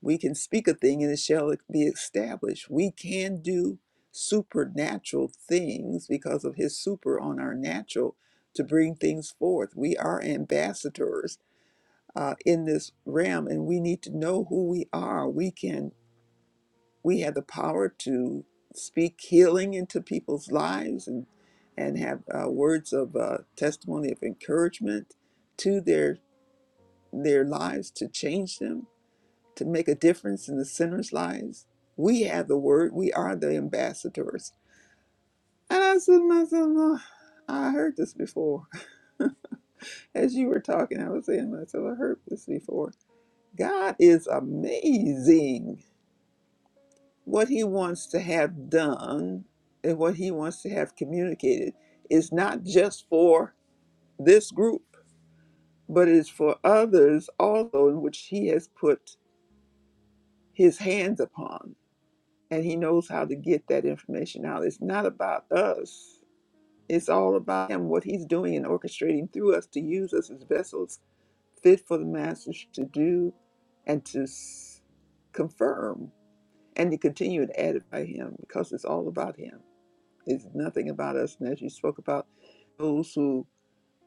[SPEAKER 8] We can speak a thing and it shall be established. We can do supernatural things because of his super on our natural to bring things forth. We are ambassadors uh, in this realm and we need to know who we are. We can, we have the power to speak healing into people's lives and, and have uh, words of uh, testimony of encouragement to their, their lives to change them to make a difference in the sinners' lives. We have the word. We are the ambassadors. And I said to myself, "Oh, I heard this before. As you were talking, I was saying to myself, I heard this before. God is amazing. What he wants to have done and what he wants to have communicated is not just for this group, but it is for others also in which he has put his hands upon. and he knows how to get that information out. It's not about us. It's all about him, what he's doing and orchestrating through us to use us as vessels fit for the masters to do and to s- confirm and to continue to edify him because it's all about him. It's nothing about us. And as you spoke about those who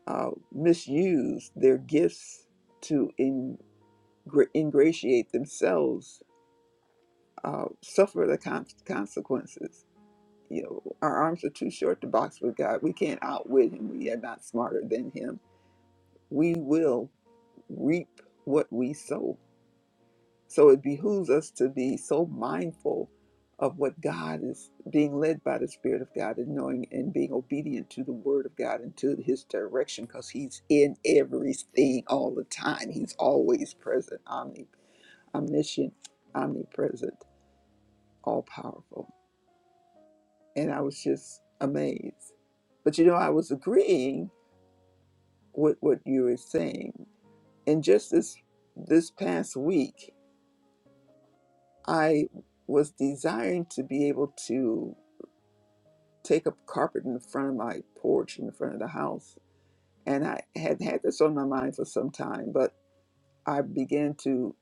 [SPEAKER 8] uh, misuse their gifts to ingra- ingratiate themselves, uh, suffer the con- consequences you know, our arms are too short to box with God. We can't outwit him. We are not smarter than him. We will reap what we sow. So it behooves us to be so mindful of what God is being led by the Spirit of God and knowing and being obedient to the Word of God and to His direction because He's in everything all the time. He's always present, omni, omniscient, omnipresent, all powerful. and I was just amazed. But you know, I was agreeing with what you were saying, and just this this past week, I was desiring to be able to take up carpet in front of my porch in front of the house, and I had had this on my mind for some time, but I began to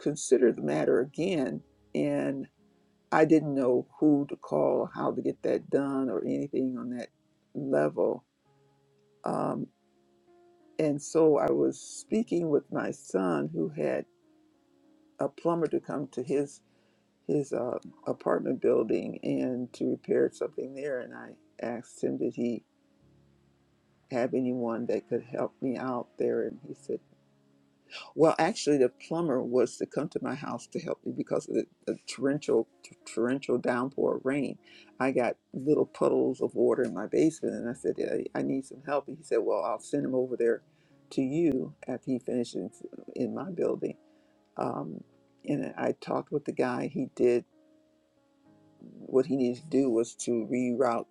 [SPEAKER 8] consider the matter again, and I didn't know who to call, how to get that done, or anything on that level. Um, And so I was speaking with my son who had a plumber to come to his his uh, apartment building and to repair something there. And I asked him, did he have anyone that could help me out there? And he said, Well, actually, the plumber was to come to my house to help me because of the, the torrential, t- torrential downpour of rain. I got little puddles of water in my basement, and I said, I, I need some help. And he said, Well, I'll send him over there to you after he finishes in my building. Um, and I talked with the guy. He did what he needed to do was to reroute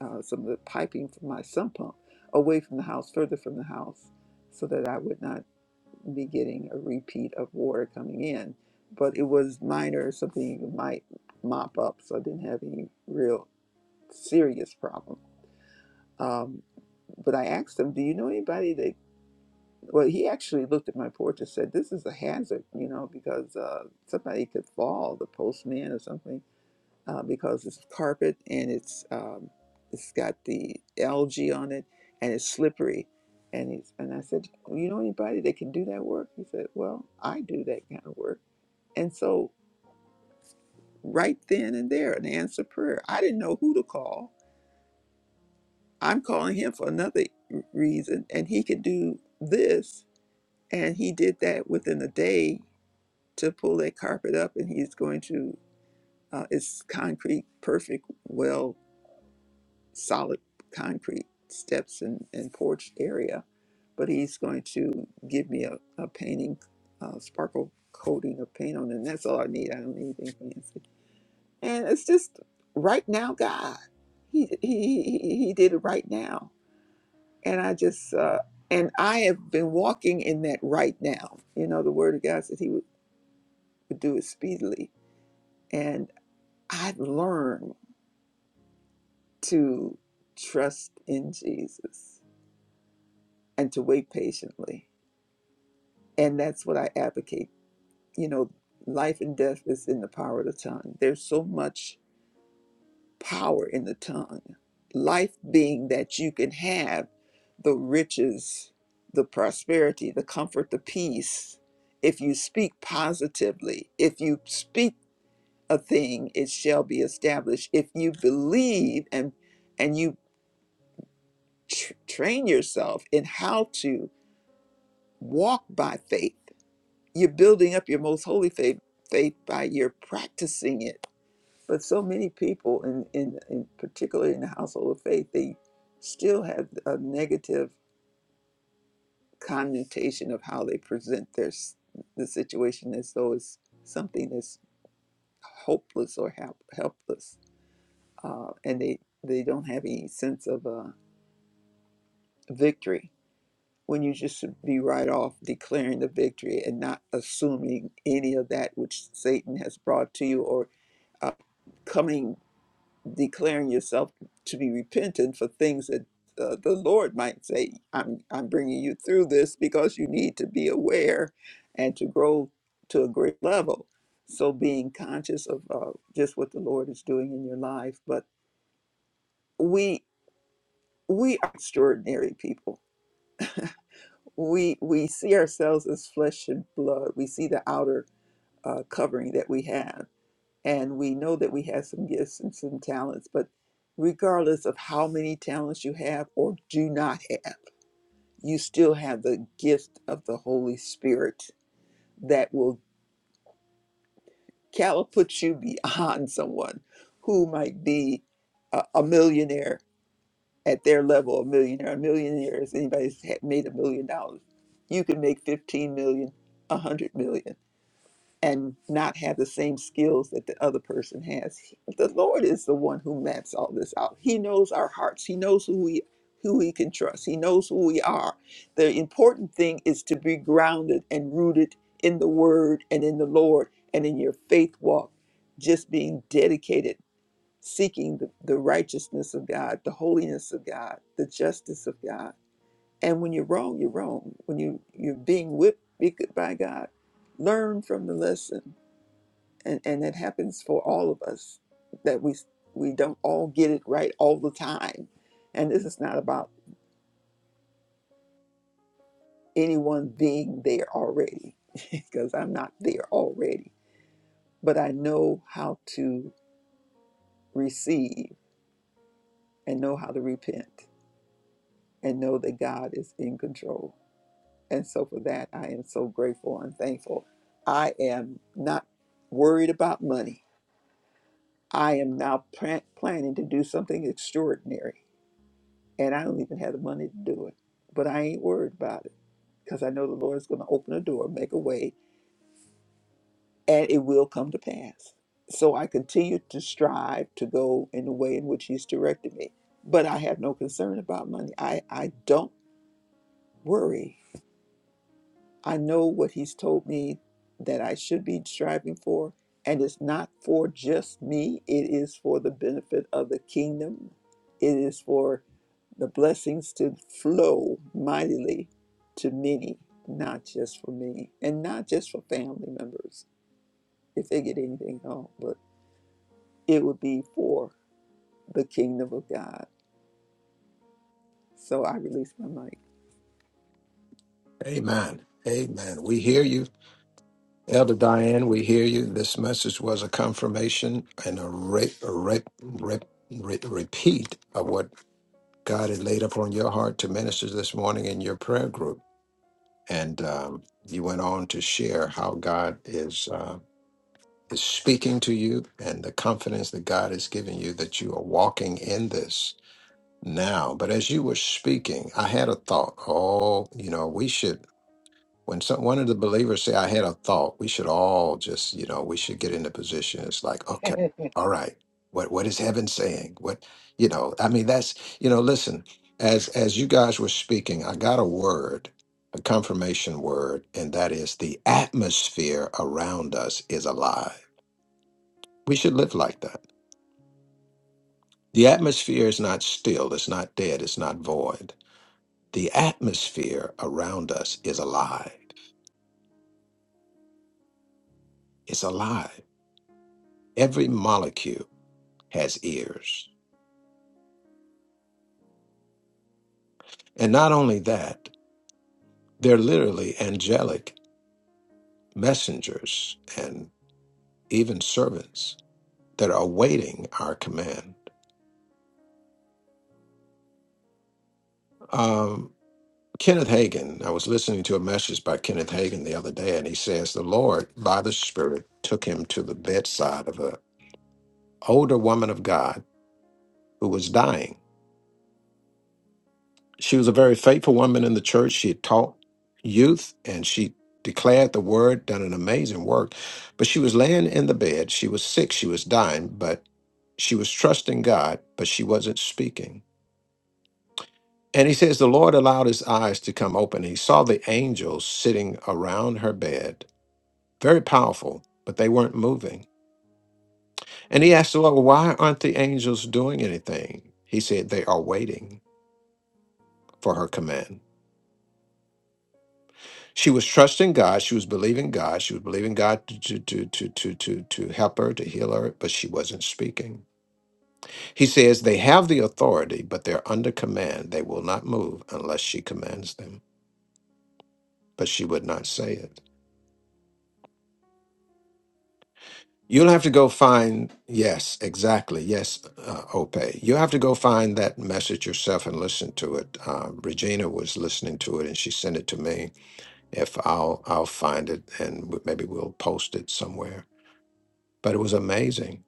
[SPEAKER 8] uh, some of the piping from my sump pump away from the house, further from the house, so that I would not be getting a repeat of water coming in. But it was minor, something you might mop up, so I didn't have any real serious problem. Um, but I asked him, "Do you know anybody that?" Well, he actually looked at my porch and said, "This is a hazard, you know, because uh, somebody could fall, the postman or something." uh, because it's carpet and it's um, it's got the algae on it and it's slippery. And he's and I said, "Well, you know anybody that can do that work? He said, well, I do that kind of work. And so right then and there, an answer prayer. I didn't know who to call. I'm calling him for another r- reason, and he could do this, and he did that within a day to pull that carpet up, and he's going to. Uh, it's concrete, perfect, well solid concrete steps and, and porch area, but he's going to give me a, a painting, uh, sparkle coating of paint on it. And that's all I need. I don't need anything fancy. And it's just right now, God. He, he, he, he did it right now. And I just, uh, and I have been walking in that right now. You know, the word of God said he would, would do it speedily. And I've learned to trust in Jesus and to wait patiently and that's what I advocate. You know, life and death is in the power of the tongue. There's so much power in the tongue. Life being that you can have the riches, the prosperity, the comfort, the peace. If you speak positively, if you speak a thing, it shall be established. If you believe and and you tr- train yourself in how to walk by faith you're building up your most holy faith, faith by your practicing it. But so many people, in, in, in particularly in the household of faith, they still have a negative connotation of how they present their s- the situation as though it's something that's hopeless or help, helpless, uh, and they they don't have any sense of uh, victory. When you just should be right off declaring the victory and not assuming any of that which Satan has brought to you or uh, coming, declaring yourself to be repentant for things that uh, the Lord might say, I'm, I'm bringing you through this because you need to be aware and to grow to a great level. So being conscious of uh, just what the Lord is doing in your life. But we, we are extraordinary people. We, we see ourselves as flesh and blood. We see the outer uh, covering that we have and we know that we have some gifts and some talents but regardless of how many talents you have or do not have you still have the gift of the holy spirit that will catapult you beyond someone who might be a, a millionaire at their level a millionaire a millionaire is anybody who's had- made a million dollars you can make 15 million 100 million and not have the same skills that the other person has. The Lord is the one who maps all this out. He knows our hearts. He knows who we who we can trust. He knows who we are. The important thing is to be grounded and rooted in the word and in the Lord and in your faith walk, just being dedicated, seeking the, the righteousness of God, the holiness of God, the justice of God. And when you're wrong, you're wrong. When you, you're being whipped by God, learn from the lesson and and it happens for all of us that we we don't all get it right all the time and this is not about anyone being there already because i'm not there already but i know how to receive and know how to repent and know that god is in control and so for that i am so grateful and thankful i am not worried about money i am now plan- planning to do something extraordinary and I don't even have the money to do it. But I ain't worried about it because I know the Lord's going to open a door, make a way, and it will come to pass. So I continue to strive to go in the way in which He's directed me. But I have no concern about money. I, I don't worry. I know what He's told me that I should be striving for. And it's not for just me, it is for the benefit of the kingdom. It is for the blessings to flow mightily to many, not just for me, and not just for family members, if they get anything at all, but it would be for the kingdom of God. So I release my mic.
[SPEAKER 1] Amen. Amen. We hear you. Elder Diane, we hear you. This message was a confirmation and a, re- a re- re- re- repeat of what God had laid upon your heart to minister this morning in your prayer group. And um, you went on to share how God is uh, is speaking to you and the confidence that God has given you that you are walking in this now. But as you were speaking, I had a thought. Oh, you know, we should when some, one of the believers say i had a thought we should all just you know we should get in the position it's like okay all right what what is heaven saying what you know i mean that's you know listen as as you guys were speaking i got a word a confirmation word and that is the atmosphere around us is alive we should live like that the atmosphere is not still it's not dead it's not void the atmosphere around us is alive it's alive every molecule has ears. And not only that, they're literally angelic messengers and even servants that are awaiting our command. Um, Kenneth Hagin, I was listening to a message by Kenneth Hagin the other day, and he says the Lord, by the Spirit, took him to the bedside of an older woman of God who was dying She was a very faithful woman in the church. She had taught youth and she declared the word, done an amazing work. But she was laying in the bed. She was sick. She was dying, but she was trusting God, but she wasn't speaking. And he says, The Lord allowed his eyes to come open. He saw the angels sitting around her bed, very powerful, but they weren't moving. And he asked the Lord, Why aren't the angels doing anything? He said, They are waiting for her command. She was trusting God. She was believing God. She was believing God to, to, to, to, to, to, to help her, to heal her, but she wasn't speaking. He says they have the authority, but they're under command. They will not move unless she commands them, but she would not say it. You'll have to go find, yes, exactly, yes, uh, Ope. You'll have to go find that message yourself and listen to it. Uh, Regina was listening to it and she sent it to me. If I'll, I'll find it and w- maybe we'll post it somewhere. But it was amazing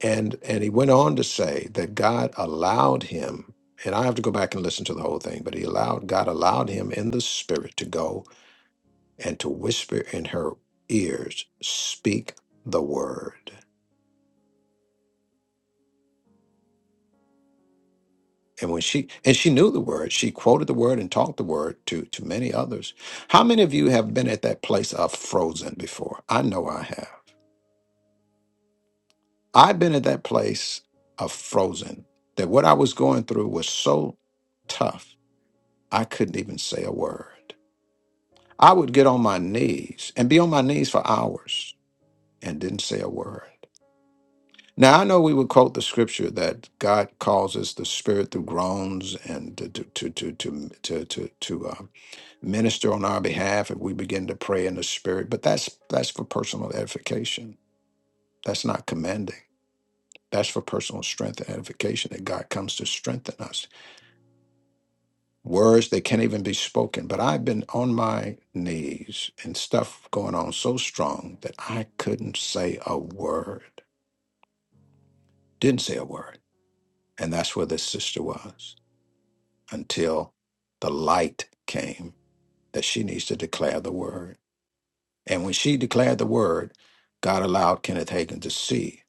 [SPEAKER 1] And and he went on to say that God allowed him, and I have to go back and listen to the whole thing, but he allowed God allowed him in the spirit to go and to whisper in her ears, speak the word. And when she and she knew the word, she quoted the word and taught the word to to many others. How many of you have been at that place of frozen before? I know I have. I've been at that place of frozen that what I was going through was so tough, I couldn't even say a word. I would get on my knees and be on my knees for hours and didn't say a word. Now, I know we would quote the scripture that God causes the spirit through groans and to, to, to, to, to, to, to, to uh, minister on our behalf if we begin to pray in the spirit, but that's, that's for personal edification. That's not commanding. That's for personal strength and edification that God comes to strengthen us. words that can't even be spoken. But I've been on my knees and stuff going on so strong that I couldn't say a word, didn't say a word. And that's where this sister was until the light came that she needs to declare the word. And when she declared the word, God allowed Kenneth Hagin to see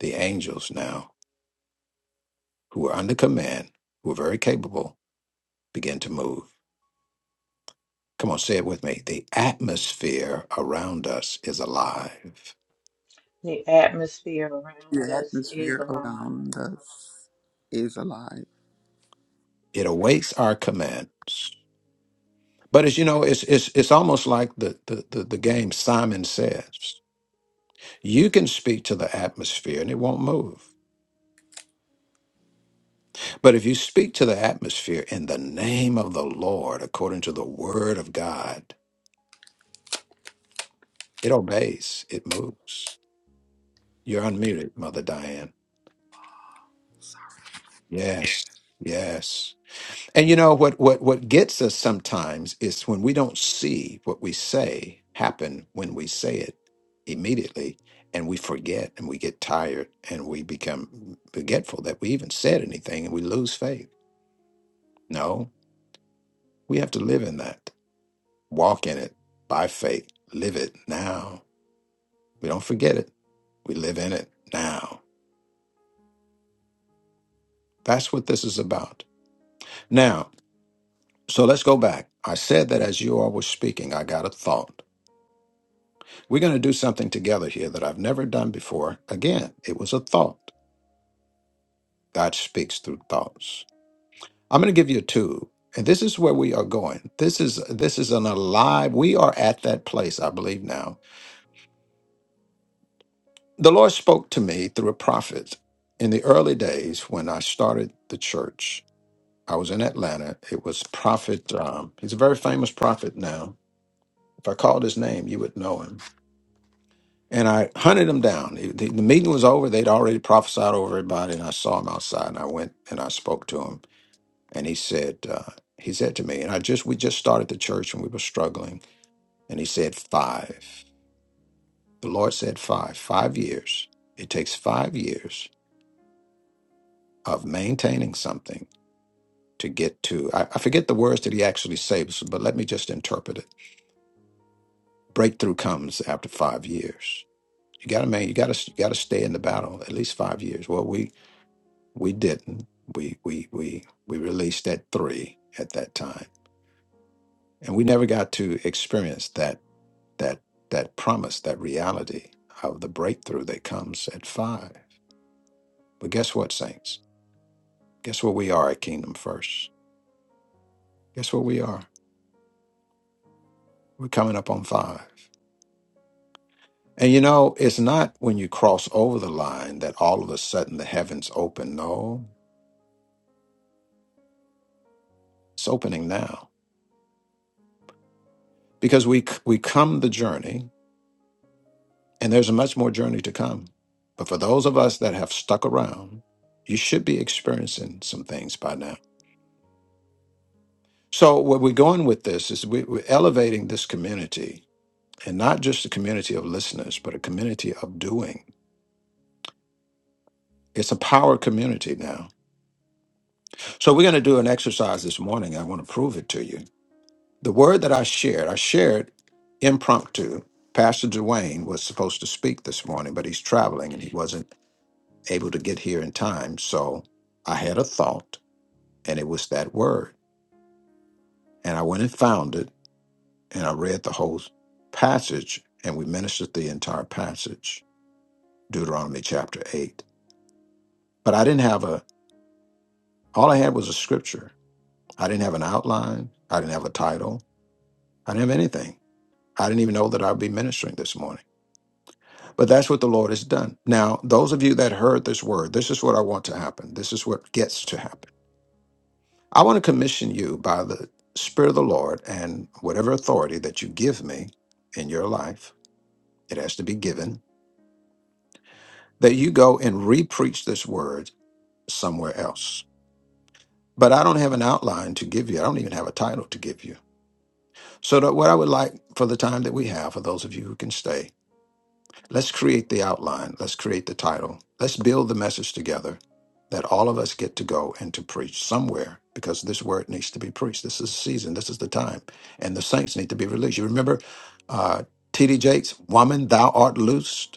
[SPEAKER 1] the angels now who were under command, who were very capable, begin to move. Come on, say it with me. The atmosphere around us is alive.
[SPEAKER 6] The atmosphere around
[SPEAKER 8] The
[SPEAKER 6] us is
[SPEAKER 8] atmosphere
[SPEAKER 6] alive.
[SPEAKER 8] around us is alive.
[SPEAKER 1] It awaits our commands. But as you know, it's it's it's almost like the the the, the game Simon says. You can speak to the atmosphere and it won't move. But if you speak to the atmosphere in the name of the Lord, according to the word of God, it obeys, it moves. You're unmuted, Mother Diane. Yes, yes. And you know what what what gets us sometimes is when we don't see what we say happen when we say it immediately and we forget and we get tired and we become forgetful that we even said anything and we lose faith. No, we have to live in that. Walk in it by faith. Live it now. We don't forget it. We live in it now. That's what this is about. Now, so let's go back. I said that as you all were speaking, I got a thought. We're going to do something together here that I've never done before. Again, it was a thought. God speaks through thoughts. I'm going to give you a two. And this is where we are going. This is this is an alive. We are at that place, I believe now. The Lord spoke to me through a prophet in the early days when I started the church. I was in Atlanta. It was prophet. Um, he's a very famous prophet now. If I called his name, you would know him And I hunted them down. The, the- the meeting was over. They'd already prophesied over everybody. And I saw him outside and I went and I spoke to him. And he said, uh, he said to me, and I just, we just started the church and we were struggling. And he said, five. The Lord said, five, five years. It takes five years of maintaining something to get to, I, I forget the words that he actually says, but let me just interpret it. Breakthrough comes after five years. You gotta man, you gotta you gotta stay in the battle at least five years. Well, we We didn't. We we we we released at three at that time, and we never got to experience that that that promise, that reality of the breakthrough that comes at five. But guess what, saints? Guess what we are at Kingdom First. Guess what we are? We're coming up on five. And you know, it's not when you cross over the line that all of a sudden the heavens open. No, it's opening now because we c- we come the journey And there's much more journey to come. But for those of us that have stuck around, you should be experiencing some things by now. So, what we're going with this is we, we're elevating this community and not just a community of listeners, but a community of doing. It's a power community now. So, we're going to do an exercise this morning. I want to prove it to you. The word that I shared, I shared impromptu. Pastor Dwayne was supposed to speak this morning, but he's traveling and he wasn't able to get here in time. So, I had a thought and it was that word. And I went and found it, and I read the whole passage, and we ministered the entire passage, Deuteronomy chapter 8. But I didn't have a, all I had was a scripture. I didn't have an outline. I didn't have a title. I didn't have anything. I didn't even know that I'd be ministering this morning. But that's what the Lord has done. Now, those of you that heard this word, this is what I want to happen. This is what gets to happen. I want to commission you by the Spirit of the Lord and whatever authority that you give me in your life it has to be given, that you go and repreach this word somewhere else. But I don't have an outline to give you. I don't even have a title to give you. So that what I would like for the time that we have, for those of you who can stay, let's create the outline. Let's create the title. Let's build the message together that all of us get to go and to preach somewhere because this word needs to be preached. This is the season. This is the time. And the saints need to be released. You remember uh, T.D. Jakes, woman, thou art loosed.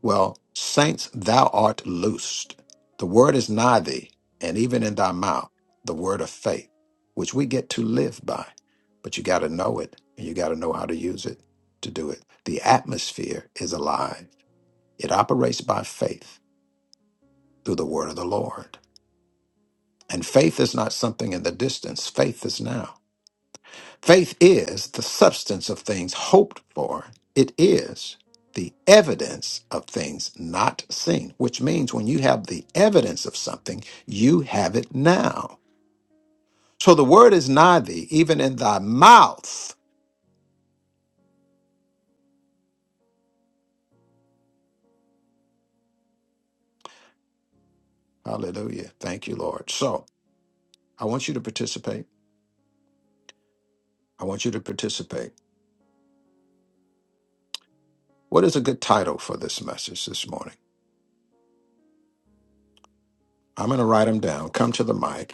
[SPEAKER 1] Well, saints, thou art loosed. The word is nigh thee, and even in thy mouth, the word of faith, which we get to live by. But you got to know it, and you got to know how to use it to do it. The atmosphere is alive, it operates by faith through the word of the Lord. And faith is not something in the distance, faith is now. Faith is the substance of things hoped for. It is the evidence of things not seen, which means when you have the evidence of something, you have it now. So the word is nigh thee, even in thy mouth. Hallelujah. Thank you, Lord. So I want you to participate. I want you to participate. What is a good title for this message this morning? I'm going to write them down. Come to the mic.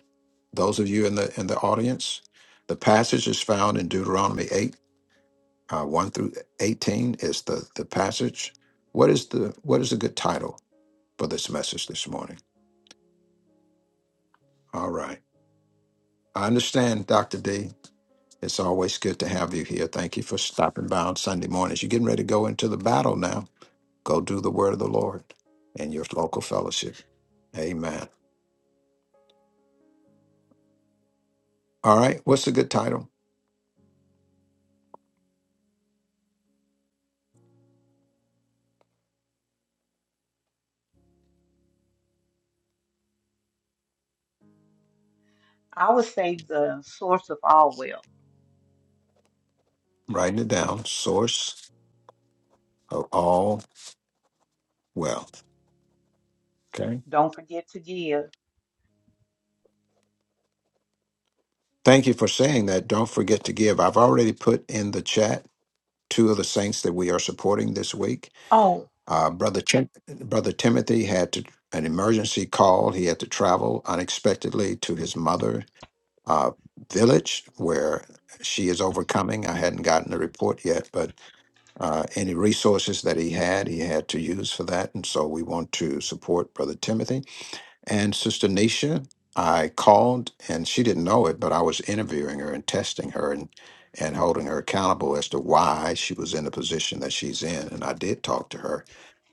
[SPEAKER 1] Those of you in the in the audience, the passage is found in Deuteronomy 8 uh, 1 through 18 is the, the passage. What is the what is a good title for this message this morning? All right. I understand, Dr. D. It's always good to have you here. Thank you for stopping by on Sunday mornings. You're getting ready to go into the battle now. Go do the word of the Lord in your local fellowship. Amen. All right. What's a good title?
[SPEAKER 6] I would say the source of all wealth.
[SPEAKER 1] I'm writing it down. Source of all wealth. Okay.
[SPEAKER 6] Don't forget to give.
[SPEAKER 1] Thank you for saying that. Don't forget to give. I've already put in the chat two of the saints that we are supporting this week.
[SPEAKER 6] Oh,
[SPEAKER 1] Uh, Brother Tim- Brother Timothy had to, an emergency call. He had to travel unexpectedly to his mother' uh, village where she is overcoming. I hadn't gotten the report yet, but uh, any resources that he had, he had to use for that. And so we want to support Brother Timothy. And Sister Nisha, I called and she didn't know it, but I was interviewing her and testing her and, and holding her accountable as to why she was in the position that she's in. And I did talk to her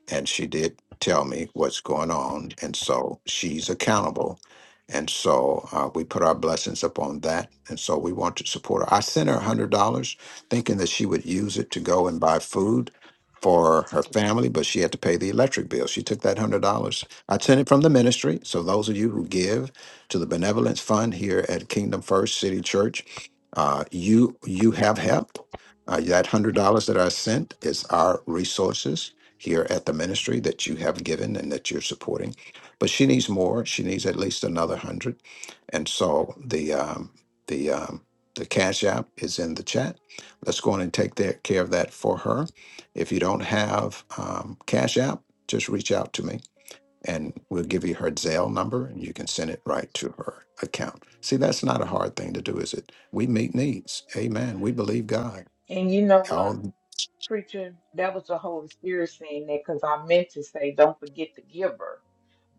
[SPEAKER 1] and she did tell me what's going on and so she's accountable and so uh, we put our blessings upon that and so we want to support her i sent her $100 thinking that she would use it to go and buy food for her family but she had to pay the electric bill she took that $100 i sent it from the ministry so those of you who give to the benevolence fund here at kingdom first city church uh, you you have helped uh, that $100 that i sent is our resources here at the ministry that you have given and that you're supporting. But she needs more. She needs at least another hundred. And so the um, the um, the cash app is in the chat. Let's go on and take that, care of that for her. If you don't have um, cash app, just reach out to me and we'll give you her Zelle number and you can send it right to her account. See, that's not a hard thing to do, is it? We meet needs. Amen. We believe God.
[SPEAKER 6] and you know what,
[SPEAKER 1] Y'all
[SPEAKER 6] preacher? That was the Holy Spirit saying that because I meant to say, don't forget the giver.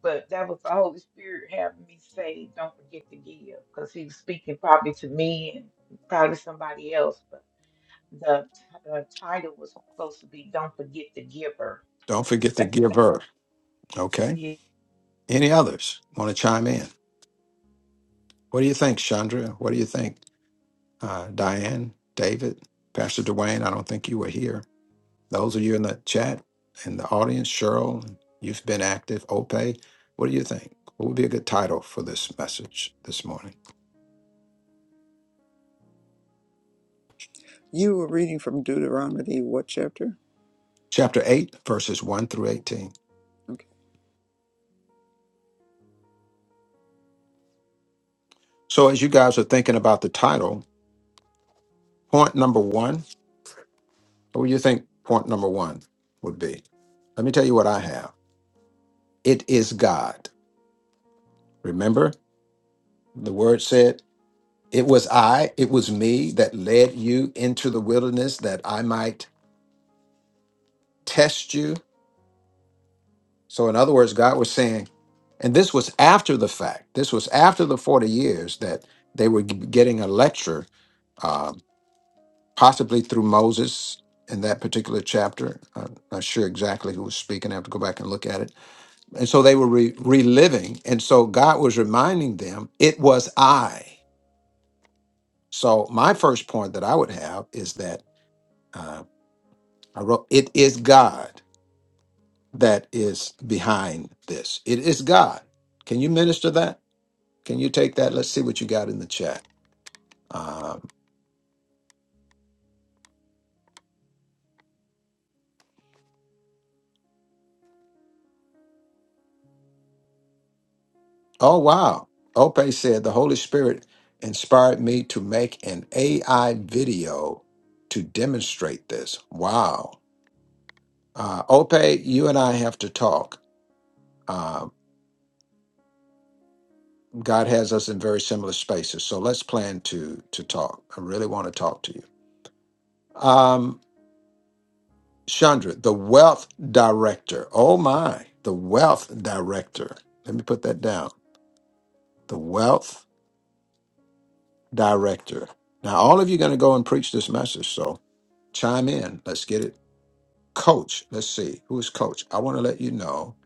[SPEAKER 6] But that was the Holy Spirit having me say, don't forget to give because he was speaking probably to me and probably somebody else. But the t- uh, title was supposed to be, don't forget the giver.
[SPEAKER 1] don't forget to give her. Okay.
[SPEAKER 6] Yeah,
[SPEAKER 1] Any others want to chime in? What do you think, Chandra? What do you think, uh, Diane, David, Pastor Dwayne? I don't think you were here. Those of you in the chat and the audience, Cheryl, you've been active. Ope, what do you think? What would be a good title for this message this morning?
[SPEAKER 8] You were reading from Deuteronomy, what chapter?
[SPEAKER 1] Chapter 8, verses 1 through 18.
[SPEAKER 8] Okay.
[SPEAKER 1] So, as you guys are thinking about the title, point number one, what do you think point number one would be? Let me tell you what I have. It is God. Remember, the word said It was I, it was me that led you into the wilderness that I might test you. So, in other words, God was saying, and this was after the fact, this was after the 40 years that they were g- getting a lecture, uh, possibly through Moses in that particular chapter. I'm not sure exactly who was speaking. I have to go back and look at it. And so they were re- reliving. And so God was reminding them, it was I. So, my first point that I would have is that. uh, I wrote, It is God that is behind this. It is God. Can you minister that? Can you take that? Let's see what you got in the chat. Um, oh, wow. Ope said, The Holy Spirit inspired me to make an AI video to demonstrate this. Wow. Uh, Ope, you and I have to talk. Uh, God has us in very similar spaces, so let's plan to to talk. I really want to talk to you. Um, Chandra, the wealth director. Oh my, the wealth director. Let me put that down. The wealth director. Now, all of you are going to go and preach this message. So chime in. Let's get it. Coach, let's see. Who is coach? I want to let you know.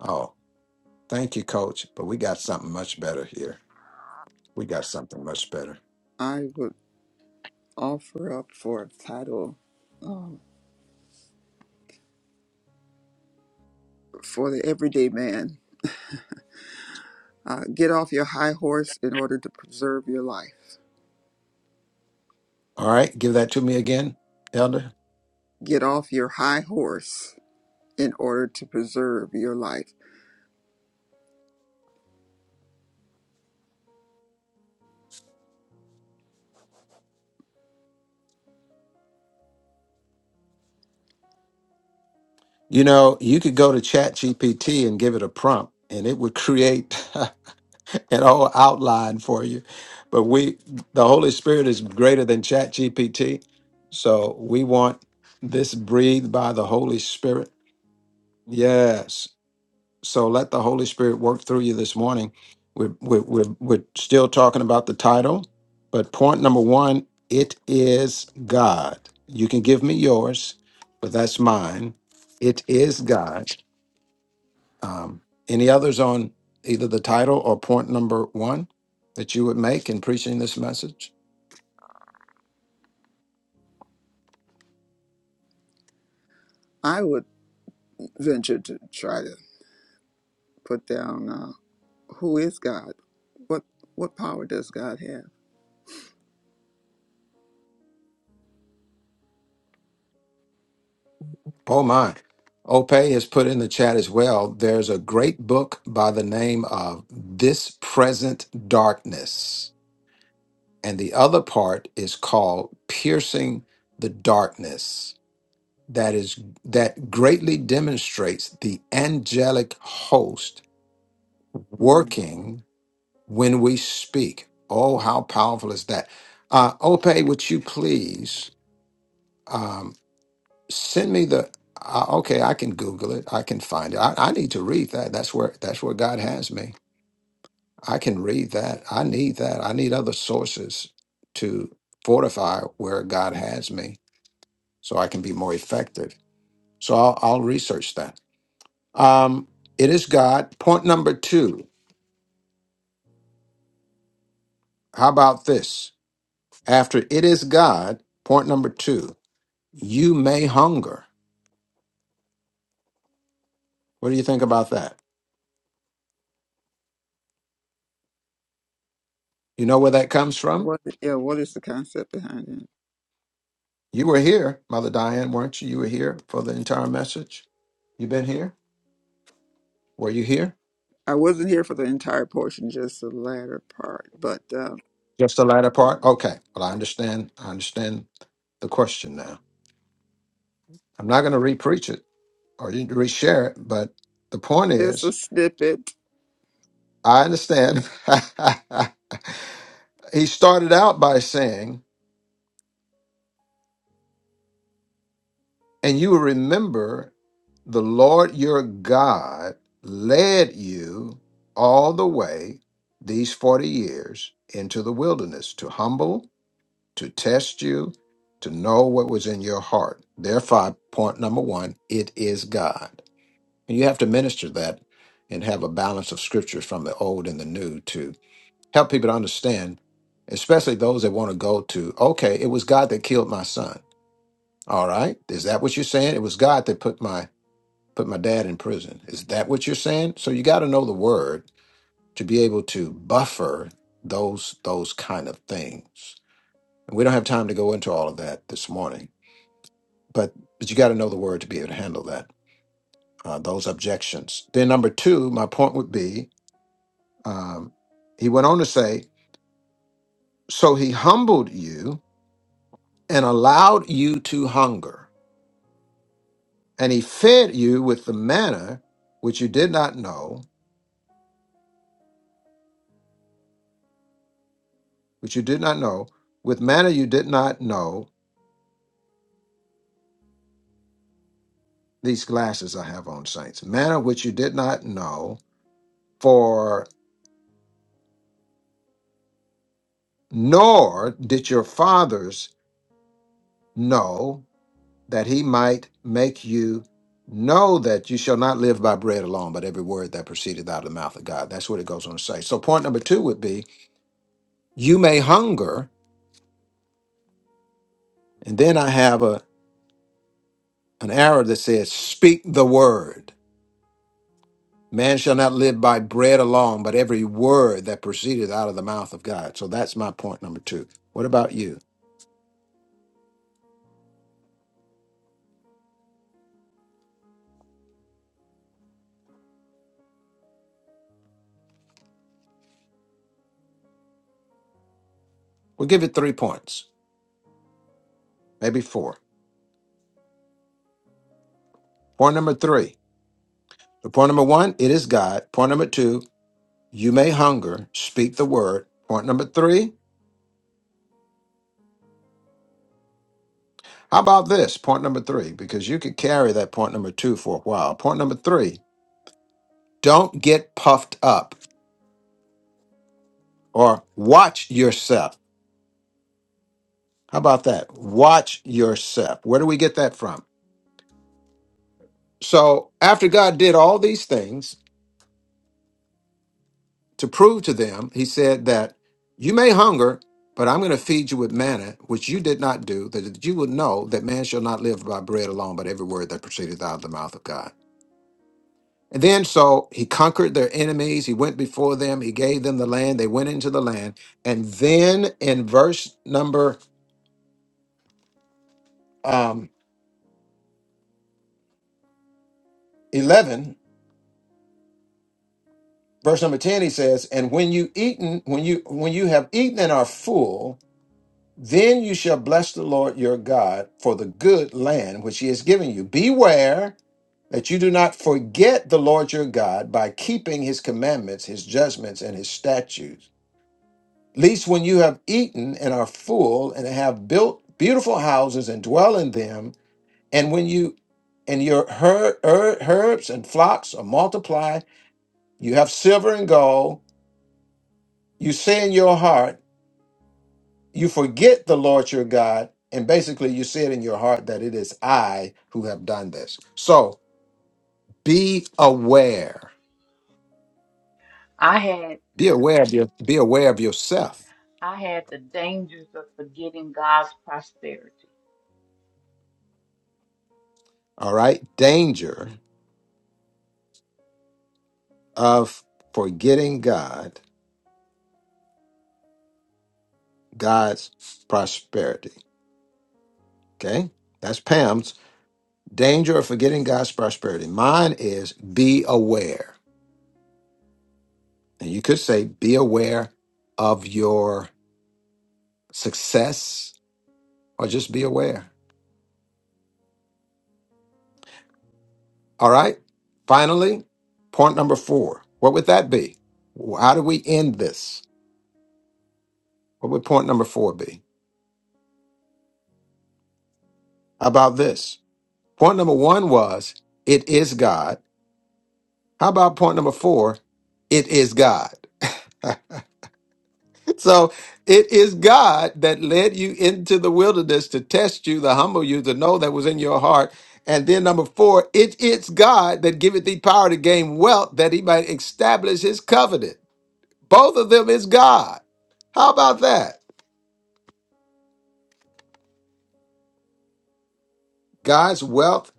[SPEAKER 1] Oh, thank you, coach. But we got something much better here. We got something much better.
[SPEAKER 8] I would offer up for a title um, for the everyday man. Uh, get off your high horse in order to preserve your life.
[SPEAKER 1] All right. Give that to me again, elder.
[SPEAKER 8] get off your high horse in order to preserve your life.
[SPEAKER 1] You know, you could go to Chat GPT and give it a prompt and it would create. an whole outline for you. But we, the Holy Spirit is greater than Chat GPT. So we want this breathed by the Holy Spirit. Yes. So let the Holy Spirit work through you this morning. We're, we're, we're, we're still talking about the title, but point number one it is God. You can give me yours, but that's mine. It is God. Um, any others on either the title or point number one that you would make in preaching this message?
[SPEAKER 8] I would venture to try to put down uh, who is God? What what power does God have?
[SPEAKER 1] Oh my. Ope has put in the chat as well. There's a great book by the name of This Present Darkness. And the other part is called Piercing the Darkness. that is that greatly demonstrates the angelic host
[SPEAKER 8] Mm.
[SPEAKER 1] working when we speak. Oh, how powerful is that? Uh, Ope, would you please um, send me the? Uh, okay, I can Google it. I can find it. I, I need to read that. That's where that's where God has me. I can read that. I need that. I need other sources to fortify where God has me, so I can be more effective. So I'll, I'll research that. Um, it is God. Point number two. How about this? After it is God, point number two, you may hunger. What do you think about that? You know where that comes from?
[SPEAKER 8] What yeah, what is the concept behind it?
[SPEAKER 1] You were here, Mother Diane, weren't you? You were here for the entire message. You been here? Were you here?
[SPEAKER 8] I wasn't here for the entire portion, just the latter part, but uh,
[SPEAKER 1] Just the latter part?
[SPEAKER 8] yeah,
[SPEAKER 1] Okay. Well, I understand. I understand the question now. I'm not going to re-preach it or re-share it, but the point
[SPEAKER 8] just
[SPEAKER 1] is
[SPEAKER 8] a snippet.
[SPEAKER 1] I understand. he started out by saying, and you will remember the Lord your God led you all the way these 40 years into the wilderness to humble, to test you, to know what was in your heart. Therefore, point number one, it is God. And you have to minister that and have a balance of scriptures from the old and the new help people to understand, especially those that want to go to, okay, it was God that killed my son. All right. Is that what you're saying? It was God that put my put my dad in prison. Is that what you're saying? So you got to know the word to be able to buffer those those kind of things. And we don't have time to go into all of that this morning, but but you got to know the word to be able to handle that uh, those objections. Then number two, my point would be, um, he went on to say, so he humbled you and allowed you to hunger, and he fed you with the manna which you did not know, which you did not know, with manna you did not know. These glasses I have on, saints, manna which you did not know, for nor did your fathers know that he might make you know that you shall not live by bread alone, but every word that proceedeth out of the mouth of God. That's what it goes on to say. So, point number two would be you may hunger, and then I have a an arrow that says, Speak the word. Man shall not live by bread alone, but every word that proceedeth out of the mouth of God. So that's my point number two. What about you? We'll give it three points, maybe four. Point number three. So point number one, it is God. Point number two, you may hunger, speak the word. Point number three, how about this? Point number three, because you could carry that point number two for a while. Point number three, don't get puffed up or watch yourself How about that? Watch yourself. Where do we get that from? So, after God did all these things to prove to them, he said that you may hunger, but I'm going to feed you with manna, which you did not do, that you would know that man shall not live by bread alone, but every word that proceedeth out of the mouth of God. And then, so he conquered their enemies. He went before them. He gave them the land. They went into the land. And then in verse number um, 11, Verse number 10 he says, "And when you eaten, when you when you have eaten and are full, then you shall bless the Lord your God for the good land which he has given you. Beware that you do not forget the Lord your God by keeping his commandments, his judgments and his statutes. Least when you have eaten and are full and have built beautiful houses and dwell in them, and when you and your her, her, herbs and flocks are multiplied, you have silver and gold, you say in your heart, you forget the Lord your God, and basically you say it in your heart that it is I who have done this. So be aware.
[SPEAKER 6] I had
[SPEAKER 1] Be aware of your be aware of yourself.
[SPEAKER 6] I had the dangers of forgetting God's prosperity.
[SPEAKER 1] All right. Danger of forgetting God, God's prosperity. Okay? That's Pam's danger of forgetting God's prosperity. Mine is be aware. And you could say be aware of your success or just be aware All right. Finally, point number four. What would that be? How do we end this? What would point number four be? How about this? Point number one was, it is God. How about point number four? It is God. so it is God that led you into the wilderness to test you, to humble you, to know that was in your heart. And then number four, it is God that giveth thee power to gain wealth that he might establish his covenant. Both of them is God. How about that? God's wealth,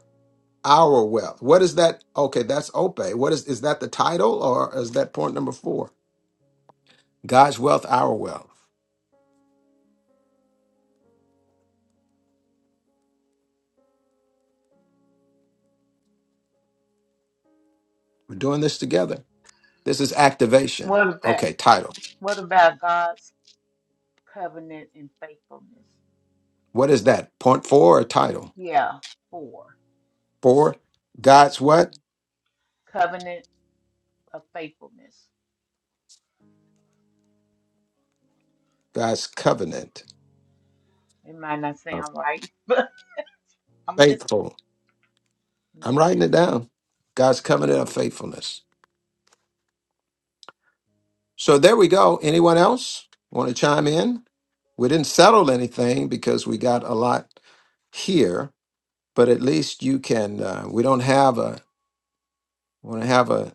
[SPEAKER 1] our wealth. What is that? Okay, that's Ope. What is is that the title or is that point number four? God's wealth, our wealth. We're doing this together. This is activation.
[SPEAKER 6] What about
[SPEAKER 1] Okay, title.
[SPEAKER 6] what about God's covenant and faithfulness?
[SPEAKER 1] What is that? Point four or title?
[SPEAKER 6] Yeah, four.
[SPEAKER 1] Four. God's what?
[SPEAKER 6] Mhm. Covenant of faithfulness.
[SPEAKER 1] God's covenant
[SPEAKER 6] It might not
[SPEAKER 1] of
[SPEAKER 6] sound right, but I'm just
[SPEAKER 1] faithful. I'm
[SPEAKER 6] yes.
[SPEAKER 1] writing it down. God's covenant of faithfulness. So there we go. Anyone else want to chime in? We didn't settle anything because we got a lot here, but at least you can. Uh, we don't have a want to have a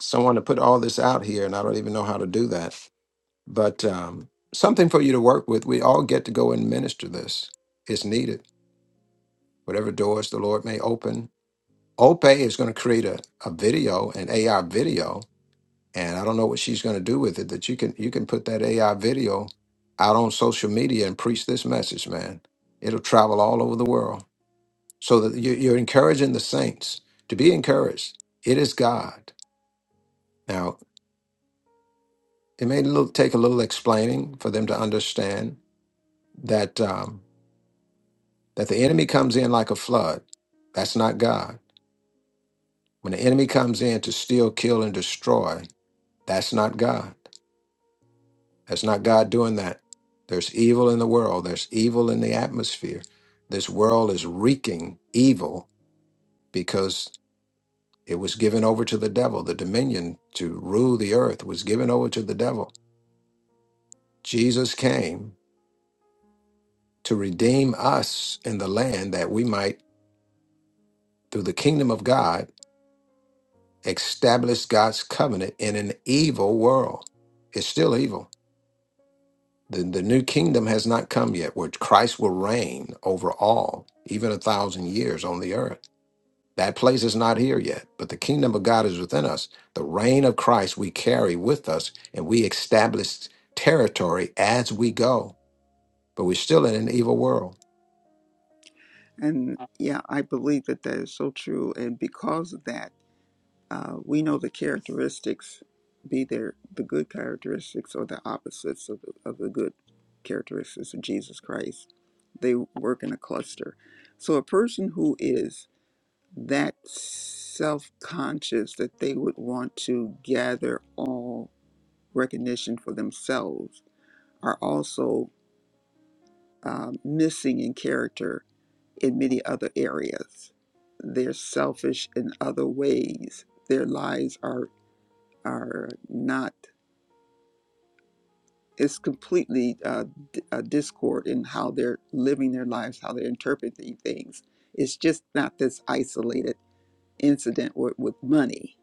[SPEAKER 1] someone to put all this out here, and I don't even know how to do that. But um, something for you to work with. We all get to go and minister this. It's needed. Whatever doors the Lord may open. Ope is going to create a, a video, an AR video and I don't know what she's going to do with it. That you can you can put that AI video out on social media and preach this message, man. It'll travel all over the world. So that you- you're encouraging the saints to be encouraged. It is God. Now it may look, take a little explaining for them to understand that um, that the enemy comes in like a flood. That's not God. When the enemy comes in to steal, kill, and destroy, that's not God. That's not God doing that. There's evil in the world, there's evil in the atmosphere. This world is wreaking evil because it was given over to the devil. The dominion to rule the earth was given over to the devil. Jesus came to redeem us in the land that we might, through the kingdom of God, establish God's covenant in an evil world. It's still evil. The, the new kingdom has not come yet, where Christ will reign over all, even a thousand years on the earth. That place is not here yet, but the kingdom of God is within us. The reign of Christ we carry with us, and we establish territory as we go. But we're still in an evil world.
[SPEAKER 8] And yeah, I believe that that is so true. And because of that. Uh, we know the characteristics, be there the good characteristics or the opposites of the, of the good characteristics of Jesus Christ. They work in a cluster. So a person who is that self conscious that they would want to gather all recognition for themselves are also um, missing in character in many other areas. They're selfish in other ways. Their lives are are not it's completely uh, d- uh, discord in how they're living their lives how they're interpreting things it's just not this isolated incident with, with money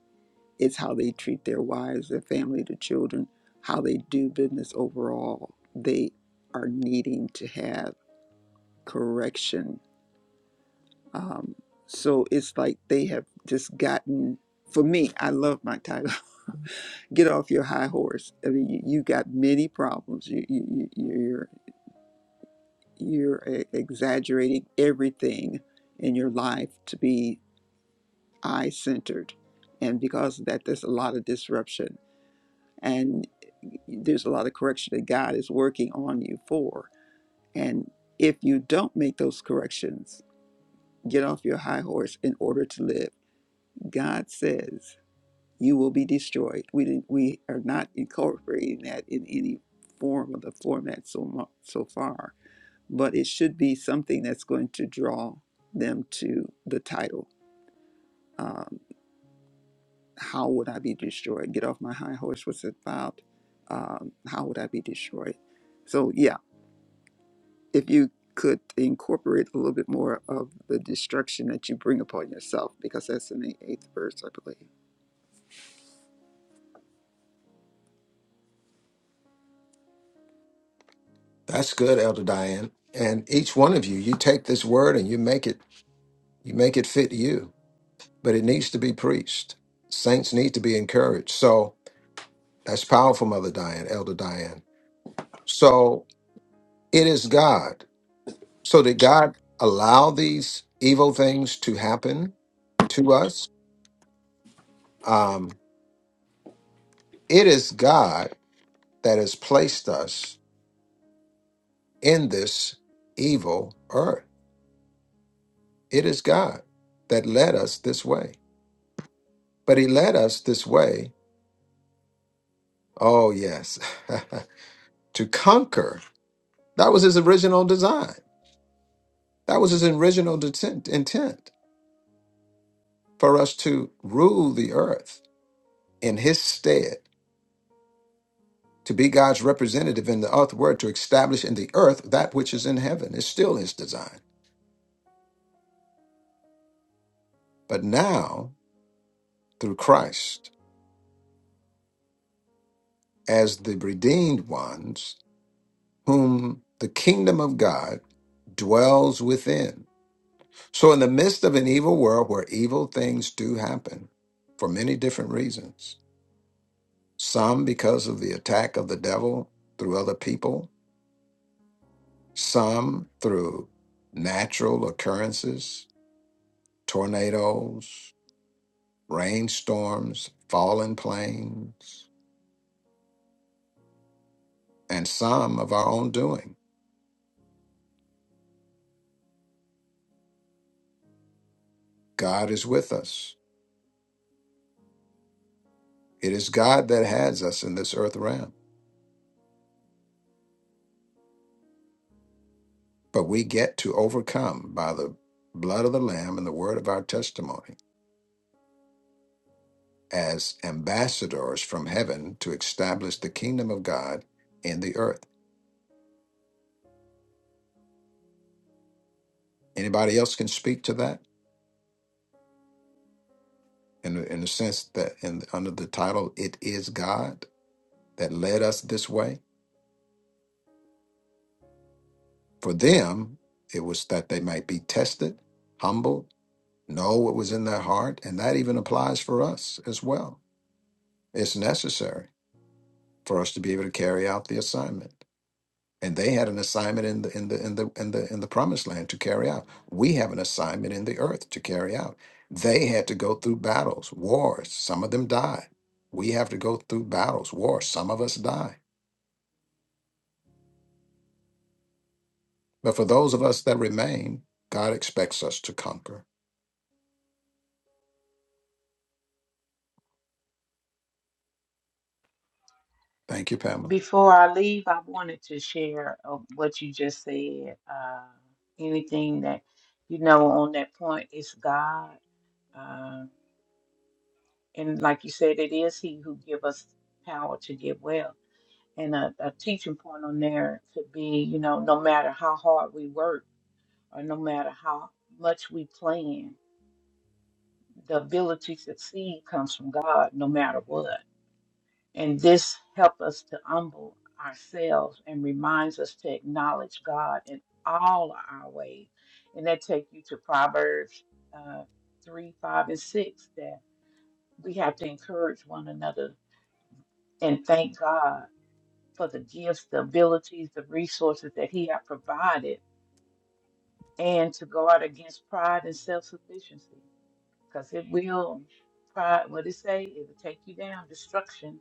[SPEAKER 8] it's how they treat their wives their family their children how they do business overall they are needing to have correction um, so it's like they have just gotten for me i love my title get off your high horse i mean you, you got many problems you, you, you, you're you're e- exaggerating everything in your life to be I centered. And because of that, there's a lot of disruption and there's a lot of correction that God is working on you for. And if you don't make those corrections, get off your high horse in order to live. God says you will be destroyed. We didn't, we are not incorporating that in any form of the format so mu- so far but it should be something that's going to draw them to the title. Um, how would I be destroyed? Get off my high horse. What's it about? Um, how would I be destroyed? So, yeah, if you could incorporate a little bit more of the destruction that you bring upon yourself, because that's in the eighth verse, I believe.
[SPEAKER 1] That's good, Elder Diane. And each one of you, you take this word and you make it you make it fit you. But it needs to be preached. Saints need to be encouraged. So that's powerful, Mother Diane, Elder Diane. So it is God. So did God allow these evil things to happen to us? Um, it is God that has placed us in this evil earth. It is God that led us this way. But He led us this way, oh, yes, to conquer. That was His original design. That was His original detent- intent for us to rule the earth in His stead, to be God's representative in the earth word, to establish in the earth that which is in heaven. It's still His design. But now, through Christ, as the redeemed ones whom the kingdom of God dwells within. So, in the midst of an evil world where evil things do happen for many different reasons, some because of the attack of the devil through other people, some through natural occurrences, tornadoes, rainstorms, fallen planes, and some of our own doing, God is with us. It is God that has us in this earth realm, but we get to overcome by the blood of the Lamb and the word of our testimony as ambassadors from heaven to establish the kingdom of God in the earth. Anybody else can speak to that in, in the sense that in, under the title, It is God that led us this way? For them, it was that they might be tested, humbled, know what was in their heart, and that even applies for us as well. It's necessary for us to be able to carry out the assignment. And they had an assignment in the in the in the in the in the promised land to carry out. We have an assignment in the earth to carry out. They had to go through battles, wars. Some of them died. We have to go through battles, wars. Some of us die. But for those of us that remain, God expects us to conquer. Thank you, Pamela.
[SPEAKER 6] Before I leave, I wanted to share uh, what you just said. Uh, anything that you know on that point is God, uh, and like you said, it is He who give us power to get well. And a, a teaching point on there could be, you know, no matter how hard we work or no matter how much we plan, the ability to succeed comes from God no matter what. And this helps us to humble ourselves and reminds us to acknowledge God in all our ways. And that takes you to Proverbs uh, 3, 5, and 6 that we have to encourage one another and thank God for the gifts, the abilities, the resources that He has provided and to guard against pride and self sufficiency. because it will pride what it say it will take you down destruction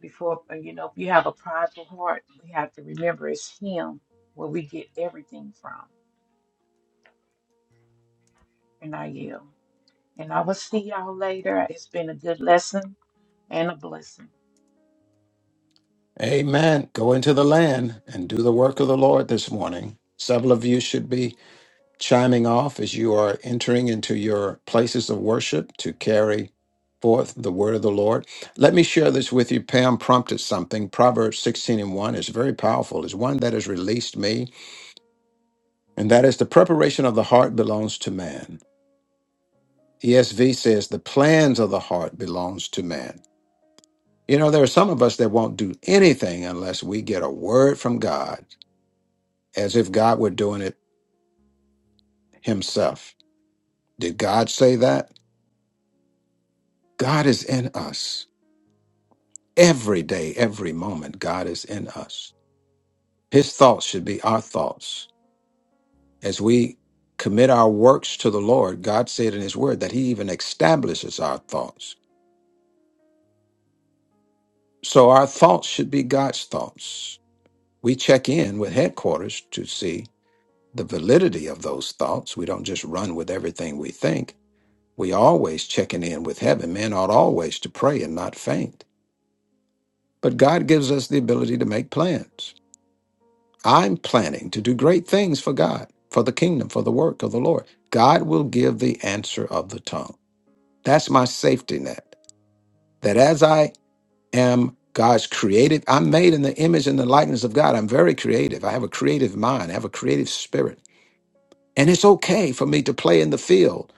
[SPEAKER 6] before and, you know if you have a prideful heart we have to remember it's him where we get everything from and i yield and i will see y'all later it's been a good lesson and a blessing
[SPEAKER 1] Amen. Go into the land and do the work of the Lord this morning. Several of you should be chiming off as you are entering into your places of worship to carry forth the word of the Lord. Let me share this with you. Pam prompted something. Proverbs 16 and 1 is very powerful. It's one that has released me, and that is the preparation of the heart belongs to man. ESV says the plans of the heart belongs to man. You know, there are some of us that won't do anything unless we get a word from God, as if God were doing it himself. Did God say that? God is in us. Every day, every moment, God is in us. His thoughts should be our thoughts. As we commit our works to the Lord, God said in His Word that He even establishes our thoughts. So our thoughts should be God's thoughts. We check in with headquarters to see the validity of those thoughts. We don't just run with everything we think. We always checking in with heaven. Men ought always to pray and not faint. But God gives us the ability to make plans. I'm planning to do great things for God, for the kingdom, for the work of the Lord. God will give the answer of the tongue. That's my safety net. That as I am God's created, I'm made in the image and the likeness of God. I'm very creative. I have a creative mind, I have a creative spirit. And it's okay for me to play in the field.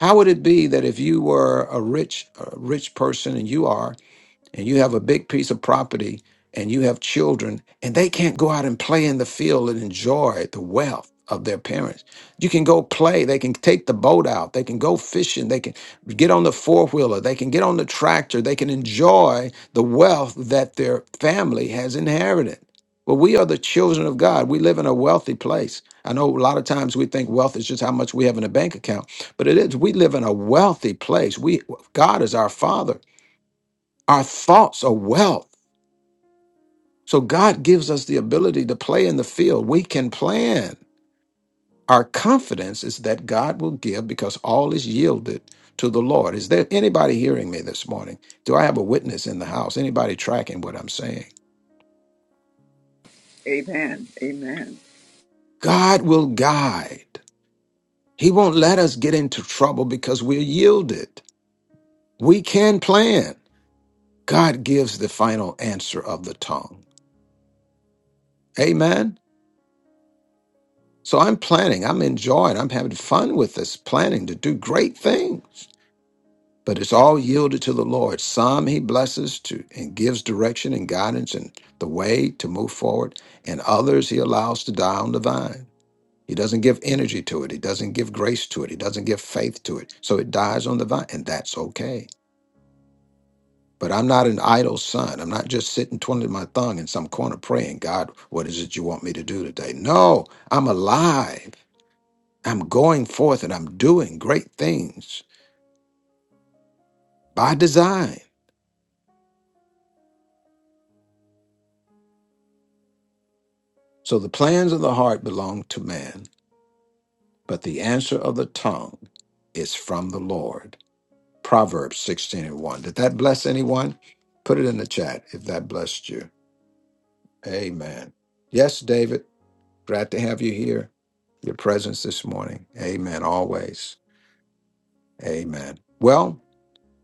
[SPEAKER 1] How would it be that if you were a rich, a rich person and you are, and you have a big piece of property and you have children and they can't go out and play in the field and enjoy the wealth of their parents. You can go play, they can take the boat out, they can go fishing, they can get on the four wheeler, they can get on the tractor, they can enjoy the wealth that their family has inherited. Well, we are the children of God. We live in a wealthy place. I know a lot of times we think wealth is just how much we have in a bank account, but it is. We live in a wealthy place. We God is our father. Our thoughts are wealth. So God gives us the ability to play in the field. We can plan. Our confidence is that God will give because all is yielded to the Lord. Is there anybody hearing me this morning? Do I have a witness in the house? Anybody tracking what I'm saying?
[SPEAKER 8] Amen. Amen.
[SPEAKER 1] God will guide. He won't let us get into trouble because we're yielded. We can plan. God gives the final answer of the tongue. Amen. So I'm planning, I'm enjoying, I'm having fun with this planning to do great things. But it's all yielded to the Lord. Some he blesses to and gives direction and guidance and the way to move forward, and others he allows to die on the vine. He doesn't give energy to it, he doesn't give grace to it, he doesn't give faith to it. So it dies on the vine, and that's okay. But I'm not an idle son. I'm not just sitting twiddling my thumb in some corner praying, God, what is it you want me to do today? No, I'm alive. I'm going forth and I'm doing great things by design. So the plans of the heart belong to man, but the answer of the tongue is from the Lord. Proverbs 16 and 1. Did that bless anyone? Put it in the chat if that blessed you. Amen. Yes, David, glad to have you here, your presence this morning. Amen. Always. Amen. Well,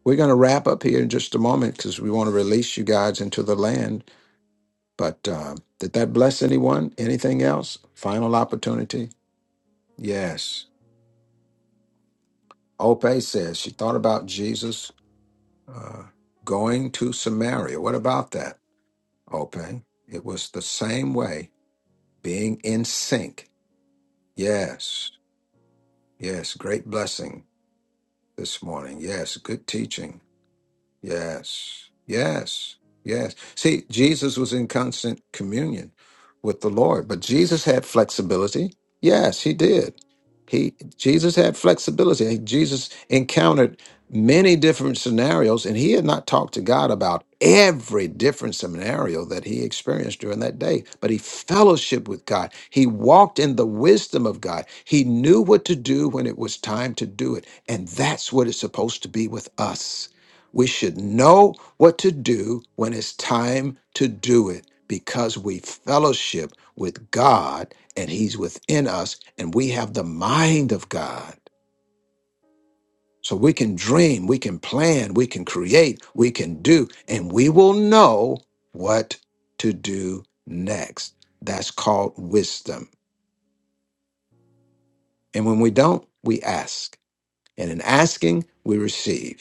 [SPEAKER 1] we're going to wrap up here in just a moment because we want to release you guys into the land But uh, did that bless anyone? Anything else? Final opportunity? Yes. Ope says she thought about Jesus uh, going to Samaria. What about that, Ope? It was the same way, being in sync. Yes. Yes. Great blessing this morning. Yes. Good teaching. Yes. Yes. Yes. See, Jesus was in constant communion with the Lord, but Jesus had flexibility. Yes, he did. He Jesus had flexibility. Jesus encountered many different scenarios and he had not talked to God about every different scenario that he experienced during that day, but he fellowshiped with God. He walked in the wisdom of God. He knew what to do when it was time to do it, and that's what it's supposed to be with us. We should know what to do when it's time to do it because we fellowship with God and He's within us and we have the mind of God. So we can dream, we can plan, we can create, we can do, and we will know what to do next. That's called wisdom. And when we don't, we ask. And in asking, we receive.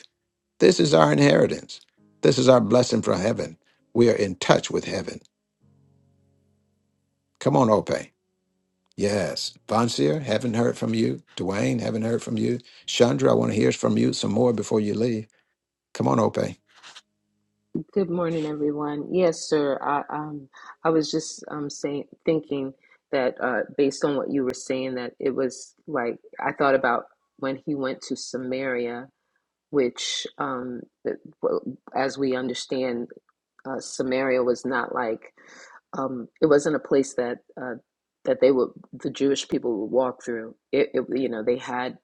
[SPEAKER 1] This is our inheritance. This is our blessing from heaven. We are in touch with heaven. Come on, Ope. Yes. Vonseer, haven't heard from you. Dwayne, haven't heard from you. Chandra, I want to hear from you some more before you leave. Come on, Ope.
[SPEAKER 9] Good morning, everyone. Yes, sir. I um I was just um saying thinking that uh based on what you were saying that it was like I thought about when he went to Samaria, which um it- well, as we understand uh, Samaria was not like um it wasn't a place that uh that they would the Jewish people would walk through. It, it you know they had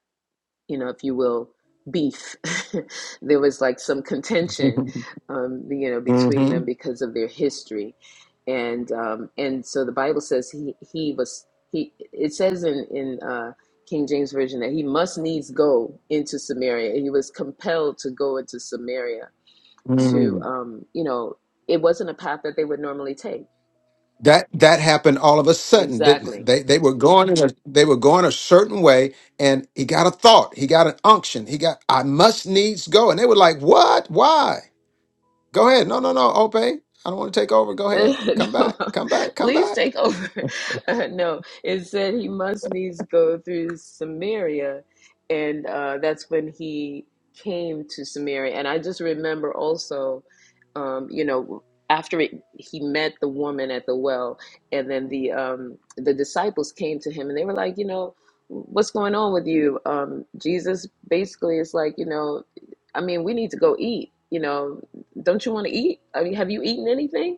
[SPEAKER 9] you know, if you will, beef. there was like some contention, um, you know,
[SPEAKER 1] hmm
[SPEAKER 9] between them because of their history, and um, and so the Bible says he he was he. It says in in uh, King James version that he must needs go into Samaria. He was compelled to go into Samaria to
[SPEAKER 1] hmm
[SPEAKER 9] um, you know, it wasn't a path that they would normally take.
[SPEAKER 1] That that happened all of a sudden, didn't it?
[SPEAKER 9] Exactly.
[SPEAKER 1] They they were going in a, they were going a certain way, and he got a thought. He got an unction. He got I must needs go, and they were like, "What? Why?" Go ahead. No, no, no, Ope. I don't want to take over. Go ahead. Come back. Come back. Come
[SPEAKER 9] Please
[SPEAKER 1] back.
[SPEAKER 9] take over. Uh, no, it said he must needs go through Samaria, and uh, that's when he came to Samaria. And I just remember also, um, you know, after it, he met the woman at the well, and then the um, the disciples came to him, and they were like, you know, what's going on with you? Um, Jesus basically is like, you know, I mean, we need to go eat. You know, don't you want to eat? I mean, have you eaten anything?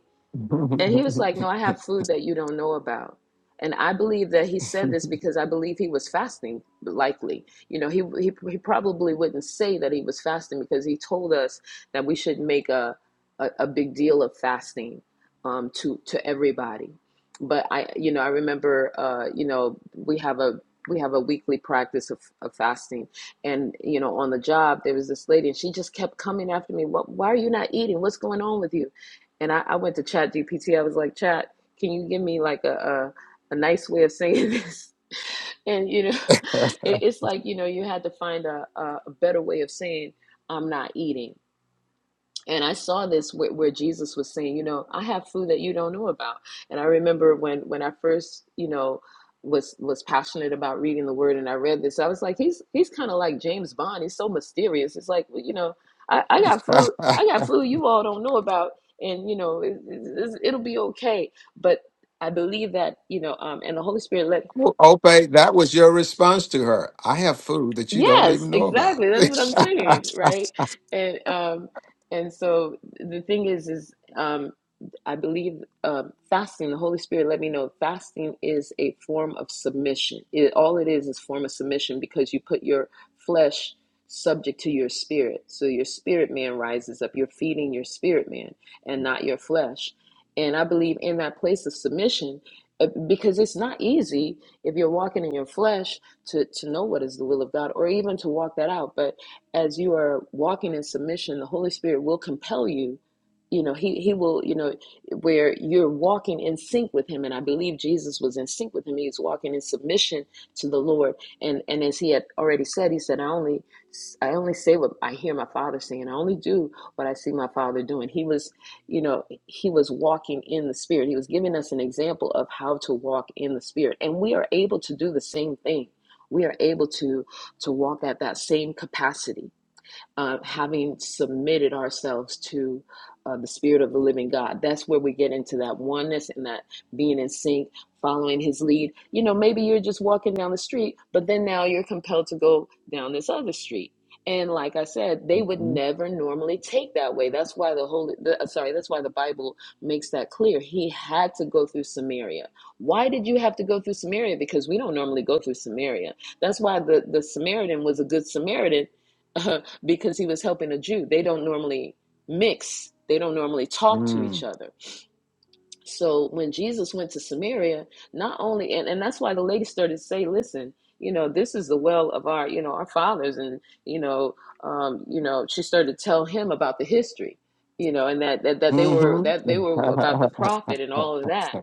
[SPEAKER 9] And he was like, No, I have food that you don't know about. And I believe that he said this because I believe he was fasting, likely. You know, he, he, he probably wouldn't say that he was fasting because he told us that we should make a, a, a big deal of fasting um, to, to everybody. But I, you know, I remember, uh, you know, we have a we have a weekly practice of, of fasting, and you know, on the job there was this lady, and she just kept coming after me. What? Why are you not eating? What's going on with you? and I, I went to Chat GPT. I was like, Chat, can you give me like a a, a nice way of saying this? And you know, it, it's like you know, you had to find a, a a better way of saying I'm not eating and I saw this where, where Jesus was saying, you know, I have food that you don't know about. And I remember when when I first, you know, was was passionate about reading the Word, and I read this, I was like, he's he's kind of like James Bond. He's so mysterious. It's like, well, you know, I, I got food, I got food you all don't know about, and you know, it, it, it's- it'll be okay. But I believe that you know, um, and the Holy Spirit let
[SPEAKER 1] Ope, that was your response to her. I have food that you don't
[SPEAKER 9] Yes,
[SPEAKER 1] even know about.
[SPEAKER 9] exactly. That's what I'm saying, right? And um and so the thing is is um I believe um fasting, the Holy Spirit let me know fasting is a form of submission. It all it is is form of submission because you put your flesh subject to your spirit. So your spirit man rises up. You're feeding your spirit man and not your flesh. And I believe in that place of submission uh, because it's not easy if you're walking in your flesh to to know what is the will of God or even to walk that out. But as you are walking in submission, the Holy Spirit will compel you. You know, he he will, you know, where you're walking in sync with him. And I believe Jesus was in sync with him. He was walking in submission to the Lord. And and as he had already said, he said, I only I only say what I hear my father saying. I only do what I see my father doing. He was, you know, he was walking in the spirit. He was giving us an example of how to walk in the spirit. And we are able to do the same thing we are able to to walk at that same capacity uh, having submitted ourselves to uh, the Spirit of the living God. That's where we get into that oneness and that being in sync, following His lead. You know, maybe you're just walking down the street, but then now you're compelled to go down this other street. And like I said, they would
[SPEAKER 1] Mhm.
[SPEAKER 9] never normally take that way. That's why the holy, the, uh, sorry, that's why the Bible makes that clear. He had to go through Samaria. Why did you have to go through Samaria? Because we don't normally go through Samaria. That's why the the Samaritan was a good Samaritan because he was helping a Jew. They don't normally mix, they don't normally talk to each
[SPEAKER 1] Mm.
[SPEAKER 9] other. So when Jesus went to Samaria, not only, and, and that's why the lady started to say, listen, you know, this is the well of our, you know, our fathers. And, you know, um, you know, she started to tell him about the history, you know, and that, that, that they were,
[SPEAKER 1] Mhm.
[SPEAKER 9] that they were about the prophet and all of that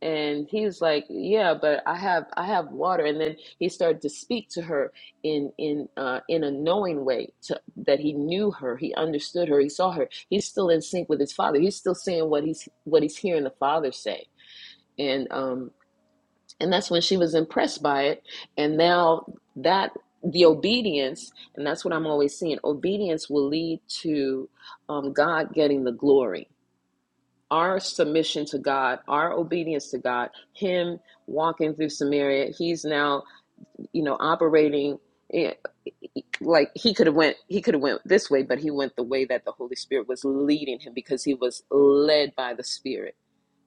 [SPEAKER 9] and he's like yeah but i have i have water and then he started to speak to her in in uh in a knowing way to, that he knew her he understood her he saw her he's still in sync with his father he's still saying what he's what he's hearing the father say and um and that's when she was impressed by it and now that the obedience and that's what i'm always seeing obedience will lead to um god getting the glory our submission to God, our obedience to God, Him walking through Samaria, He's now, you know, operating eh, like He could have went, He could have went this way, but He went the way that the Holy Spirit was leading Him because He was led by the Spirit,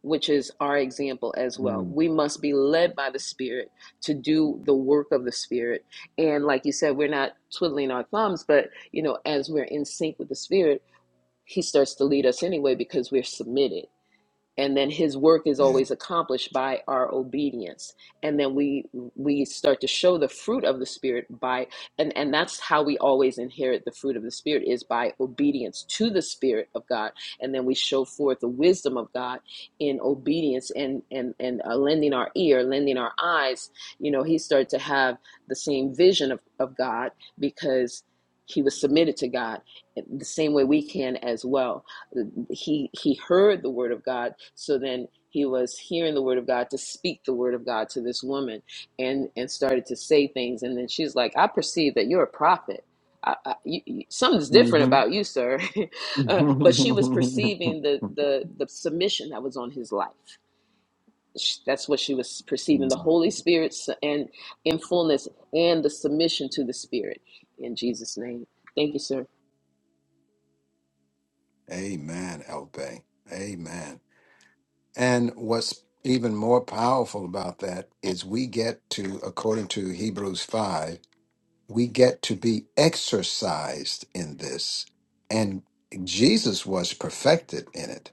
[SPEAKER 9] which is our example as well.
[SPEAKER 1] Mm.
[SPEAKER 9] We must be led by the Spirit to do the work of the Spirit, and like you said, we're not twiddling our thumbs, but you know, as we're in sync with the Spirit, He starts to lead us anyway because we're submitted and then his work is
[SPEAKER 1] Yeah.
[SPEAKER 9] always accomplished by our obedience and then we we start to show the fruit of the spirit by and and that's how we always inherit the fruit of the spirit is by obedience to the spirit of god and then we show forth the wisdom of god in obedience and and and uh, lending our ear lending our eyes you know he started to have the same vision of, of god because he was submitted to god the same way we can as well he he heard the word of God. So then he was hearing the word of God to speak the word of God to this woman, and and started to say things. And then she's like, "I perceive that you're a prophet. I, I, you, you, something's different
[SPEAKER 1] Mhm.
[SPEAKER 9] about you, sir." uh, but she was perceiving the the the submission that was on his life. Sh- That's what she was perceiving: the
[SPEAKER 1] Amen,
[SPEAKER 9] Holy Spirit s- and in fullness, and the submission to the Spirit. In Jesus' name, thank you, sir.
[SPEAKER 1] Elpe. Amen. And what's even more powerful about that is we get to, according to Hebrews 5, we get to be exercised in this. And Jesus was perfected in it.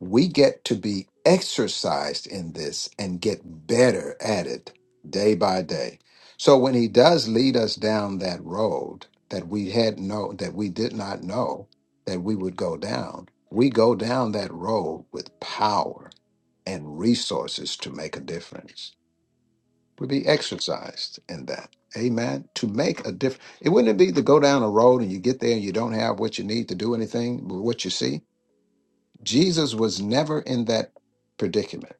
[SPEAKER 1] we get to be exercised in this and get better at it day by day. So when he does lead us down that road that we had no that we did not know that we would go down, we go down that road with power and resources to make a difference. We be exercised in that. Amen. To make a difference. It wouldn't be to go down a road and you get there and you don't have what you need to do anything with what you see Jesus was never in that predicament.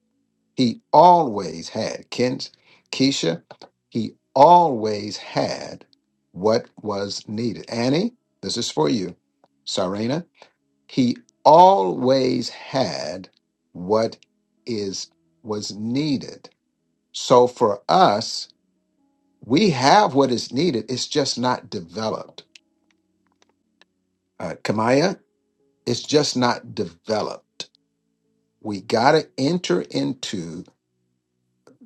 [SPEAKER 1] He always had, Kent, Keisha, he always had what was needed. Annie, this is for you. Sarena, he always had what is was needed. So for us, we have what is needed. It's just not developed. Uh, Kamaya, it's just not developed. We got to enter into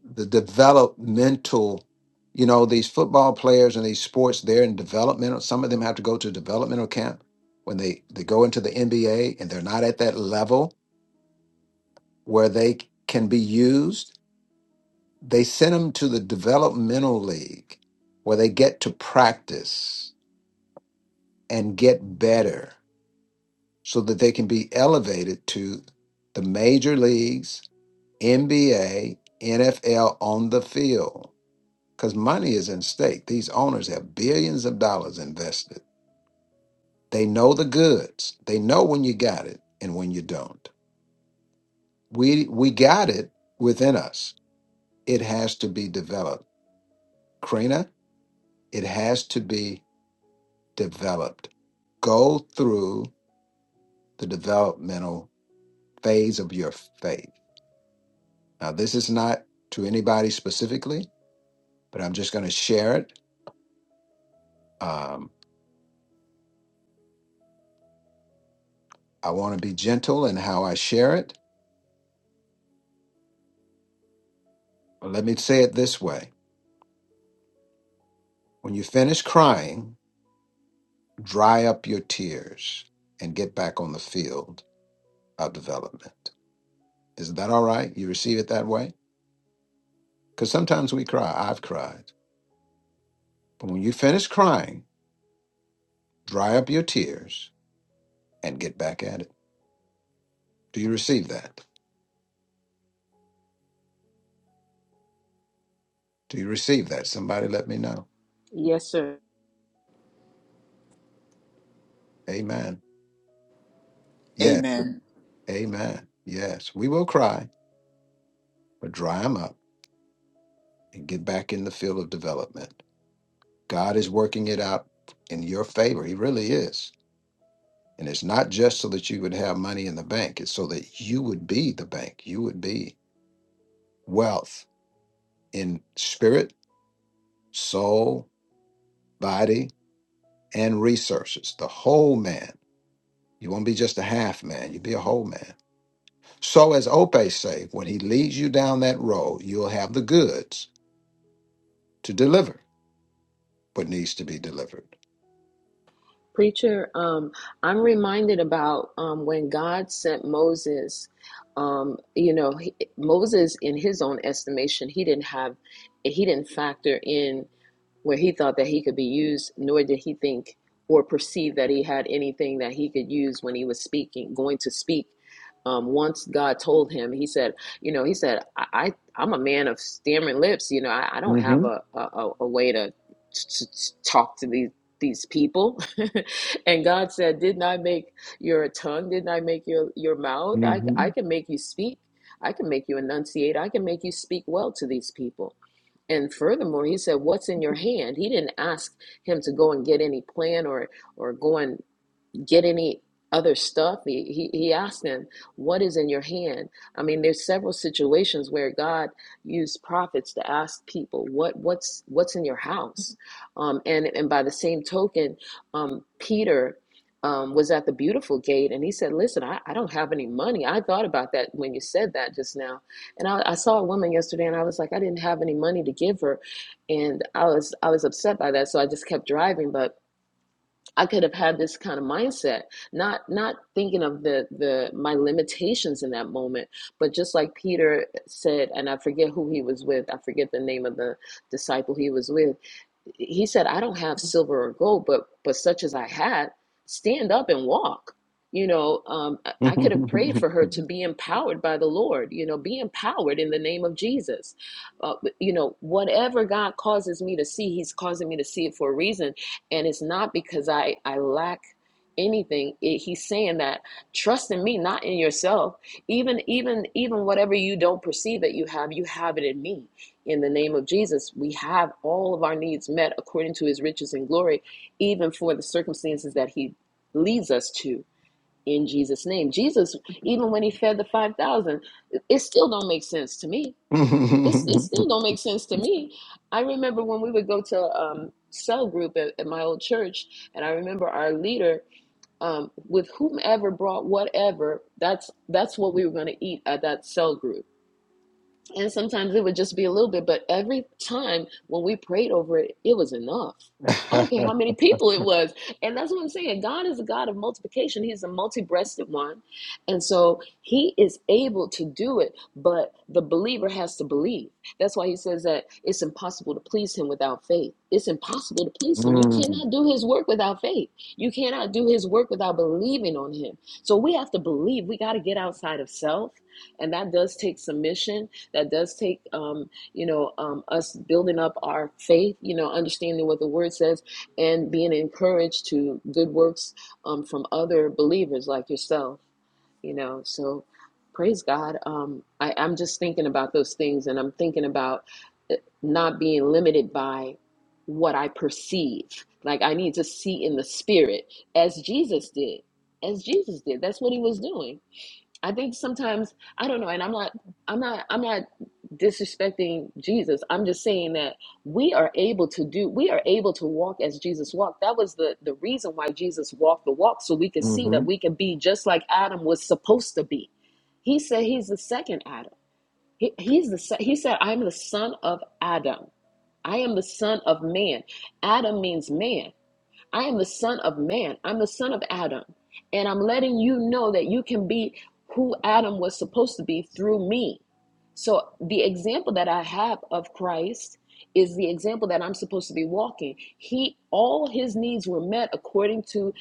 [SPEAKER 1] the developmental you know these football players and these sports they're in developmental some of them have to go to developmental camp when they they go into the nba and they're not at that level where they can be used they send them to the developmental league where they get to practice and get better so that they can be elevated to the major leagues nba nfl on the field because money is in stake. These owners have billions of dollars invested. They know the goods. They know when you got it and when you don't. We we got it within us. It has to be developed. Krina, it has to be developed. Go through the developmental phase of your faith. Now, this is not to anybody specifically, but I'm just going to share it. Um, I want to be gentle in how I share it. Let me say it this way When you finish crying, dry up your tears and get back on the field of development. Is that all right? You receive it that way? Because sometimes we cry. I've cried. But when you finish crying, dry up your tears and get back at it. Do you receive that? Do you receive that? Somebody let me know.
[SPEAKER 9] Yes, sir.
[SPEAKER 1] Amen. Yes.
[SPEAKER 8] Amen.
[SPEAKER 1] Amen. Yes. We will cry, but dry them up and get back in the field of development. God is working it out in your favor. He really is. And it's not just so that you would have money in the bank, it's so that you would be the bank. You would be wealth in spirit, soul, body, and resources. The whole man. You won't be just a half man, you'll be a whole man. So, as Ope say, when he leads you down that road, you'll have the goods to deliver what needs to be delivered.
[SPEAKER 9] Preacher, um, I'm reminded about um, when God sent Moses. Um, you know, he, Moses, in his own estimation, he didn't have, he didn't factor in where he thought that he could be used, nor did he think or perceive that he had anything that he could use when he was speaking, going to speak. Um, once God told him, he said, you know, he said, I, I I'm a man of stammering lips. You know, I, I don't have
[SPEAKER 1] Mhm,
[SPEAKER 9] a, a, a way to, to, to talk to these these people and god said didn't i make your tongue didn't i make your your mouth I, I
[SPEAKER 1] mhm.
[SPEAKER 9] can make you speak i can make you enunciate i can make you speak well to these people and furthermore, he said, "What's in your hand?" He didn't ask him to go and get any plan or or go and get any other stuff he, he he asked them what is in your hand i mean there's several situations where god used prophets to ask people what what's what's in your house um and and by the same token um peter um, was at the beautiful gate and he said listen I, I don't have any money i thought about that when you said that just now and I, I saw a woman yesterday and i was like i didn't have any money to give her and i was i was upset by that so i just kept driving but I could have had this kind of mindset, not not thinking of the the my limitations in that moment, but just like Peter said, and I forget who he was with, I forget the name of the disciple he was with. He said, "I don't have silver or gold, but but such as I had, stand up and walk." You know, um, I I could have prayed for her to be empowered by the Lord. You know, be empowered in the name of Jesus. Uh, but, you know, whatever God causes me to see, He's causing me to see it for a reason and it's not because I I lack anything. It, he's saying that trust in me, not in yourself. Even even even whatever you don't perceive that you have, you have it in me. In the name of Jesus, we have all of our needs met according to His riches and glory, even for the circumstances that He leads us to. In Jesus' name, Jesus, even when He fed the five thousand, it still don't make sense to me it's it still don't make sense to me. I remember when we would go to um cell group at, at my old church, and I remember our leader um with whomever brought whatever. That's that's what we were going to eat at that cell group and sometimes it would just be a little bit, but every time when we prayed over it, it was enough.
[SPEAKER 1] Mhm,
[SPEAKER 9] I don't care how many people it was. And that's what I'm saying. God is a God of multiplication, He's a multi breasted one. And so He is able to do it, but the believer has to believe. That's why He says that it's impossible to please Him without faith. It's impossible to please Him. You cannot do His work without faith, you cannot do His work without believing on Him. So we have to believe. We got to get outside of self. And that does take submission that does take, um, you know, um, us building up our faith, you know, understanding what the word says and being encouraged to good works um, from other believers like yourself, you know. So praise God. Um, I, I'm just thinking about those things and I'm thinking about uh, not being limited by what I perceive. Like I need to see in the spirit as Jesus did. As Jesus did. That's what he was doing I think sometimes I don't know, and I'm not I'm not I'm not disrespecting Jesus. I'm just saying that we are able to do we are able to walk as Jesus walked. That was the the reason why Jesus walked the walk so we could see that we can be just like Adam was supposed to be. He said he's the second Adam. He, he's the se- he said I am the son of Adam. I am the son of man. Adam means man. I am the son of man. I'm the son of Adam. And I'm letting you know that you can be who Adam was supposed to be through me. So the example that I have of Christ is the example that I'm supposed to be walking. He all his needs were met according to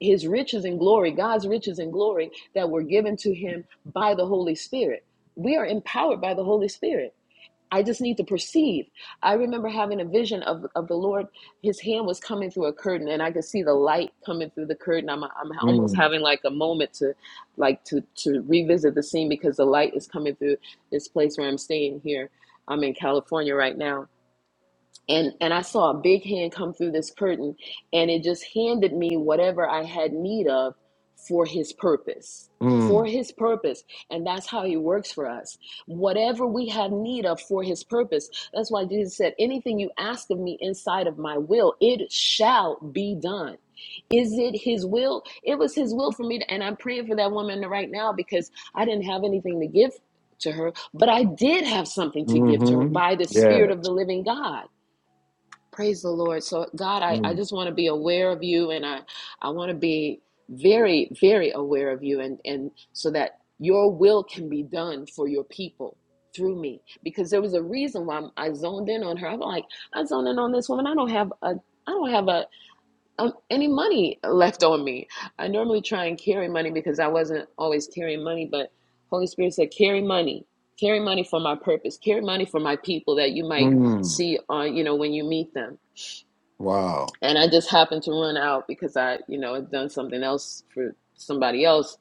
[SPEAKER 9] his riches and glory, God's riches and glory that were given to him by the Holy Spirit. We are empowered by the Holy Spirit. I just need to perceive. I remember having a vision of, of the Lord. His hand was coming through a curtain, and I could see the light coming through the curtain. I'm, I'm almost
[SPEAKER 1] mhm,
[SPEAKER 9] having like a moment to, like to to revisit the scene because the light is coming through this place where I'm staying here. I'm in California right now, and and I saw a big hand come through this curtain and it just handed me whatever I had need of for his purpose
[SPEAKER 1] mhm.
[SPEAKER 9] for his purpose and that's how he works for us whatever we have need of for his purpose that's why Jesus said anything you ask of me inside of my will it shall be done is it his will it was his will for me to, and I'm praying for that woman right now because I didn't have anything to give to her but I did have something to give to her
[SPEAKER 1] Mm-hmm.
[SPEAKER 9] by the
[SPEAKER 1] Yeah.
[SPEAKER 9] spirit of the living God Praise the Lord. So, God, I, I
[SPEAKER 1] Mm.
[SPEAKER 9] just want to be aware of you and I, I want to be very, very aware of you and, and so that your will can be done for your people through me. Because there was a reason why I zoned in on her. I'm like, I zoned in on this woman. I don't have a I don't have a um, any money left on me. I normally try and carry money because I wasn't always carrying money, but Holy Spirit said, carry money, carry money for my purpose, carry money for my people that you might
[SPEAKER 1] Mm.
[SPEAKER 9] see on, you know, when you meet them
[SPEAKER 1] Wow.
[SPEAKER 9] and I just happened to run out because I, you know, had done something else for somebody else,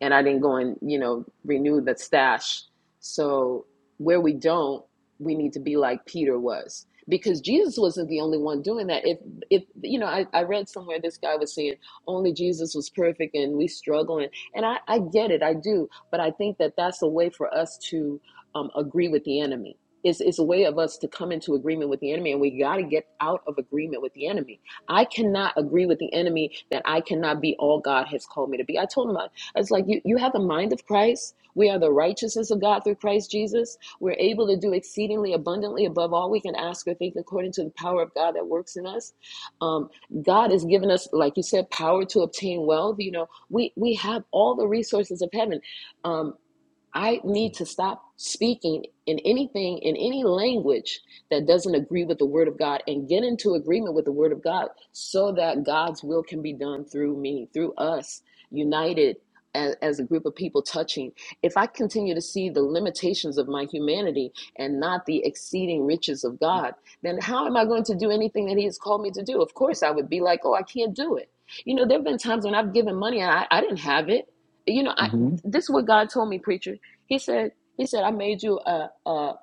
[SPEAKER 9] and I didn't go and you know renew the stash. So where we don't, we need to be like Peter was because Jesus wasn't the only one doing that. If if you know, I, I read somewhere this guy was saying only Jesus was perfect and we struggling, and I I get it, I do, but I think that that's a way for us to um, agree with the enemy. It's, it's a way of us to come into agreement with the enemy, and we got to get out of agreement with the enemy I cannot agree with the enemy that I cannot be all God has called me to be. I told him, I was like, you, you have the mind of Christ. We are the righteousness of God through Christ Jesus. We're able to do exceedingly abundantly above all we can ask or think according to the power of God that works in us. Um, God has given us, like you said, power to obtain wealth. You know, we, we have all the resources of heaven. Um, I need to stop speaking in anything, in any language that doesn't agree with the Word of God and get into agreement with the Word of God so that God's will can be done through me, through us, united as, as a group of people touching. If I continue to see the limitations of my humanity and not the exceeding riches of God, then how am I going to do anything that He has called me to do? Of course, I would be like, oh, I can't do it. You know, there have been times when I've given money and I, I didn't have it. You know, I,
[SPEAKER 1] Mm-hmm.
[SPEAKER 9] this is what God told me, preacher. He said, he said, I made you a, a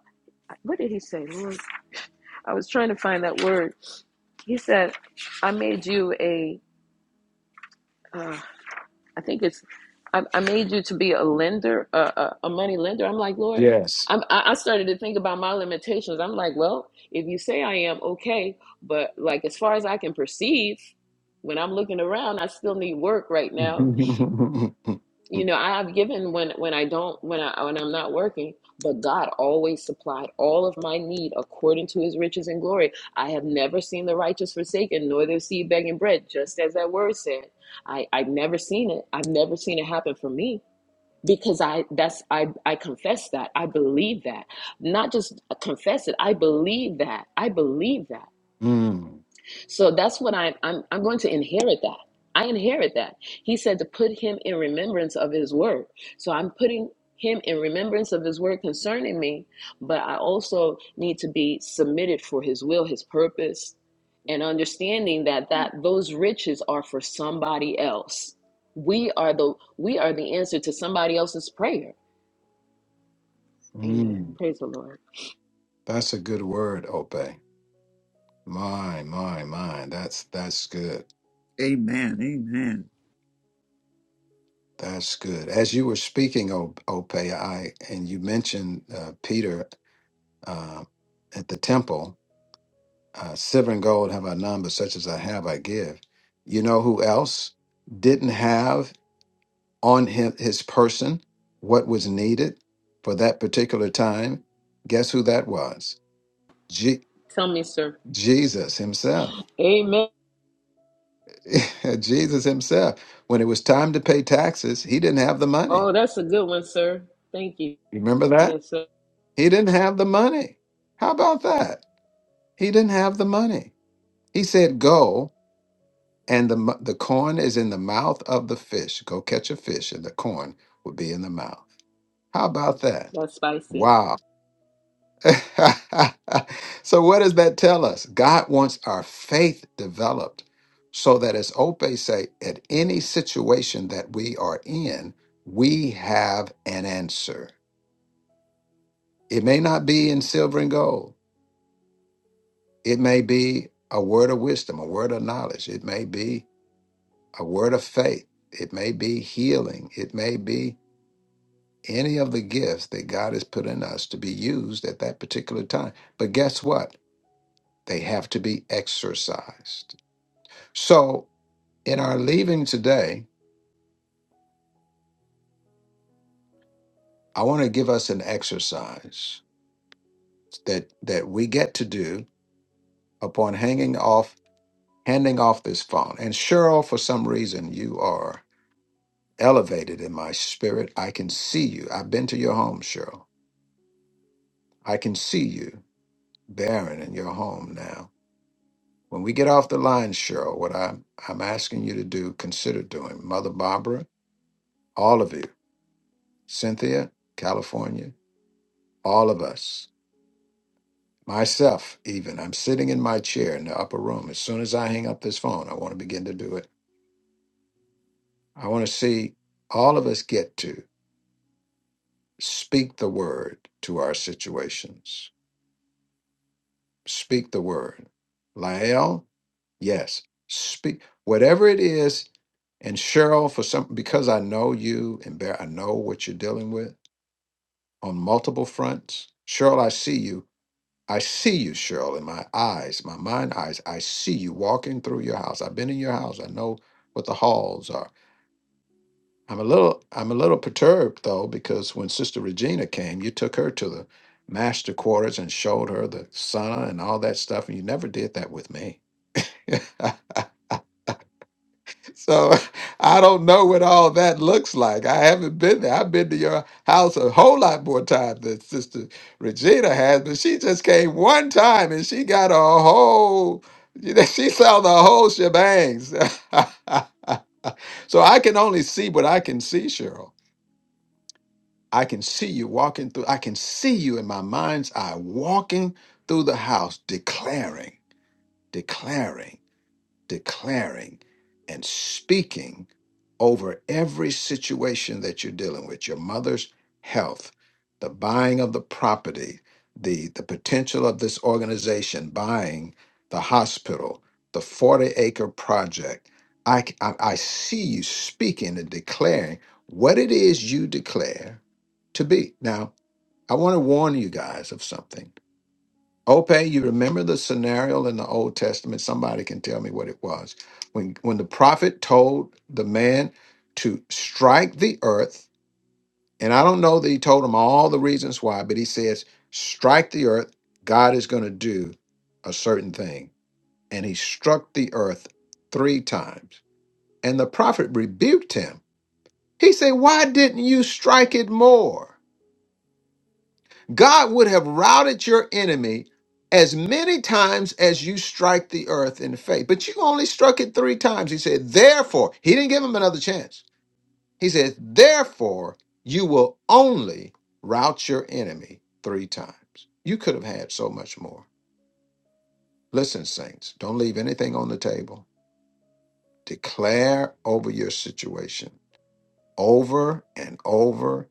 [SPEAKER 9] what did he say? Lord, I was trying to find that word. He said, I made you a, uh, I think it's, I, I made you to be a lender, a, a, a money lender. I'm like, Lord,
[SPEAKER 1] Yes.
[SPEAKER 9] I'm, I I started to think about my limitations. I'm like, well, if you say I am, okay. But like, as far as I can perceive, when I'm looking around, I still need work right now
[SPEAKER 1] mm.
[SPEAKER 9] you know I- have given when when i don't when i when i'm not working but god always supplied all of my need according to his riches and glory i have never seen the righteous forsaken nor their seed begging bread just as that word said i i've never seen it i've never seen it happen for me because i that's i i confess that i believe that not just confess it i believe that i believe that
[SPEAKER 1] Mm.
[SPEAKER 9] so that's what I'm I'm I'm going to inherit that. I inherit that. He said to put him in remembrance of his word. So I'm putting him in remembrance of his word concerning me, but I also need to be submitted for his will, his purpose, and understanding that that those riches are for somebody else. We are the we are the answer to somebody else's prayer. Amen. Praise the Lord.
[SPEAKER 1] That's a good word, Ope. My, my, my. That's that's good.
[SPEAKER 8] Amen. Amen.
[SPEAKER 1] That's good. As you were speaking, O- Ope, I and you mentioned uh, Peter uh, at the temple. Uh, silver and gold have I none, but such as I have, I give. You know who else didn't have? on him his person what was needed for that particular time guess who that was Je-
[SPEAKER 9] Tell me, sir.
[SPEAKER 1] jesus himself
[SPEAKER 9] Amen.
[SPEAKER 1] jesus himself when it was time to pay taxes he didn't have the money
[SPEAKER 9] Oh, that's a good one, sir. Thank you.
[SPEAKER 1] You remember that
[SPEAKER 9] Yes, sir.
[SPEAKER 1] he didn't have the money how about that he didn't have the money he said go and the mo- the corn is in the mouth of the fish go catch a fish and the corn will be in the mouth how about that
[SPEAKER 9] That's spicy.
[SPEAKER 1] Wow. so, what does that tell us? God wants our faith developed so that, as Ope say, at any situation that we are in, we have an answer. It may not be in silver and gold. It may be a word of wisdom, a word of knowledge. It may be a word of faith. It may be healing. It may be any of the gifts that God has put in us to be used at that particular time. But guess what? They have to be exercised. So, in our leaving today, I want to give us an exercise that that we get to do upon hanging off, handing off this phone. And Cheryl, for some reason, you are elevated in my spirit. I can see you. I've been to your home, Cheryl. I can see you, Baron, in your home now. When we get off the line, Cheryl, what I'm I'm asking you to do, consider doing, Mother Barbara, all of you, Cynthia, California, all of us myself even i'm sitting in my chair in the upper room as soon as i hang up this phone i want to begin to do it i want to see all of us get to speak the word to our situations speak the word lael yes speak whatever it is and cheryl for some because i know you and bear i know what you're dealing with on multiple fronts cheryl i see you I see you, Cheryl, in my eyes, my mind eyes. I see you walking through your house. I've been in your house. I know what the halls are. I'm a little I'm a little perturbed though, because when Sister Regina came, you took her to the master quarters and showed her the sauna and all that stuff, and you never did that with me. So I don't know what all that looks like. I haven't been there. I've been to your house a whole lot more times than Sister Regina has, but she just came one time and she got a whole, you know, she saw the whole shebangs. so I can only see what I can see, Cheryl. I can see you walking through, I can see you in my mind's eye walking through the house, declaring, declaring declaring and speaking over every situation that you're dealing with your mother's health the buying of the property the the potential of this organization buying the hospital the 40 acre project i c- i, I see you speaking and declaring what it is you declare to be now i want to warn you guys of something Ope, you remember the scenario in the Old Testament? Somebody can tell me what it was. When when the prophet told the man to strike the earth, and I don't know that he told him all the reasons why, but he says, strike the earth, God is going to do a certain thing. And he struck the earth three times. And the prophet rebuked him. He said, Why didn't you strike it more? God would have routed your enemy as many times as you strike the earth in faith. But you only struck it three times. He said, therefore, he didn't give him another chance. He said, therefore, you will only rout your enemy three times. You could have had so much more. Listen, saints, don't leave anything on the table. Declare over your situation over and over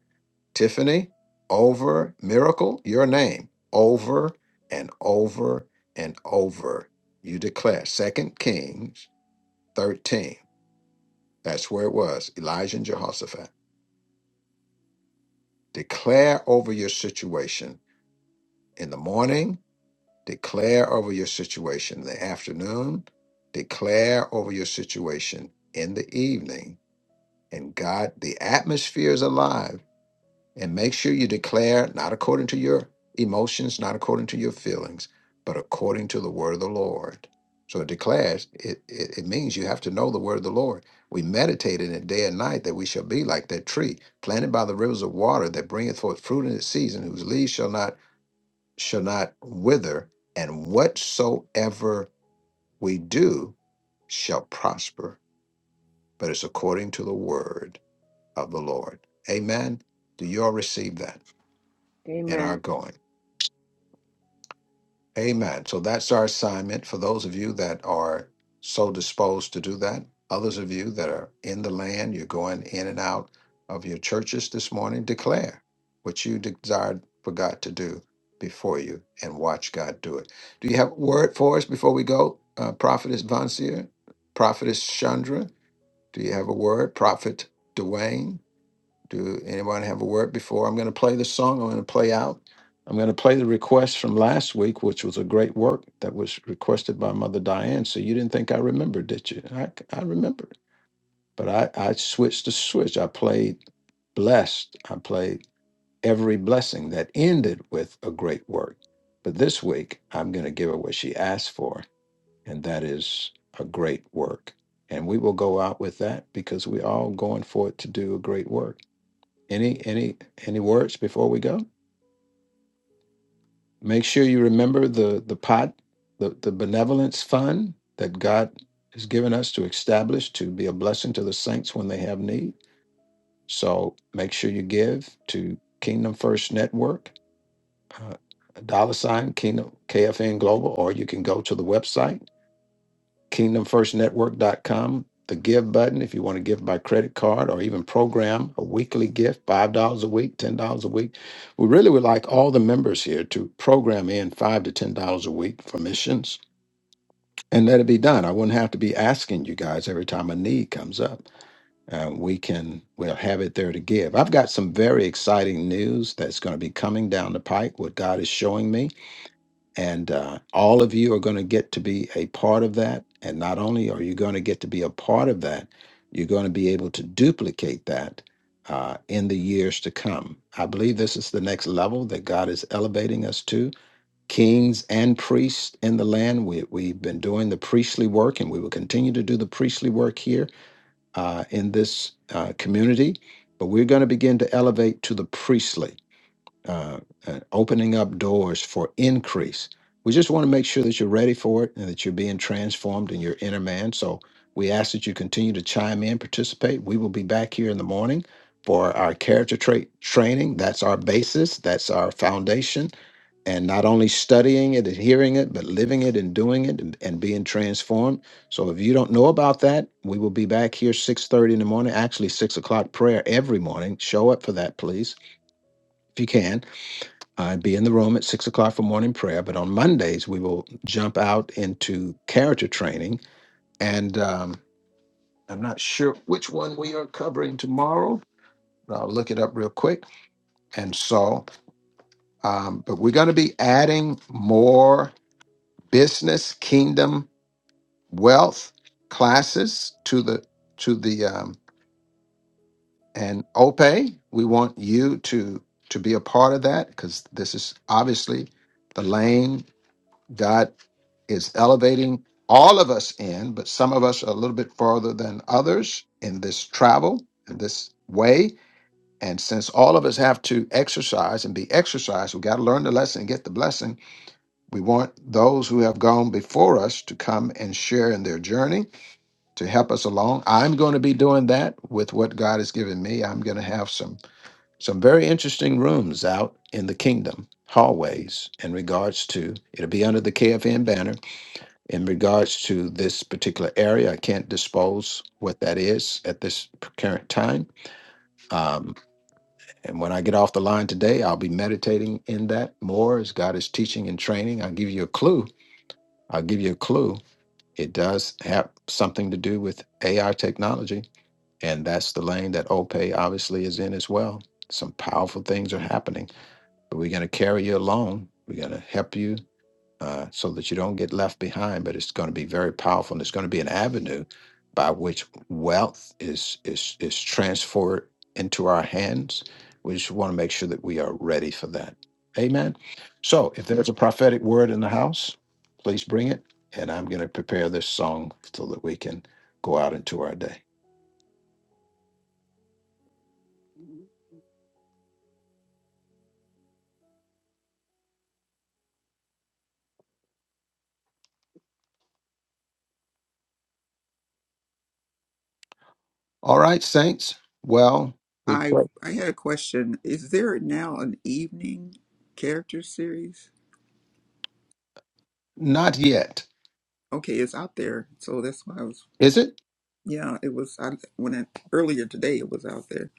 [SPEAKER 1] Tiffany, over, miracle, your name, over and over and over. You declare. Second Kings 13. That's where it was. Elijah and Jehoshaphat. Declare over your situation in the morning, declare over your situation in the afternoon, declare over your situation in the evening. And God, the atmosphere is alive And make sure you declare not according to your emotions, not according to your feelings, but according to the word of the Lord. So it declares, it, it, it means you have to know the word of the Lord. We meditate in it day and night that we shall be like that tree planted by the rivers of water that bringeth forth fruit in its season, whose leaves shall not shall not wither, and whatsoever we do shall prosper. But it's according to the word of the Lord. Amen. Do you all receive that in our
[SPEAKER 9] Amen.
[SPEAKER 1] going? Amen. So that's our assignment for those of you that are so disposed to do that. Others of you that are in the land, you're going in and out of your churches this morning, declare what you desired for God to do before you and watch God do it. Do you have a word for us before we go? Uh, Prophetess Vansier, Prophetess Chandra, do you have a word? Prophet Dwayne? Do anyone have a word before? I'm going to play the song. I'm going to play out. I'm going to play the request from last week, which was a great work that was requested by Mother Diane. So you didn't think I remembered, did you? I, I remembered. But I, I switched the switch. I played blessed. I played every blessing that ended with a great work. But this week, I'm going to give her what she asked for, and that is a great work. And we will go out with that because we're all going forward to do a great work. Any any any words before we go? Make sure you remember the the pot, the, the benevolence fund that God has given us to establish to be a blessing to the saints when they have need. So make sure you give to Kingdom First Network, uh, dollar sign Kingdom KFN Global, or you can go to the website kingdom first network dot com, the give button if you want to give by credit card or even program a weekly gift, $5 a week, $10 a week. We really would like all the members here to program in 5 to $10 a week for missions and let it be done. I wouldn't have to be asking you guys every time a need comes up. Uh, we can we'll have it there to give. I've got some very exciting news that's going to be coming down the pike. What God is showing me, and uh, all of you are going to get to be a part of that. And not only are you going to get to be a part of that, you're going to be able to duplicate that uh, in the years to come. I believe this is the next level that God is elevating us to. Kings and priests in the land. We, we've been doing the priestly work and we will continue to do the priestly work here uh, in this uh, community. But we're going to begin to elevate to the priestly uh, uh, opening up doors for increase. We just want to make sure that you're ready for it and that you're being transformed in your inner man. So we ask that you continue to chime in, participate. We will be back here in the morning for our character trait training. That's our basis, that's our foundation. And not only studying it and hearing it, but living it and doing it and, and being transformed. So if you don't know about that, we will be back here 6:30 in the morning, actually six o'clock prayer every morning. Show up for that, please, if you can I'd be in the room at six o'clock for morning prayer. But on Mondays, we will jump out into character training. And um, I'm not sure which one we are covering tomorrow. I'll look it up real quick. And so, um, but we're going to be adding more business, kingdom, wealth classes to the to the um, and OPE. We want you to to be a part of that because this is obviously the lane God is elevating all of us in, but some of us are a little bit farther than others in this travel, in this way. And since all of us have to exercise and be exercised, we got to learn the lesson and get the blessing. We want those who have gone before us to come and share in their journey to help us along. I'm going to be doing that with what God has given me. I'm going to have some some very interesting rooms out in the kingdom hallways in regards to it'll be under the KFN banner in regards to this particular area, I can't dispose what that is at this current time. Um, and when I get off the line today, I'll be meditating in that more as God is teaching and training. I'll give you a clue. I'll give you a clue. It does have something to do with AI technology, and that's the lane that OPE obviously is in as well. Some powerful things are happening, but we're going to carry you along. We're going to help you uh, so that you don't get left behind. But it's going to be very powerful, and it's going to be an avenue by which wealth is is is transferred into our hands. We just want to make sure that we are ready for that. Amen. So, if there's a prophetic word in the house, please bring it, and I'm going to prepare this song so that we can go out into our day. All right, saints. Well, we
[SPEAKER 8] I
[SPEAKER 1] pray.
[SPEAKER 8] I had a question. Is there now an evening character series?
[SPEAKER 1] Not yet.
[SPEAKER 8] okay, it's out there. So that's why I was,
[SPEAKER 1] Is it?
[SPEAKER 8] yeah, it was I, when I, earlier today it was out there.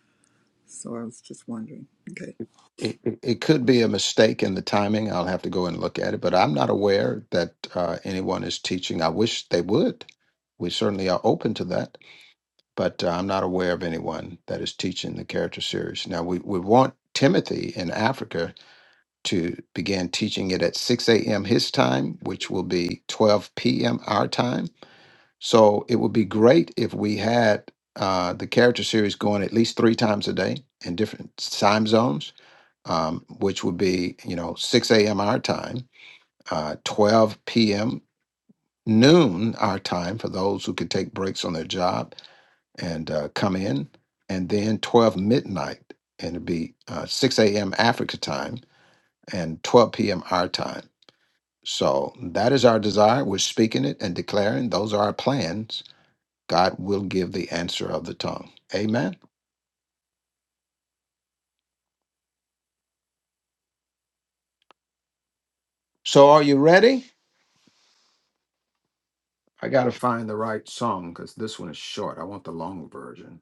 [SPEAKER 8] So I was just wondering. Okay,
[SPEAKER 1] It, it, it could be a mistake in the timing. I'll have to go and look at it, but I'm not aware that uh, anyone is teaching. I wish they would. We certainly are open to that, but uh, I'm not aware of anyone that is teaching the character series. Now, we, we want Timothy in Africa to begin teaching it at 6 a.m. his time, which will be 12 p.m. our time. So it would be great if we had uh, the character series going at least three times a day in different time zones um, which would be you know 6 a.m. our time, uh, 12 p.m. noon our time for those who could take breaks on their job and uh, come in, and then 12 midnight, and it'd be uh, 6 a.m. Africa time and 12 p.m. our time. So that is our desire. We're speaking it and declaring those are our plans. God will give the answer of the tongue. Amen. So are you ready? I got to find the right song because this one is short. I want the long version.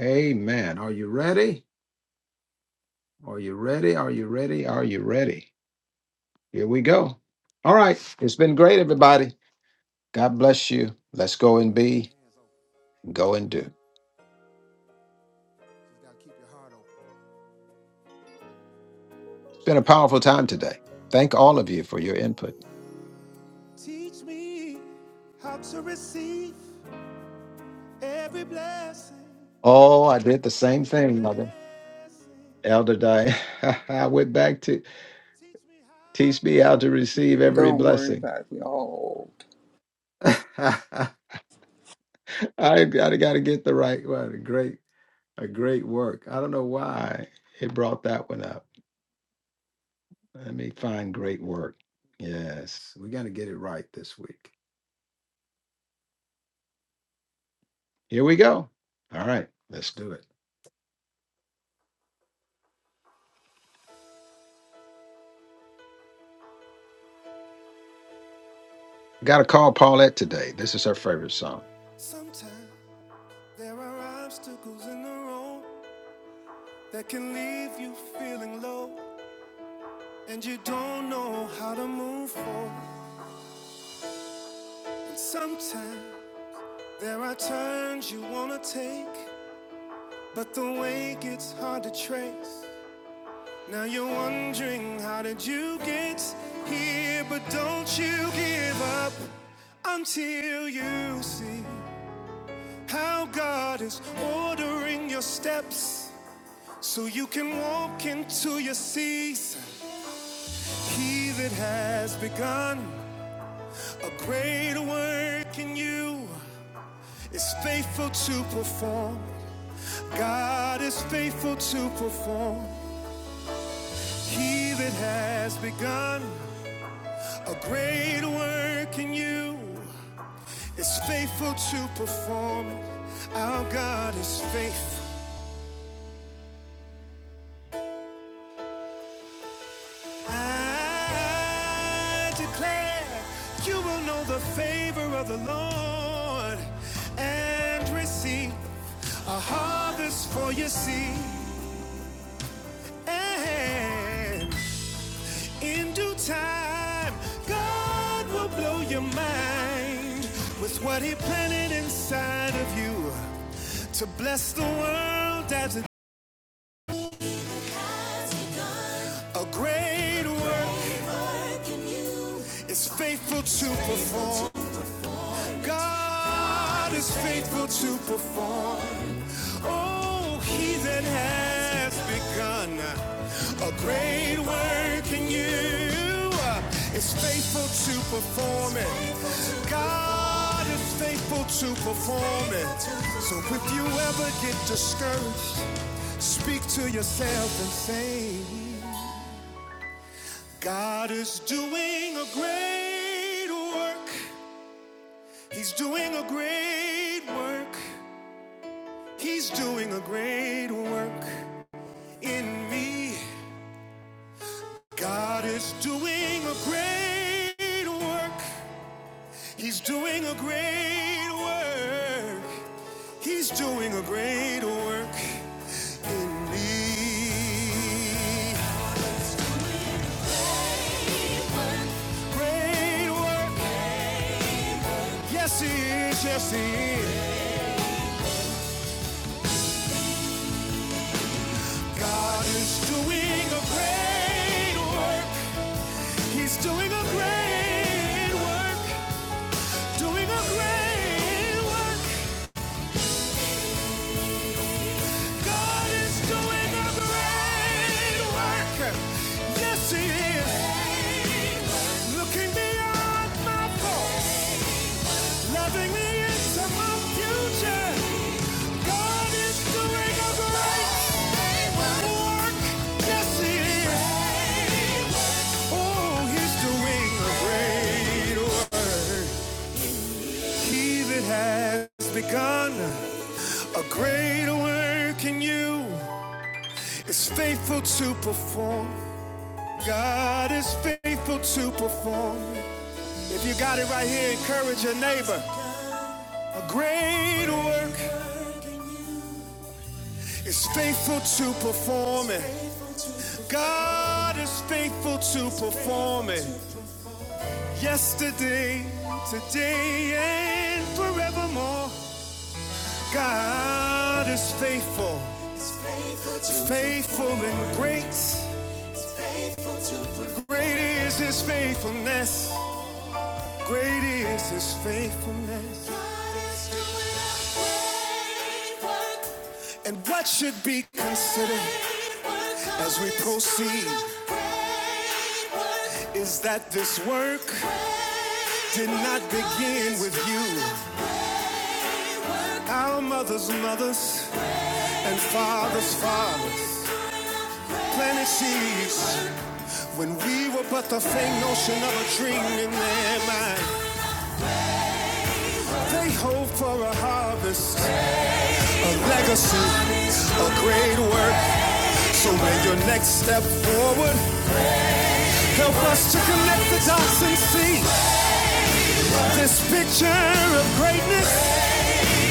[SPEAKER 1] Amen. Are you ready? Are you ready? Are you ready? Are you ready? Here we go. All right. It's been great, everybody. God bless you. Let's go and be, go and do. It's been a powerful time today. Thank all of you for your input. Oh, I did the same thing, Mother. Elder Diane. I went back to teach me how to receive every
[SPEAKER 8] don't worry
[SPEAKER 1] blessing.
[SPEAKER 8] about it. We all old.
[SPEAKER 1] I, I got to get the right one. A great, a great work. I don't know why it brought that one up. Let me find great work. Yes. We're going to get it right this week. Here we go. All right. Let's do it. gotta call Paulette today. This is her favorite song.
[SPEAKER 4] Sometimes there are obstacles in the road that can leave you feeling low and you don't know how to move forward. Sometimes there are turns you wanna take. But the way gets hard to trace. Now you're wondering how did you get here? But don't you give up until you see how God is ordering your steps so you can walk into your season. He that has begun a great work in you is faithful to perform. God is faithful to perform. He that has begun. A great work in you is faithful to perform. Our God is faithful. I declare you will know the favor of the Lord and receive a harvest for your seed. And in due time, God will blow your mind with what He planted inside of you to bless the world as A great work is faithful to perform. God is faithful to perform. Oh, he that has begun a great work in you is faithful to perform it. God is faithful to perform it. So if you ever get discouraged, speak to yourself and say, God is doing a great work. He's doing a great work. He's doing a great work in me. God is doing a great work. He's doing a great work. He's doing a great work in me. Great work. Yes, he is. Yes, he is. God is doing a great work. He's doing a great work. Doing a great work. God is doing a great work. Yes, He is. Looking beyond my faults, loving me into my future. God is doing a great work. Yes, He is. Oh, He's doing a great work. He that has begun a great work in you is faithful to perform. God is faithful to perform. If you got it right here, encourage your neighbor. A great work is faithful to perform it. God is faithful to perform it. Yesterday, today, and forevermore. God is faithful, faithful and great. Great is his faithfulness. Great is his faithfulness. And what should be considered? As we proceed, is that this work did not begin with you? Our mothers' mothers and fathers' fathers planted seeds when we were but the faint notion of a dream in their mind. They hope for a harvest, a legacy, a great work. So when your next step forward, help us to connect the dots and see. This picture of greatness.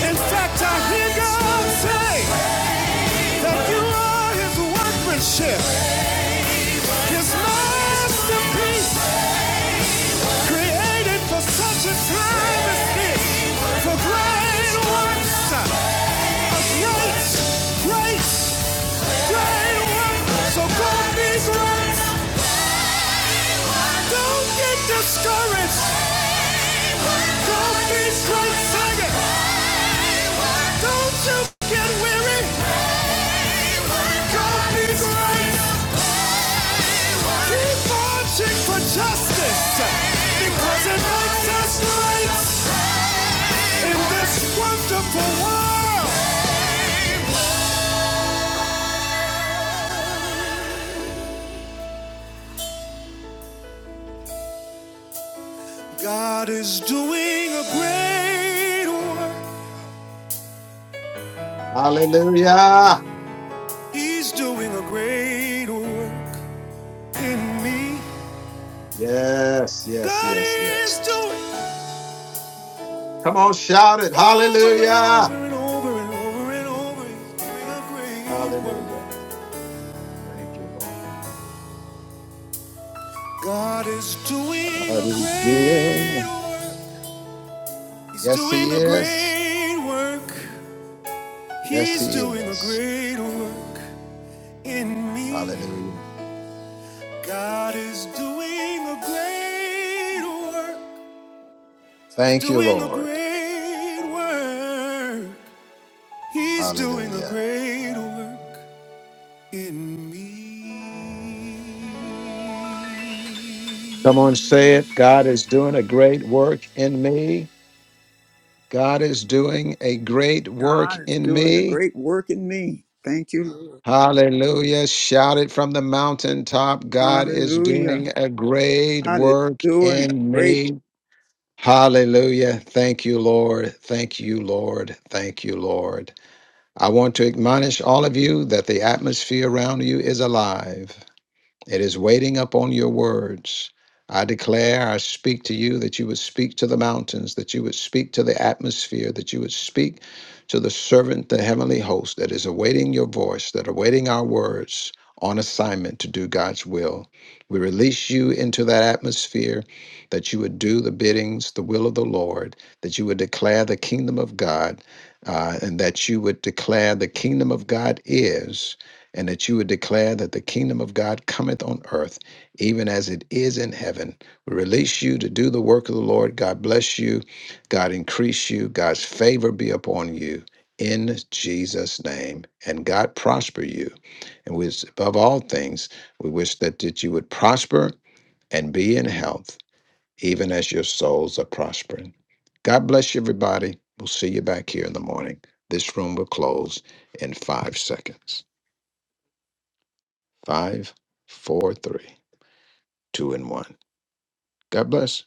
[SPEAKER 4] In fact, I hear God say that you are His workmanship, His masterpiece, created for such a time as this, for great works, uh, great, great, great works. So God these works. Don't get discouraged. Don't be short-sighted. Don't you get weary. Don't be great. Keep marching for justice because it makes us right in this wonderful world. God is doing a great work.
[SPEAKER 1] Hallelujah.
[SPEAKER 4] He's doing a great work in me.
[SPEAKER 1] Yes, yes,
[SPEAKER 4] God
[SPEAKER 1] yes, yes.
[SPEAKER 4] is doing
[SPEAKER 1] Come on, shout it.
[SPEAKER 4] over and
[SPEAKER 1] Hallelujah.
[SPEAKER 4] over and over and over and over. He's doing a great
[SPEAKER 1] Hallelujah.
[SPEAKER 4] work.
[SPEAKER 1] Thank you, Lord.
[SPEAKER 4] God is doing
[SPEAKER 1] God
[SPEAKER 4] a
[SPEAKER 1] is here.
[SPEAKER 4] great work. He's
[SPEAKER 1] Yes, He
[SPEAKER 4] doing a
[SPEAKER 1] is.
[SPEAKER 4] great work.
[SPEAKER 1] Yes,
[SPEAKER 4] He's
[SPEAKER 1] He
[SPEAKER 4] doing a
[SPEAKER 1] is.
[SPEAKER 4] great work in me.
[SPEAKER 1] Hallelujah.
[SPEAKER 4] God is doing a great work. He's
[SPEAKER 1] Thank you,
[SPEAKER 4] doing a
[SPEAKER 1] Lord.
[SPEAKER 4] great work. He's doing a
[SPEAKER 1] Hallelujah.
[SPEAKER 4] great work. in me.
[SPEAKER 1] Come on, say it. God is doing a great work in me. God is doing a great work
[SPEAKER 8] God is
[SPEAKER 1] in
[SPEAKER 8] doing a
[SPEAKER 1] me.
[SPEAKER 8] great work in me. Thank you, Lord.
[SPEAKER 1] Hallelujah. Shout it from the mountaintop. God is
[SPEAKER 8] Hallelujah.
[SPEAKER 1] doing a great
[SPEAKER 8] God is
[SPEAKER 1] work
[SPEAKER 8] doing a
[SPEAKER 1] in
[SPEAKER 8] great
[SPEAKER 1] me. Hallelujah. Thank you, Lord. Thank you, Lord. Thank you, Lord. I want to admonish all of you that the atmosphere around you is alive. It is waiting up on your words. I declare, I speak to you that you would speak to the mountains, that you would speak to the atmosphere, that you would speak to the servant, the heavenly host that is awaiting your voice, that awaiting our words on assignment to do God's will. We release you into that atmosphere, that you would do the biddings, the will of the Lord, that you would declare the kingdom of God, uh, and that you would declare the kingdom of God is and that you would declare that the kingdom of God cometh on earth, even as it is in heaven. We release you to do the work of the Lord. God bless you. God increase you. God's favor be upon you in Jesus' name. And God prosper you. And we, above all things, we wish that, that you would prosper and be in health, even as your souls are prospering. God bless you, everybody. We'll see you back here in the morning. This room will close in five seconds. Five, four, three, two, and one. God bless.